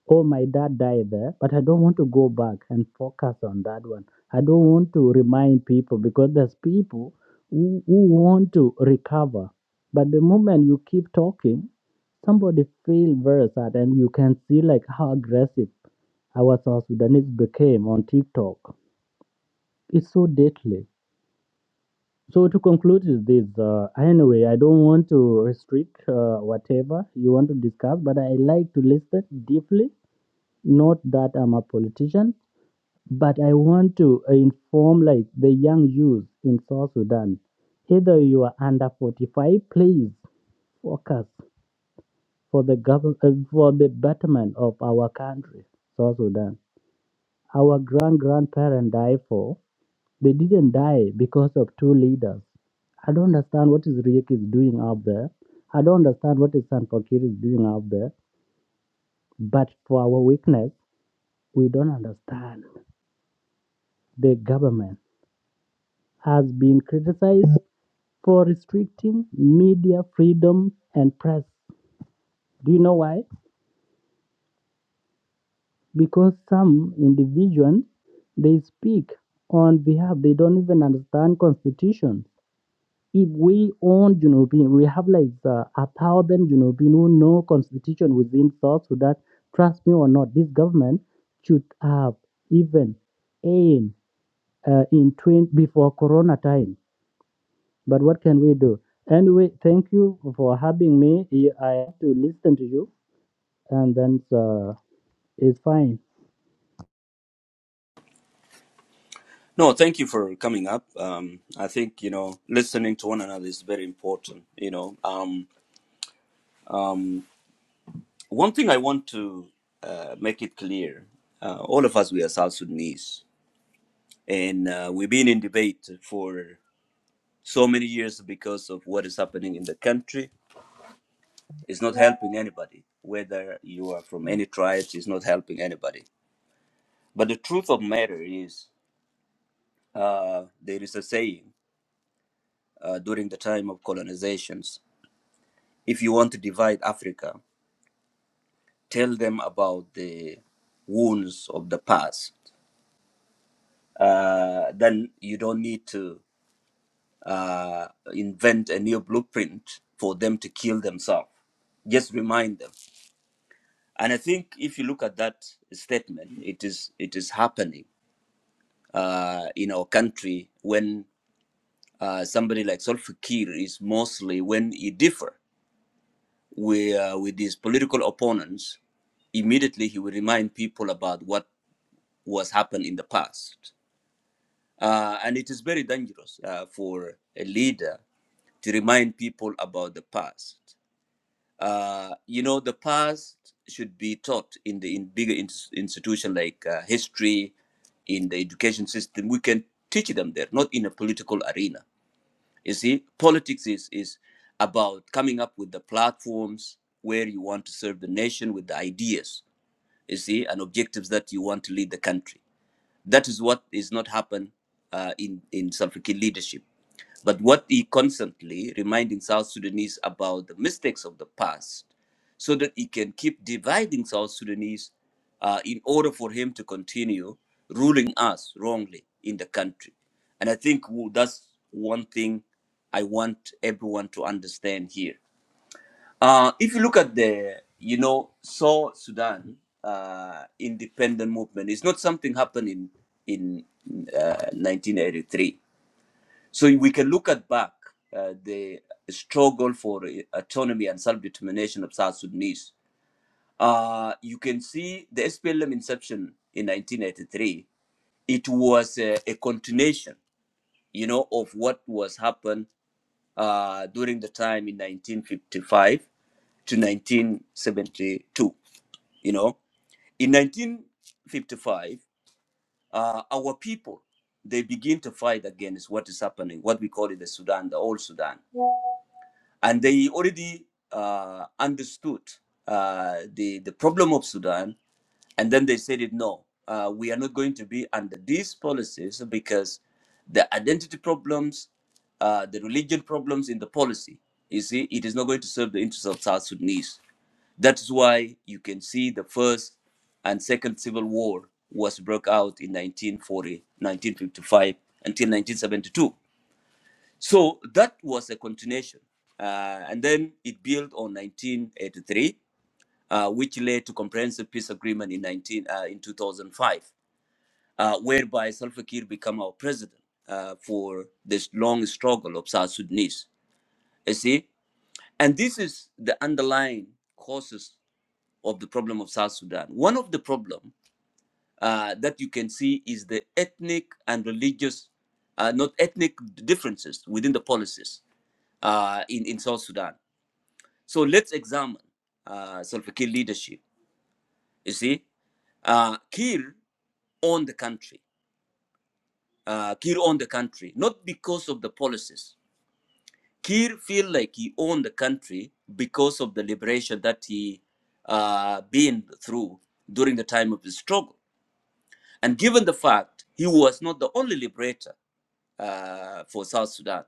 Speaker 3: Oh, my dad died there, but I don't want to go back and focus on that one. I don't want to remind people because there's people who, who want to recover. But the moment you keep talking, somebody feel very sad and you can see like how aggressive our South Sudanese became on TikTok. It's so deadly. So to conclude is this. Uh, anyway, I don't want to restrict uh, whatever you want to discuss, but I like to listen deeply. Not that I'm a politician, but I want to inform like the young youth in South Sudan. Either you are under 45, please focus for the government uh, for the betterment of our country, South Sudan. Our grand grandparents died for. They didn't die because of two leaders. I don't understand what is Riek is doing out there. I don't understand what is Sanfakir is doing out there. But for our weakness, we don't understand. The government has been criticized for restricting media freedom and press. Do you know why? Because some individuals they speak on behalf they don't even understand constitution if we own Junubin, we have like uh, a thousand Junubin who know constitution within South Sudan. Trust me or not, this government should have even in uh, in 20 before Corona time. But what can we do? Anyway, thank you for having me. I I have to listen to you, and then uh, it's fine.
Speaker 1: no thank you for coming up um, i think you know listening to one another is very important you know um, One thing I want to uh, make it clear uh, all of us, we are South Sudanese, and uh, we've been in debate for so many years because of what is happening in the country. It's not helping anybody, whether you are from any tribes, it's not helping anybody. But the truth of matter is uh, there is a saying uh, during the time of colonizations if you want to divide Africa, tell them about the wounds of the past. Uh, then you don't need to uh, invent a new blueprint for them to kill themselves. Just remind them. And I think if you look at that statement, it is it is happening uh, in our country when uh, somebody like Solfa Kiir is mostly when he differ with, uh, with his political opponents, immediately he will remind people about what was happened in the past. Uh, and it is very dangerous uh, for a leader to remind people about the past. uh, you know, the past should be taught in the in bigger ins institution like uh, history, in the education system. We can teach them there, not in a political arena. You see, politics is is about coming up with the platforms where you want to serve the nation with the ideas, you see, and objectives that you want to lead the country. That is what is not happen uh, in in South African leadership. But what he constantly reminding South Sudanese about the mistakes of the past, so that he can keep dividing South Sudanese uh, in order for him to continue ruling us wrongly in the country. And I think w- that's one thing I want everyone to understand here uh, if you look at the, you know, South Sudan uh, independent movement, it's not something happened in in uh, 1983. So we can look at back uh, the struggle for autonomy and self-determination of South Sudanese. Uh, you can see the SPLM inception in 1983. It was a, a continuation, you know, of what was happened uh, during the time in 1955 to 1972. You know, in 1955, uh, our people they begin to fight against what is happening, what we call it the Sudan, the old Sudan and they already uh, understood uh, the the problem of Sudan, and then they said it no, uh, we are not going to be under these policies because the identity problems, uh, the religion problems in the policy, you see, it is not going to serve the interests of South Sudanese. That is why you can see the first and second civil war was broke out in 1940, 1955 until 1972 so that was a continuation. Uh, and then it built on 1983, uh, which led to comprehensive peace agreement in 19 uh, in 2005, uh, whereby Salva Kiir became our president uh, for this long struggle of South Sudanese. You see, and this is the underlying causes of the problem of South Sudan. One of the problem uh, that you can see is the ethnic and religious, uh, not ethnic differences within the policies uh, in in South Sudan So let's examine uh, Salva Kiir leadership. You see, uh, Kiir owned the country. Uh, Kiir owned the country not because of the policies. Kiir feel like he owned the country because of the liberation that he uh, been through during the time of his struggle. And given the fact he was not the only liberator, uh, for South Sudan.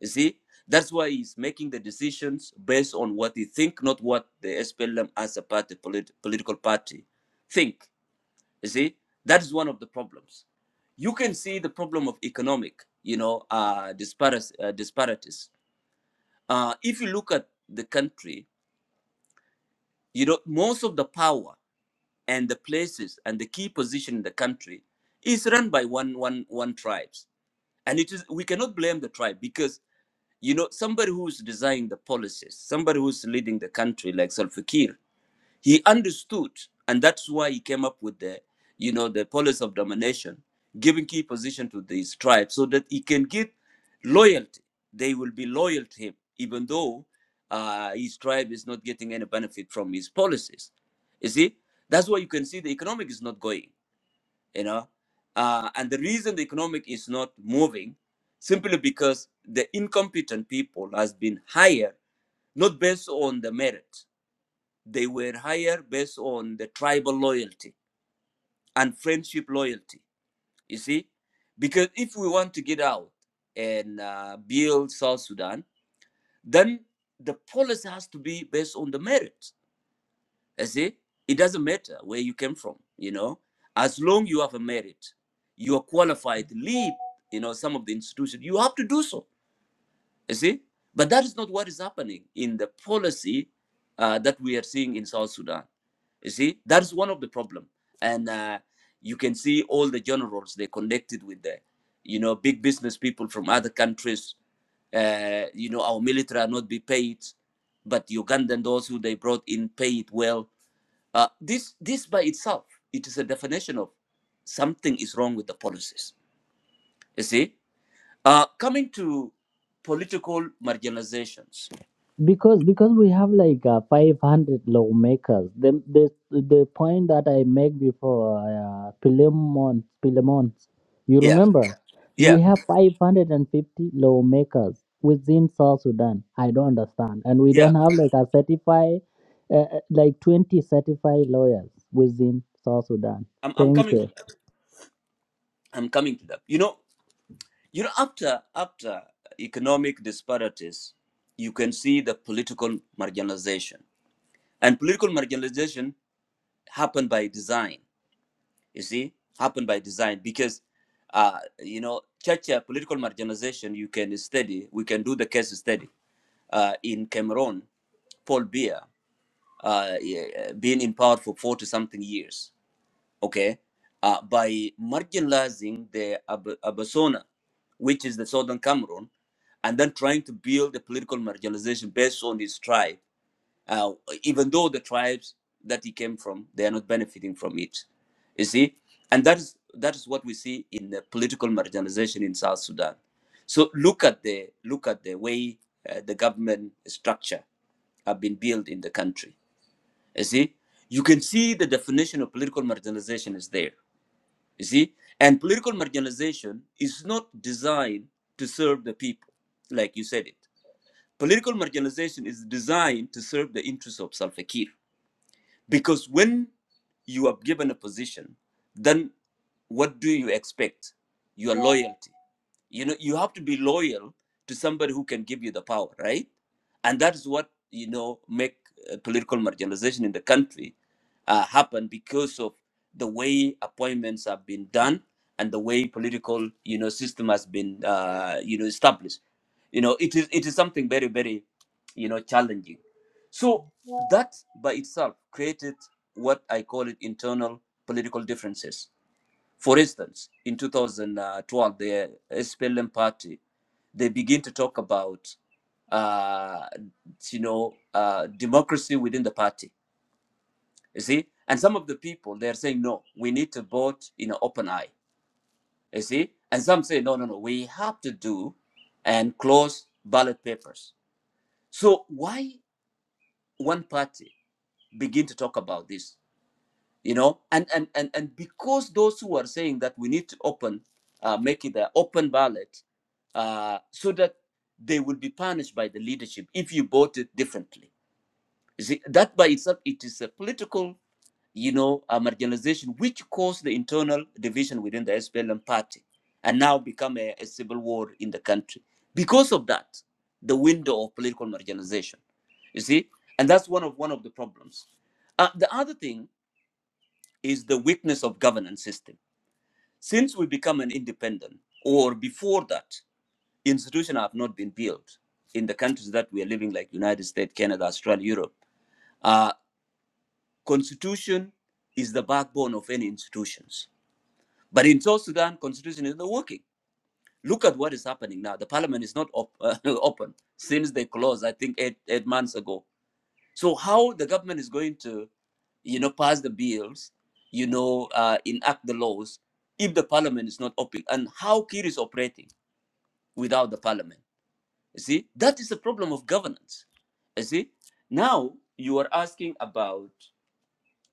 Speaker 1: You see, that's why he's making the decisions based on what he think, not what the SPLM as a party, polit- political party, think. You see, that is one of the problems. You can see the problem of economic, you know, uh, disparities. Uh, disparities. Uh, if you look at the country, you know, most of the power and the places and the key position in the country is run by one, one, one tribes, and it is we cannot blame the tribe because You know, somebody who's designing the policies, somebody who's leading the country like Salva Kiir, he understood, and that's why he came up with the, you know, the policy of domination, giving key position to these tribes so that he can give loyalty. They will be loyal to him, even though uh, his tribe is not getting any benefit from his policies. You see, that's why you can see the economic is not going you know. Uh, and the reason the economic is not moving simply because the incompetent people has been hired not based on the merit. They were hired based on the tribal loyalty and friendship loyalty. You see, because if we want to get out and uh, build South Sudan, then the policy has to be based on the merit You see, it doesn't matter where you came from, you know, as long you have a merit, you are qualified to lead, you know, some of the institutions, you have to do so, you see. But that is not what is happening in the policy uh, that we are seeing in South Sudan. You see, that is one of the problem. And uh, you can see all the generals, they connected with the, you know, big business people from other countries. Uh, you know, our military are not be paid, but Ugandan, those who they brought in, paid well uh, this this by itself, it is a definition of something is wrong with the policies. You see, uh, coming to political marginalizations.
Speaker 3: because because we have like uh, 500 lawmakers the, the the point that i make before uh, Pilemon, Pilemon, you
Speaker 1: Yeah,
Speaker 3: remember
Speaker 1: yeah,
Speaker 3: we have 550 lawmakers within south sudan i don't understand and we
Speaker 1: yeah.
Speaker 3: don't have like a certified uh, uh, like 20 certified lawyers within south sudan
Speaker 1: I'm I'm
Speaker 3: thank
Speaker 1: coming
Speaker 3: you
Speaker 1: to that. I'm coming to that. You know, you know, after after economic disparities, you can see the political marginalization, and political marginalization happened by design you see happen by design because uh, you know church uh, political marginalization you can study we can do the case study uh, in cameroon paul Biya uh, yeah, being in power for 40 something years okay uh, by marginalizing the Ab- abasona which is the southern cameroon and then trying to build a political marginalization based on his tribe uh, even though the tribes that he came from they are not benefiting from it you see and that is that is what we see in the political marginalization in south sudan so look at the look at the way uh, the government structure have been built in the country you see you can see the definition of political marginalization is there you see and political marginalization is not designed to serve the people like you said it political marginalization is designed to serve the interests of Salva Kiir because when you are given a position, then what do you expect? Your loyalty you know you have to be loyal to somebody who can give you the power right and that is what you know make uh, political marginalization in the country uh, happen because of the way appointments have been done and the way political you know system has been uh, you know established you know it is it is something very very you know challenging so that by itself created what i call it internal political differences for instance, in 2012, the SPLM party, they begin to talk about, uh, you know, uh, democracy within the party. You see, and some of the people they are saying no, we need to vote in an open eye. You see, and some say no, no, no, we have to do and close ballot papers. So why one party begin to talk about this? you know and and and, and because those who are saying that we need to open uh, make it an open ballot uh, so that they will be punished by the leadership if you vote it differently You see, that by itself it is a political you know uh, marginalization which caused the internal division within the SPLM party and now become a, a civil war in the country because of that the window of political marginalization you see and that's one of one of the problems uh, the other thing is the weakness of governance system. Since we become an independent, or before that, institutions have not been built in the countries that we are living, like United States, Canada, Australia, Europe. Uh, constitution is the backbone of any institutions. But in South Sudan, constitution is not working. Look at what is happening now. The parliament is not op- uh, open since they closed, I think, eight, eight months ago. So how the government is going to you know, pass the bills, you know, uh, enact the laws if the parliament is not open. And how Kir is operating without the parliament. You see, that is the problem of governance. You see, now you are asking about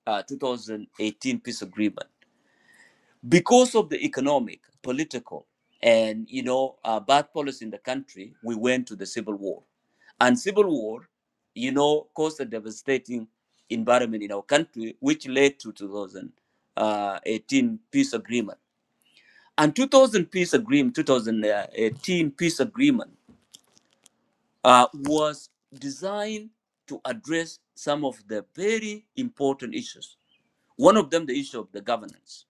Speaker 1: uh, 2018 peace agreement because of the economic, political, and you know uh, bad policy in the country, we went to the civil war, and civil war, you know, caused a devastating environment in our country, which led to 2018 peace agreement. And 2000 peace agreement, 2018 peace agreement uh, was designed to address some of the very important issues. One of them, the issue of the governance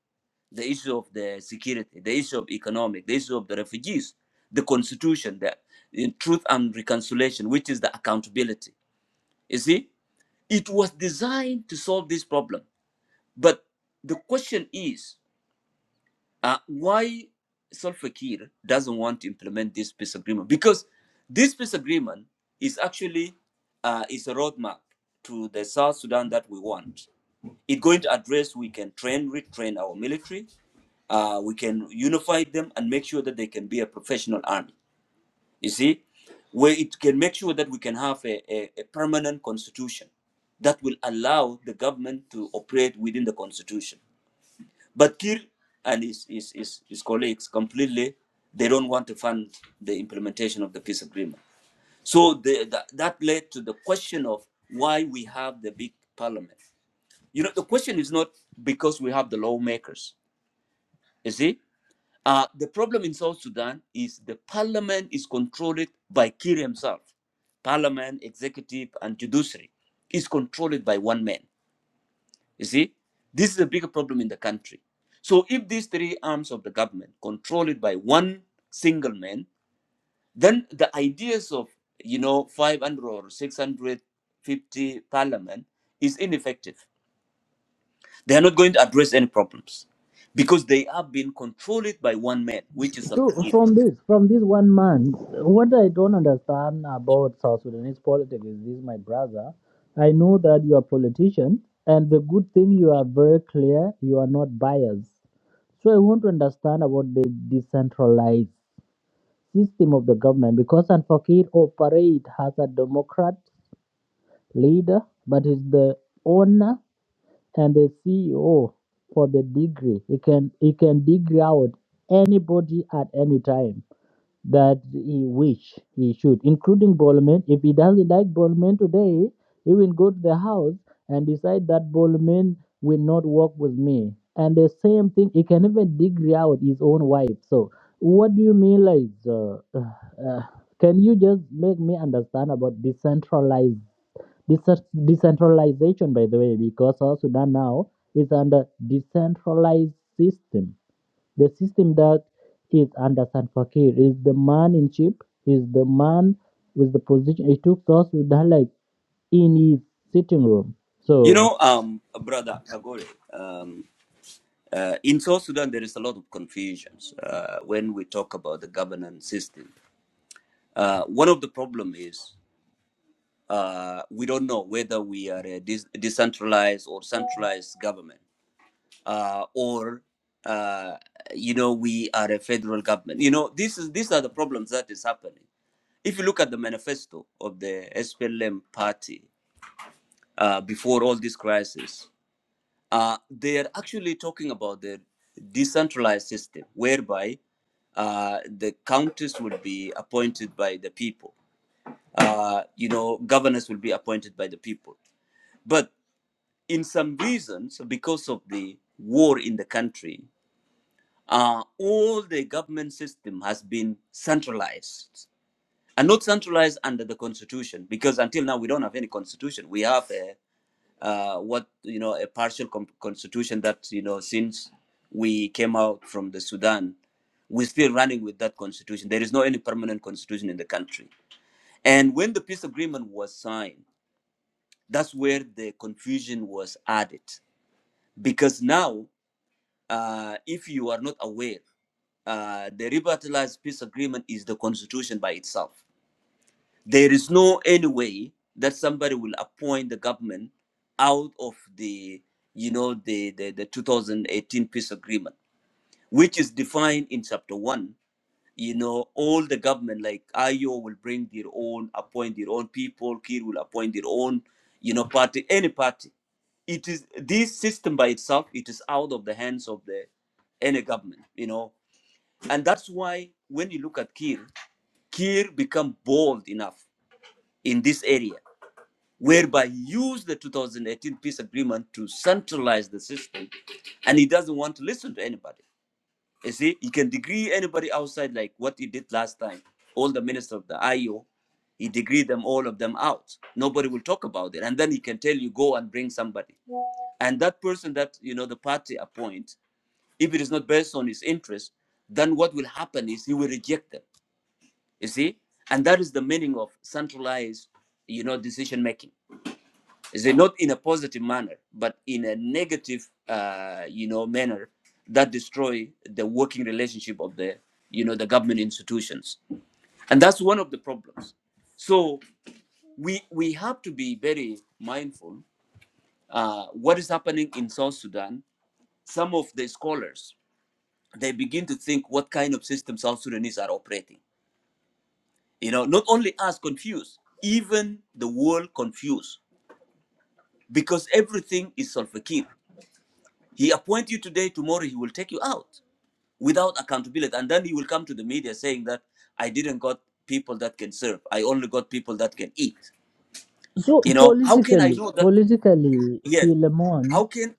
Speaker 1: the issue of the security, the issue of economic, the issue of the refugees, the constitution, the in truth and reconciliation, which is the accountability. You see, it was designed to solve this problem. But the question is uh, why Salva Kiir doesn't want to implement this peace agreement? Because this peace agreement is actually uh, is a roadmap to the South Sudan that we want. It's going to address we can train, retrain our military. Uh, we can unify them and make sure that they can be a professional army. You see, where it can make sure that we can have a, a, a permanent constitution that will allow the government to operate within the constitution. But Kir and his, his, his, his colleagues completely, they don't want to fund the implementation of the peace agreement. So the, the, that led to the question of why we have the big parliament. You know, the question is not because we have the lawmakers, you see? Uh, the problem in South Sudan is the parliament is controlled by Kir himself. Parliament, executive, and judiciary is controlled by one man. You see, this is a bigger problem in the country. So if these three arms of the government control it by one single man, then the ideas of you know 500 or 650 parliament is ineffective. They are not going to address any problems because they are being controlled by one man, which is
Speaker 3: So
Speaker 1: Salva Kiir.
Speaker 3: from this, from this one month, what I don't understand about South Sudanese politics is this, my brother. I know that you are a politician, and the good thing you are very clear. You are not biased. So I want to understand about the decentralized system of the government because Anfakir operate as a democrat leader, but is the owner and the CEO for the degree. He can he can degree out anybody at any time that he wish he should, including Bolman. If he doesn't like Bolman today, he will go to the house and decide that Bolman will not work with me. And the same thing, he can even dig out his own wife. So, what do you mean, like, uh, uh, uh, can you just make me understand about decentralized decent- decentralization, by the way, because South Sudan now is under decentralized system the system that is under Salva Kiir is the man in chief, is the man with the position. He took us with that like in his sitting room.
Speaker 1: You
Speaker 3: So,
Speaker 1: know, um, brother Bagore, um, uh, in South Sudan, there is a lot of confusions uh, when we talk about the governance system. Uh, one of the problem is Uh, we don't know whether we are a dis- decentralized or centralized government, uh, or uh, you know we are a federal government. You know this is these are the problems that is happening. If you look at the manifesto of the SPLM party uh, before all this crisis, uh, they are actually talking about the decentralized system whereby uh, the counties will be appointed by the people. Uh, you know, governors will be appointed by the people. but. in some reasons, because of the war in the country, uh, all the government system has been centralized and not centralized under the constitution because until now we don't have any constitution. We have a uh, what you know a partial com- constitution that you know since we came out from the Sudan, we're still running with that constitution. There is no any permanent constitution in the country. And when the peace agreement was signed, that's where the confusion was added because now uh, if you are not aware, uh, the revitalized peace agreement is the constitution by itself. There is no any way that somebody will appoint the government out of the, you know, the, the, the 2018 peace agreement, which is defined in chapter one you know, all the government, like IO will bring their own, appoint their own people, Kir will appoint their own, you know, party, any party. It is this system by itself, it is out of the hands of the any government, you know. And that's why when you look at Kir, Kir become bold enough in this area, whereby he used the 2018 peace agreement to centralize the system and he doesn't want to listen to anybody you see, you can degree anybody outside like what he did last time. All the ministers of the IO, he degree them all of them out. Nobody will talk about it. And then he can tell you go and bring somebody. And that person that you know the party appoint, if it is not based on his interest, then what will happen is he will reject them. You see? And that is the meaning of centralized, you know, decision making is it not in a positive manner but in a negative uh, you know manner that destroy the working relationship of the you know the government institutions and that's one of the problems so we we have to be very mindful uh, what is happening in south sudan some of the scholars they begin to think what kind of system south sudanese are operating you know not only us confused even the world confused because everything is sulfakir He appoint you today, tomorrow he will take you out without accountability. And then he will come to the media saying that I didn't got people that can serve. I only got people that can eat.
Speaker 3: so
Speaker 1: You know, how can I
Speaker 3: politically,
Speaker 1: know that?
Speaker 3: politically,
Speaker 1: Yes.
Speaker 3: Philemon
Speaker 1: How can,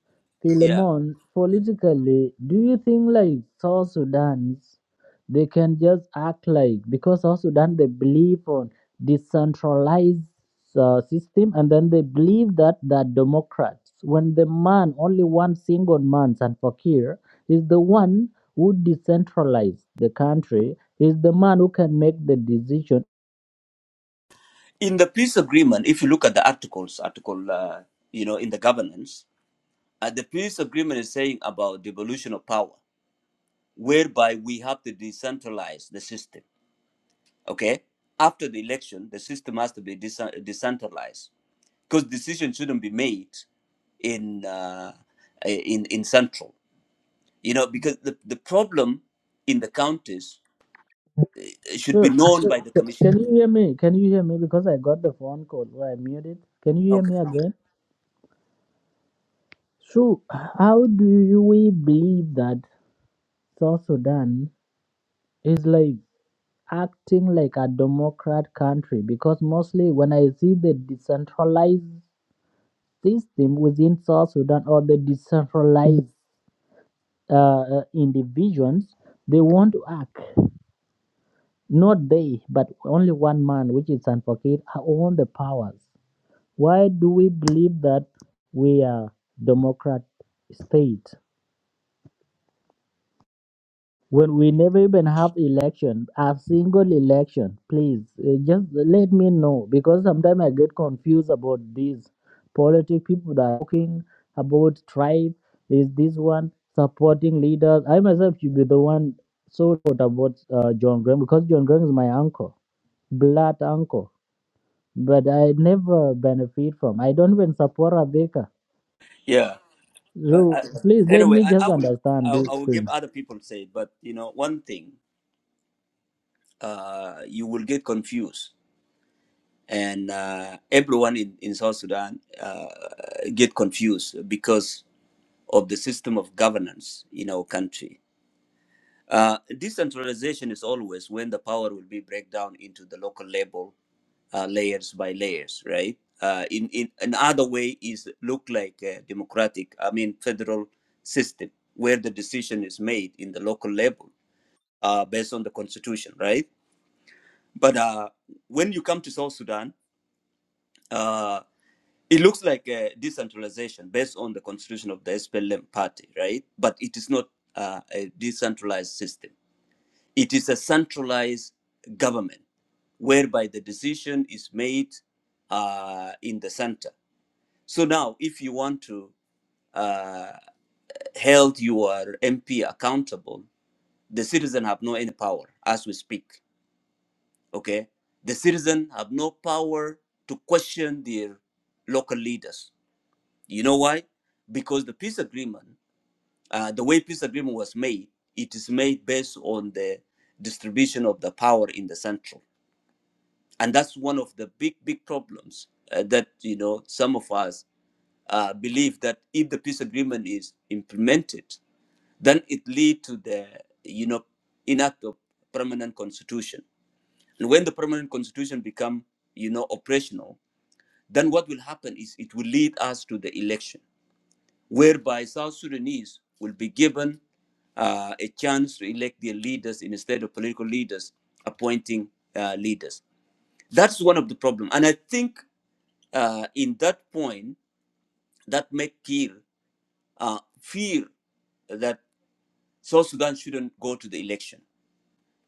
Speaker 1: yeah.
Speaker 3: Philemon, politically, do you think like South Sudan's they can just act like because South Sudan they believe on decentralized uh, system and then they believe that that Democrats when the man only one single man and Fakir is the one who decentralized the country is the man who can make the decision.
Speaker 1: In the peace agreement, if you look at the articles, article, uh, you know, in the governance, uh, the peace agreement is saying about devolution of power, whereby we have to decentralize the system. Okay. After the election, the system has to be decent- decentralized because decision shouldn't be made in uh, in in central you know because the, the problem in the counties should be
Speaker 3: So,
Speaker 1: known
Speaker 3: so,
Speaker 1: by the
Speaker 3: so-
Speaker 1: commissioner
Speaker 3: can you hear me? Can you hear me? Because I got the phone call where I muted. Can you hear
Speaker 1: okay
Speaker 3: me again? So, how do you we believe that South Sudan is like acting like a democrat country? Because mostly when I see the decentralized system within South Sudan or the decentralized uh, uh, individuals, they want to act. Not they, but only one man, which is Sanfokir, own the powers. Why do we believe that we are democrat state? when we never even have election a single election please uh, just let me know because sometimes i get confused about these politic people that are talking about tribe is this one supporting leaders i myself should be the one so thought about uh, john graham because john graham is my uncle blood uncle but i never benefit from i don't even support Abeka.
Speaker 1: yeah uh,
Speaker 3: so
Speaker 1: I,
Speaker 3: please let
Speaker 1: anyway
Speaker 3: me
Speaker 1: I, I
Speaker 3: just
Speaker 1: will I,
Speaker 3: understand this
Speaker 1: I will give
Speaker 3: thing
Speaker 1: other people say it, but you know one thing uh, you will get confused and uh, everyone in, in south sudan uh, get confused because of the system of governance in our country Uh, decentralization is always when the power will be break down into the local level uh, layers by layers, right? Uh, in in another way is look like a democratic, I mean federal system where the decision is made in the local level uh, based on the constitution, right? But uh, when you come to South Sudan, uh, it looks like a decentralization based on the constitution of the SPLM party, right? But it is not uh, a decentralized system it is a centralized government whereby the decision is made uh, in the center. So now, if you want to uh, hold your MP accountable, the citizen have no any power as we speak. Okay, the citizen have no power to question their local leaders. You know why? Because the peace agreement, uh, the way peace agreement was made, it is made based on the distribution of the power in the central. and that's one of the big big problems uh, that you know some of us uh, believe that if the peace agreement is implemented then it lead to the you know enact of permanent constitution and when the permanent constitution become you know operational then what will happen is it will lead us to the election whereby south sudanese will be given uh, a chance to elect their leaders instead of political leaders appointing uh, leaders that's one of the problem and i think uh, in that point, that make Kir uh, fear that South Sudan shouldn't go to the election.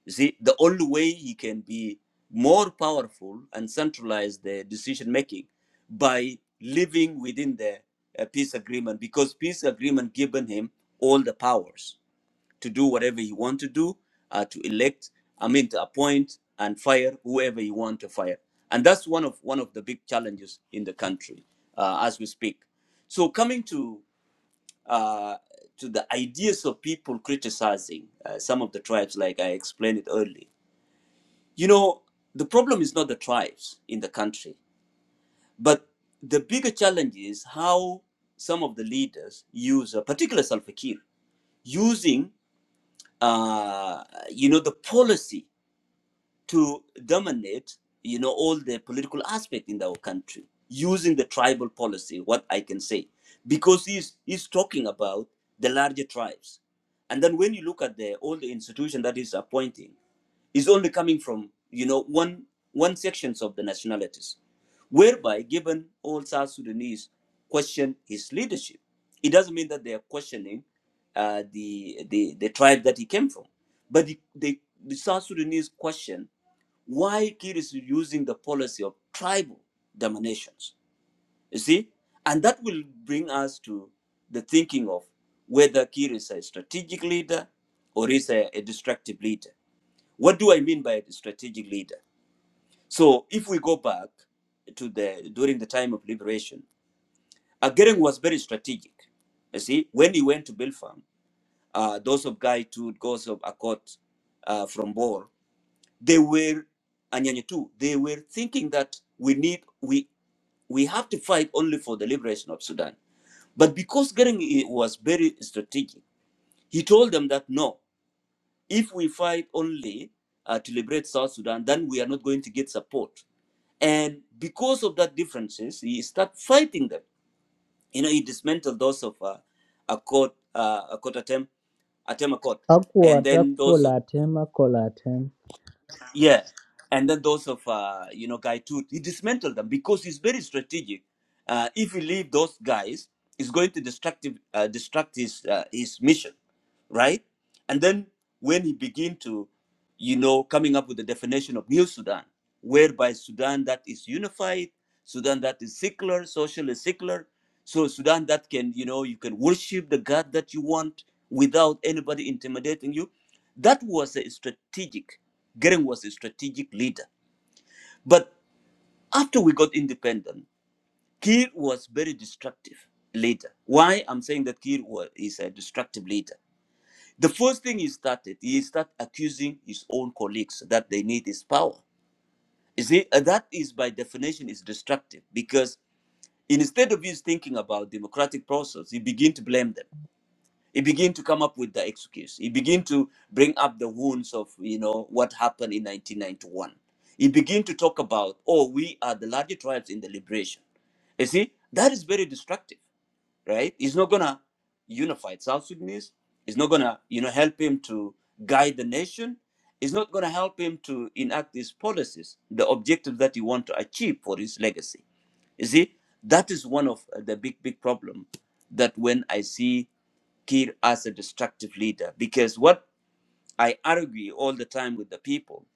Speaker 1: You see, the only way he can be more powerful and centralize the decision making by living within the uh, peace agreement, because peace agreement given him all the powers to do whatever he want to do, uh, to elect, I mean, to appoint and fire whoever he want to fire. And that's one of one of the big challenges in the country uh, as we speak. So coming to uh, to the ideas of people criticizing uh, some of the tribes, like I explained it early, you know, the problem is not the tribes in the country, but the bigger challenge is how some of the leaders use, uh, particularly Salva Kiir, using uh, you know, the policy to dominate, you know, all the political aspect in our country using the tribal policy, what I can say, because he's, he's talking about the larger tribes. And then when you look at the all the institution that is appointing, is only coming from you know one one sections of the nationalities whereby given all south sudanese question his leadership it doesn't mean that they are questioning uh, the, the the tribe that he came from but the, the, the south sudanese question why kir is using the policy of tribal dominations you see and that will bring us to the thinking of whether kir is a strategic leader or is a, a destructive leader what do I mean by the strategic leader? So if we go back to the during the time of liberation, Agereng was very strategic. You see, when he went to Belfarm, uh, those of Guy Gaitu, those of Akot uh, from Bor, they were Anyanya too, they were thinking that we need we we have to fight only for the liberation of Sudan. But because Gering was very strategic, he told them that no. If we fight only uh, to liberate South Sudan, then we are not going to get support. And because of that differences, he start fighting them. You know, he dismantled those of uh, a court, uh, a court attempt, attempt a court, and
Speaker 3: Akwata
Speaker 1: then those of
Speaker 3: kola tem, akola tem.
Speaker 1: yeah, and then those of uh, you know Guy Tooth. He dismantled them because he's very strategic. Uh, if he leave those guys, it's going to destructive uh, destruct his uh, his mission right? And then when he begin to, you know, coming up with the definition of New Sudan, whereby Sudan that is unified, Sudan that is secular, socially secular, so Sudan that can, you know, you can worship the God that you want without anybody intimidating you. That was a strategic. Gering was a strategic leader. But after we got independent, Kir was very destructive leader. Why I'm saying that Kir was, is a destructive leader the first thing he started, he started accusing his own colleagues that they need his power. You see, and that is by definition is destructive because instead of you thinking about democratic process, he begin to blame them. He begin to come up with the excuse. He begin to bring up the wounds of you know what happened in 1991. He begin to talk about, oh, we are the larger tribes in the liberation. You see, that is very destructive right? It's not gonna unify South Sudanese. It's not gonna, you know, help him to guide the nation. It's not gonna help him to enact his policies, the objectives that he want to achieve for his legacy. You see, that is one of uh, the big, big problem that when I see Kir as a destructive leader, because what I argue all the time with the people,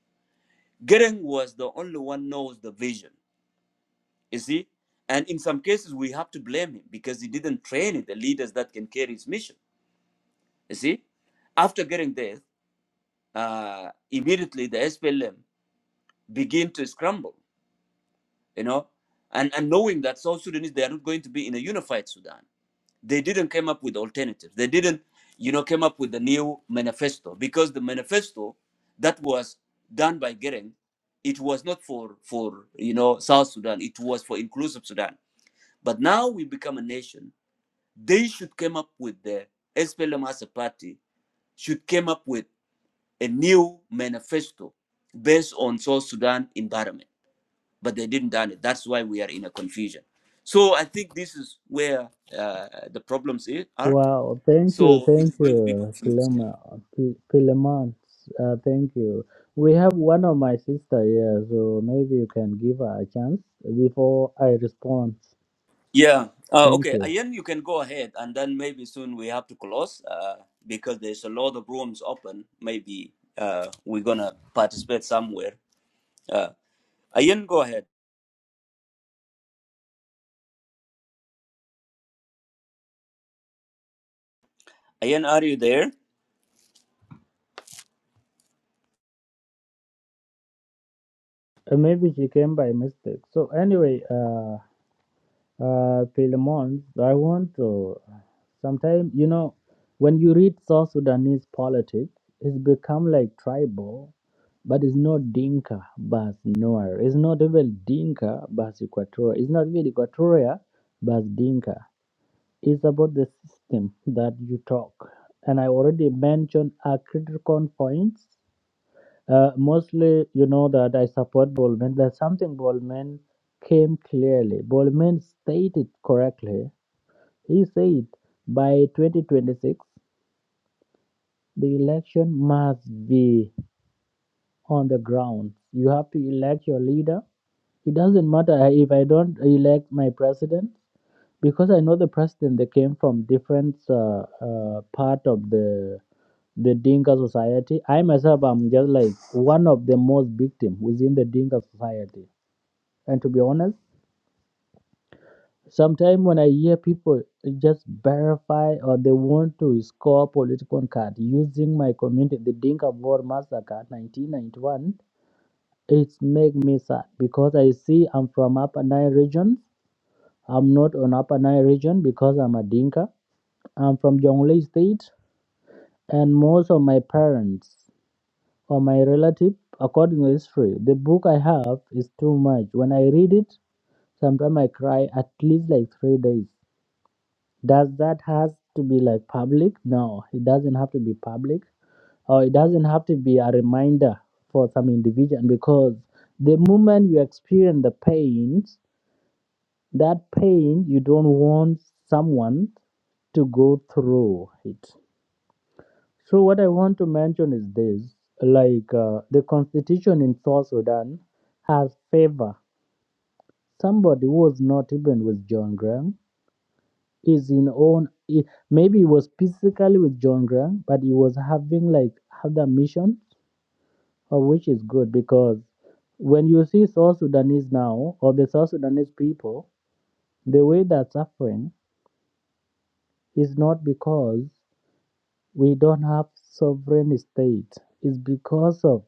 Speaker 1: Gering was the only one knows the vision. You see, and in some cases we have to blame him because he didn't train the leaders that can carry his mission You see, after getting there, uh, immediately the SPLM begin to scramble, you know, and, and knowing that South Sudanese, they are not going to be in a unified Sudan. They didn't come up with alternatives. They didn't, you know, came up with the new manifesto because the manifesto that was done by Gering, it was not for, for, you know, South Sudan. It was for inclusive Sudan. But now we become a nation. They should come up with the SPLM as a party should came up with a new manifesto based on South Sudan environment, but they didn't done it. That's why we are in a confusion. So I think this is where uh, the problems i- are.
Speaker 3: Wow, thank you,
Speaker 1: So it
Speaker 3: thank
Speaker 1: is going to be
Speaker 3: you,
Speaker 1: confused. Yeah.
Speaker 3: Philemon. Phil- Philemon, uh, thank you. We have one of my sister here, so maybe you can give her a chance before I respond.
Speaker 1: Yeah. Uh,
Speaker 3: Thank
Speaker 1: okay.
Speaker 3: you.
Speaker 1: Ian, you can go ahead, and then maybe soon we have to close uh, because there's a lot of rooms open. Maybe uh, we're gonna participate somewhere. Uh, Ian, go ahead. Ian, are you there?
Speaker 3: Uh, maybe she came by mistake. So anyway, uh. uh, Philemon, I want to. Sometimes, you know, when you read South Sudanese politics, it's become like tribal, but it's not Dinka, but Noir. It's not even Dinka, but Equatoria. It's not even Equatoria, but Dinka. It's about the system that you talk. And I already mentioned a critical points. Uh, mostly, you know that I support Bolman. There's something Bolman came clearly. Bolman stated correctly. He said by 2026, the election must be on the ground. You have to elect your leader. It doesn't matter if I don't elect my president. because I know the president they came from different uh, uh, part of the the Dinka society. I myself am just like one of the most victim within the Dinka society. And to be honest, sometimes when I hear people just verify or they want to score political card using my community, the Dinka Board Massacre 1991, it make me sad because I see I'm from Upper Nile region. I'm not on Upper Nile region because I'm a Dinka I'm from Jonglei State, and most of my parents or my relative, according to history, the book I have is too much. When I read it, sometimes I cry at least like three days. Does that has to be like public? No, it doesn't have to be public, or it doesn't have to be a reminder for some individual because the moment you experience the pain, that pain you don't want someone to go through it. So what I want to mention is this: like uh, the constitution in South Sudan has favor somebody who was not even with John Graham is in own. i- Maybe he was physically with John Graham, but he was having like other mission, uh, which is good because when you see South Sudanese now or the South Sudanese people, the way they're suffering is not because we don't have sovereign state. It's because of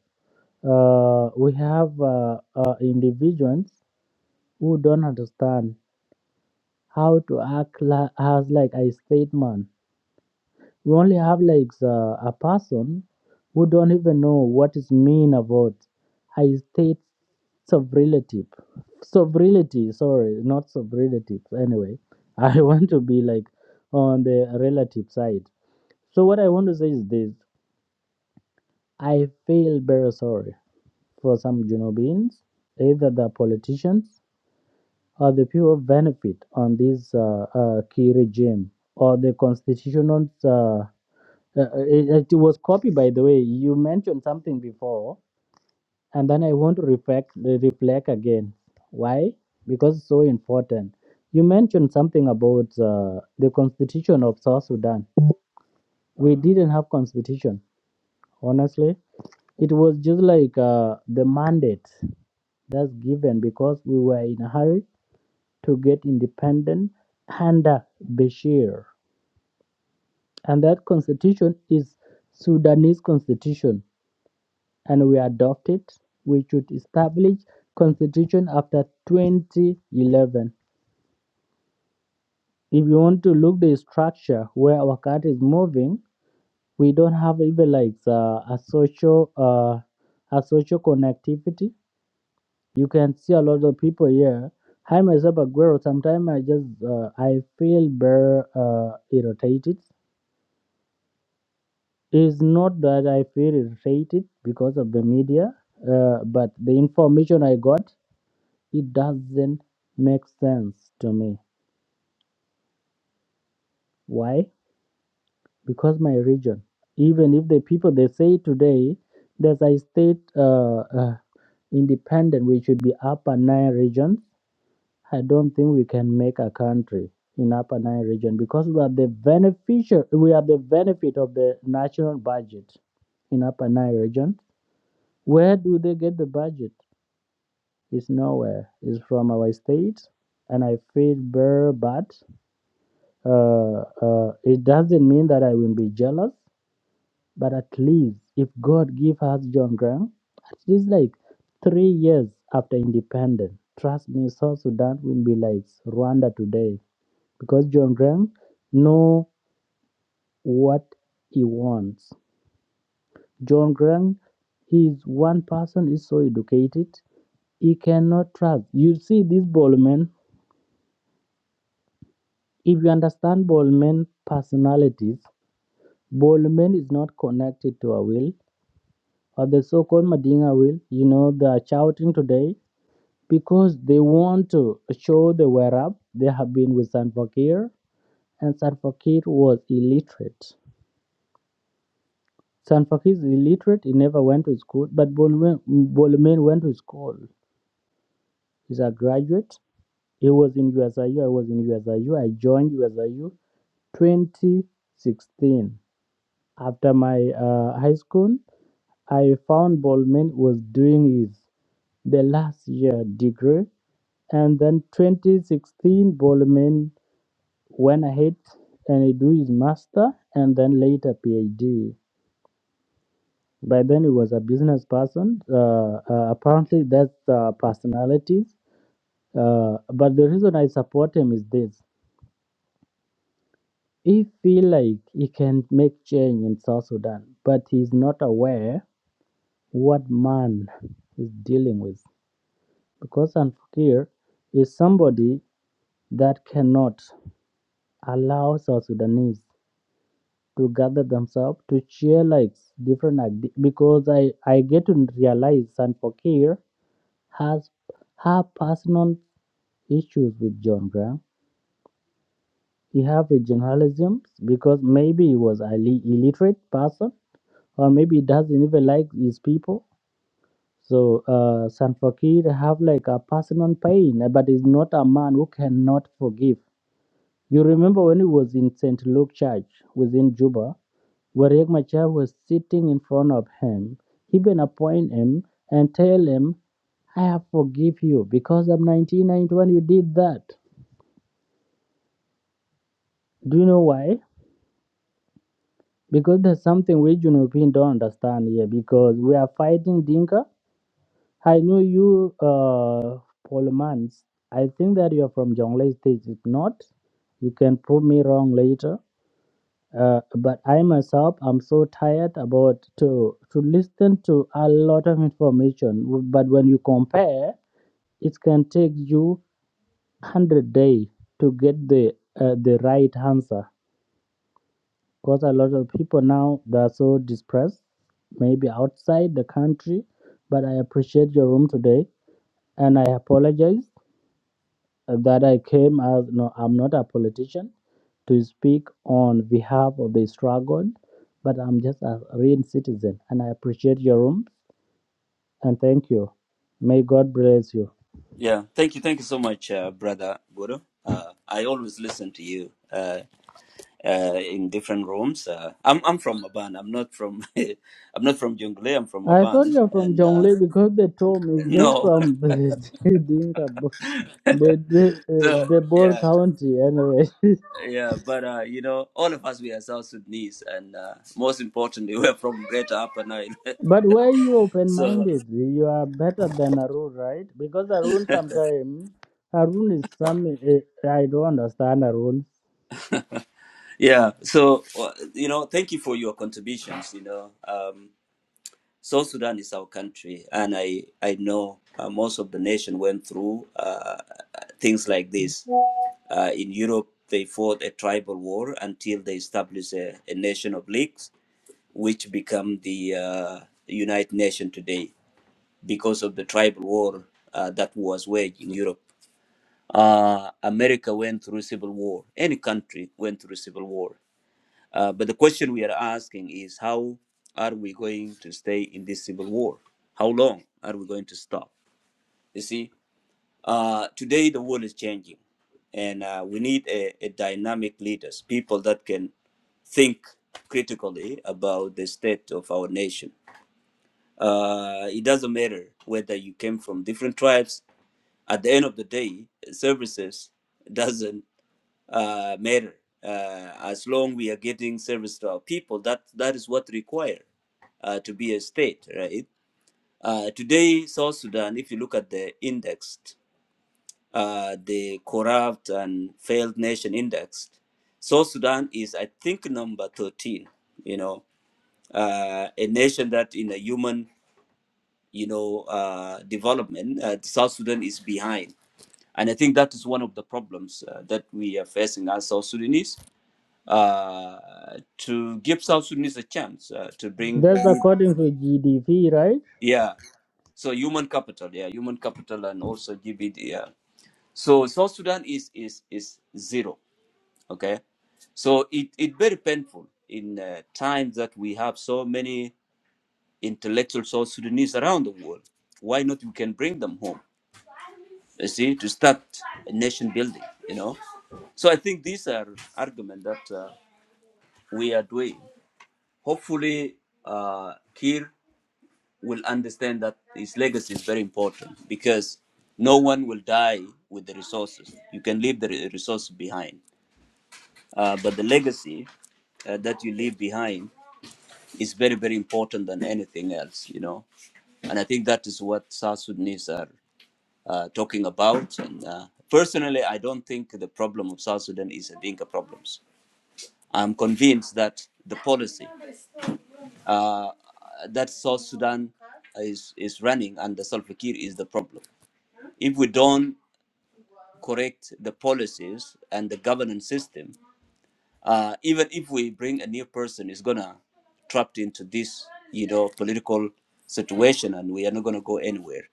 Speaker 3: uh, we have uh, uh, individuals who don't understand how to act la- as like a statement. We only have like the, a person who don't even know what is mean about a state sovereignty. Sovereignty, sorry, not sovereignty. Anyway, I want to be like on the relative side. So what I want to say is this: I feel very sorry for some Junobins, either the politicians Are the people benefit on this uh, uh, key regime or the constitutional. Uh, uh, it, it was copied, by the way. You mentioned something before, and then I want to reflect, reflect again. Why? Because it's so important. You mentioned something about uh, the constitution of South Sudan. We didn't have constitution, honestly. It was just like uh, the mandate that's given because we were in a hurry to get independence under Bashir. And that constitution is Sudanese constitution and we adopt it. We should establish constitution after 2011. If you want to look the structure where our country is moving, we don't have even like uh, a social uh, a social connectivity. You can see a lot of people here. I myself, a girl, sometimes I just uh, I feel very uh, irritated It's not that I feel irritated because of the media, uh, but the information I got, it doesn't make sense to me. Why? Because my region, even if the people they say today that I state uh, uh, independent, we should be Upper Nile region, I don't think we can make a country in Upper Nile region because we are the beneficial, we are the benefit of the national budget in Upper Nile region Where do they get the budget? It's nowhere. It's from our state, and I feel very bad. Uh, uh, it doesn't mean that I will be jealous, but at least if God give us John Graham, at least like three years after independence, trust me, South Sudan will be like Rwanda today because John Graham know what he wants. John Graham, he's one person is so educated you cannot trust. You see, this Bolman, if you understand Bolman personalities, Bolman is not connected to a will or the so called Madinga will. You know, they are shouting today because they want to show they were up. They have been with San Fakir, and San Fakir was illiterate. San Fakir is illiterate, he never went to school, but Bolman, Bolman went to school. He's a graduate. He was in USIU, I U, I was in USIU, I U, I joined USIU 2016. After my uh, high school, I found Bolman was doing his the last year degree, and then 2016 Bolman went ahead and he do his master and then later PhD. By then he was a business person. Uh, uh, apparently that's uh, personalities. Uh, but the reason I support him is this: he feel like he can make change in South Sudan, but he's not aware what man is dealing with. Because Al-Fakir is somebody that cannot allow South Sudanese to gather themselves to share like different ide- because I, I get to realize Al-Fakir has her personal issues with John Graham. He have regionalism because maybe he was a illiterate person or maybe he doesn't even like his people So uh, Salva Kiir have like a personal pain, uh, but is not a man who cannot forgive. You remember when he was in St. Luke Church within Juba, where Riek Machar was sitting in front of him, he been appoint him and tell him, I have forgive you because of 1991 you did that. Do you know why? Because there's something we Europeans don't understand here because we are fighting Dinka I know you uh Polmans. I think that you're from Jonglei State. If not, you can prove me wrong later. Uh, but I myself I'm so tired about to to listen to a lot of information. But when you compare, it can take you hundred days to get the uh, the right answer. Because a lot of people now they're so depressed, maybe outside the country. But I appreciate your room today and I apologize that I came as no, I'm not a politician to speak on behalf of the struggle, but I'm just a real citizen and I appreciate your room and thank you. May God bless you.
Speaker 1: Yeah, thank you, thank you so much, uh, brother Budo. Uh, I always listen to you uh, uh, in different rooms. Uh, I'm I'm from Maban. I'm not from I'm not from Jungle. I'm from
Speaker 3: I thought
Speaker 1: Maban,
Speaker 3: you're from
Speaker 1: and uh,
Speaker 3: Jonglei because the term is just
Speaker 1: no,
Speaker 3: from the Dinka Bo- the the, uh,
Speaker 1: so
Speaker 3: the Boer
Speaker 1: yeah,
Speaker 3: County anyway.
Speaker 1: yeah. But uh, you know, all of us we are South Sudanese, and uh, most importantly, we're from Greater Upper Nile.
Speaker 3: but why you
Speaker 1: so
Speaker 3: open-minded, you are better than Arun, right? Because Arun sometimes Arun is some uh, I don't understand Arun.
Speaker 1: yeah, so uh, you know, thank you for your contributions. You know, um, South Sudan is our country, and I, I know uh, most of the nation went through uh, things like this. Uh, in Europe, they fought a tribal war until they established a, a nation of leagues, which become the uh, United Nations today because of the tribal war uh, that was waged in Europe. Uh, America went through civil war. Any country went through civil war. Uh, but the question we are asking is how are we going to stay in this civil war? How long are we going to stop? You see, uh, today the world is changing, and uh, we need a, a dynamic leaders, people that can think critically about the state of our nation. Uh, it doesn't matter whether you came from different tribes. At the end of the day, services doesn't uh, matter. Uh, as long we are getting service to our people, that that is what required uh, to be a state, right? Uh, today, South Sudan, if you look at the index, uh, the corrupt and failed nation index, South Sudan is, I think, number thirteen. You know, uh, a nation that in a human, you know, uh, development, uh, South Sudan is behind, and I think that is one of the problems uh, that we are facing as South Sudanese uh, to give South Sudanese a chance uh, to bring,
Speaker 3: That's according to GDP, right?
Speaker 1: yeah. So human capital, yeah, human capital, and also give it, yeah. So South Sudan is is is zero, okay. So it it very painful in uh, times that we have so many intellectual South Sudanese around the world. Why not we can bring them home? You see, to start a nation building, you know. So I think these are argument that uh, we are doing. hopefully uh, Kir will understand that his legacy is very important because no one will die with the resources. You can leave the re- resources behind, uh, but the legacy uh, that you leave behind is very, very important than anything else, you know. And I think that is what South Sudanese are uh, talking about. And uh, personally, I don't think the problem of South Sudan is a Dinka problems. I'm convinced that the policy. uh, that South Sudan is, is running under Salva Kiir is the problem. If we don't correct the policies and the governance system, uh, even if we bring a new person, is gonna trapped into this, you know, political situation, and we are not gonna go anywhere.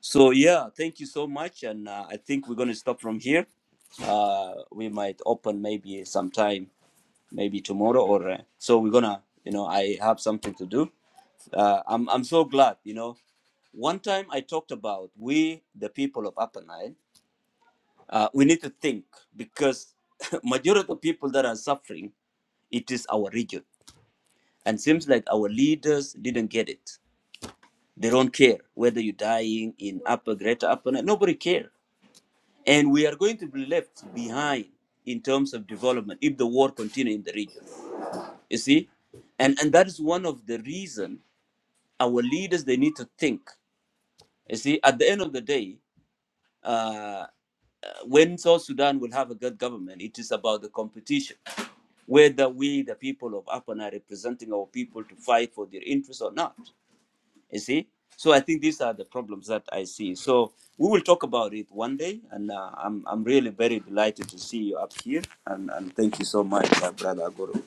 Speaker 1: So yeah, thank you so much, and uh, I think we're gonna stop from here. Uh, we might open maybe sometime maybe tomorrow or uh, so we're gonna you know i have something to do uh, I'm, I'm so glad you know one time i talked about we the people of upper nile uh, we need to think because majority of people that are suffering it is our region and seems like our leaders didn't get it they don't care whether you're dying in upper greater upper Nile, nobody care and we are going to be left behind in terms of development if the war continue in the region you see and and that is one of the reason our leaders they need to think you see at the end of the day uh, when south sudan will have a good government it is about the competition whether we the people of upper Nile, are representing our people to fight for their interests or not you see so i think these are the problems that i see so we will talk about it one day and uh, I'm, I'm really very delighted to see you up here and, and thank you so much uh, brother Agoro.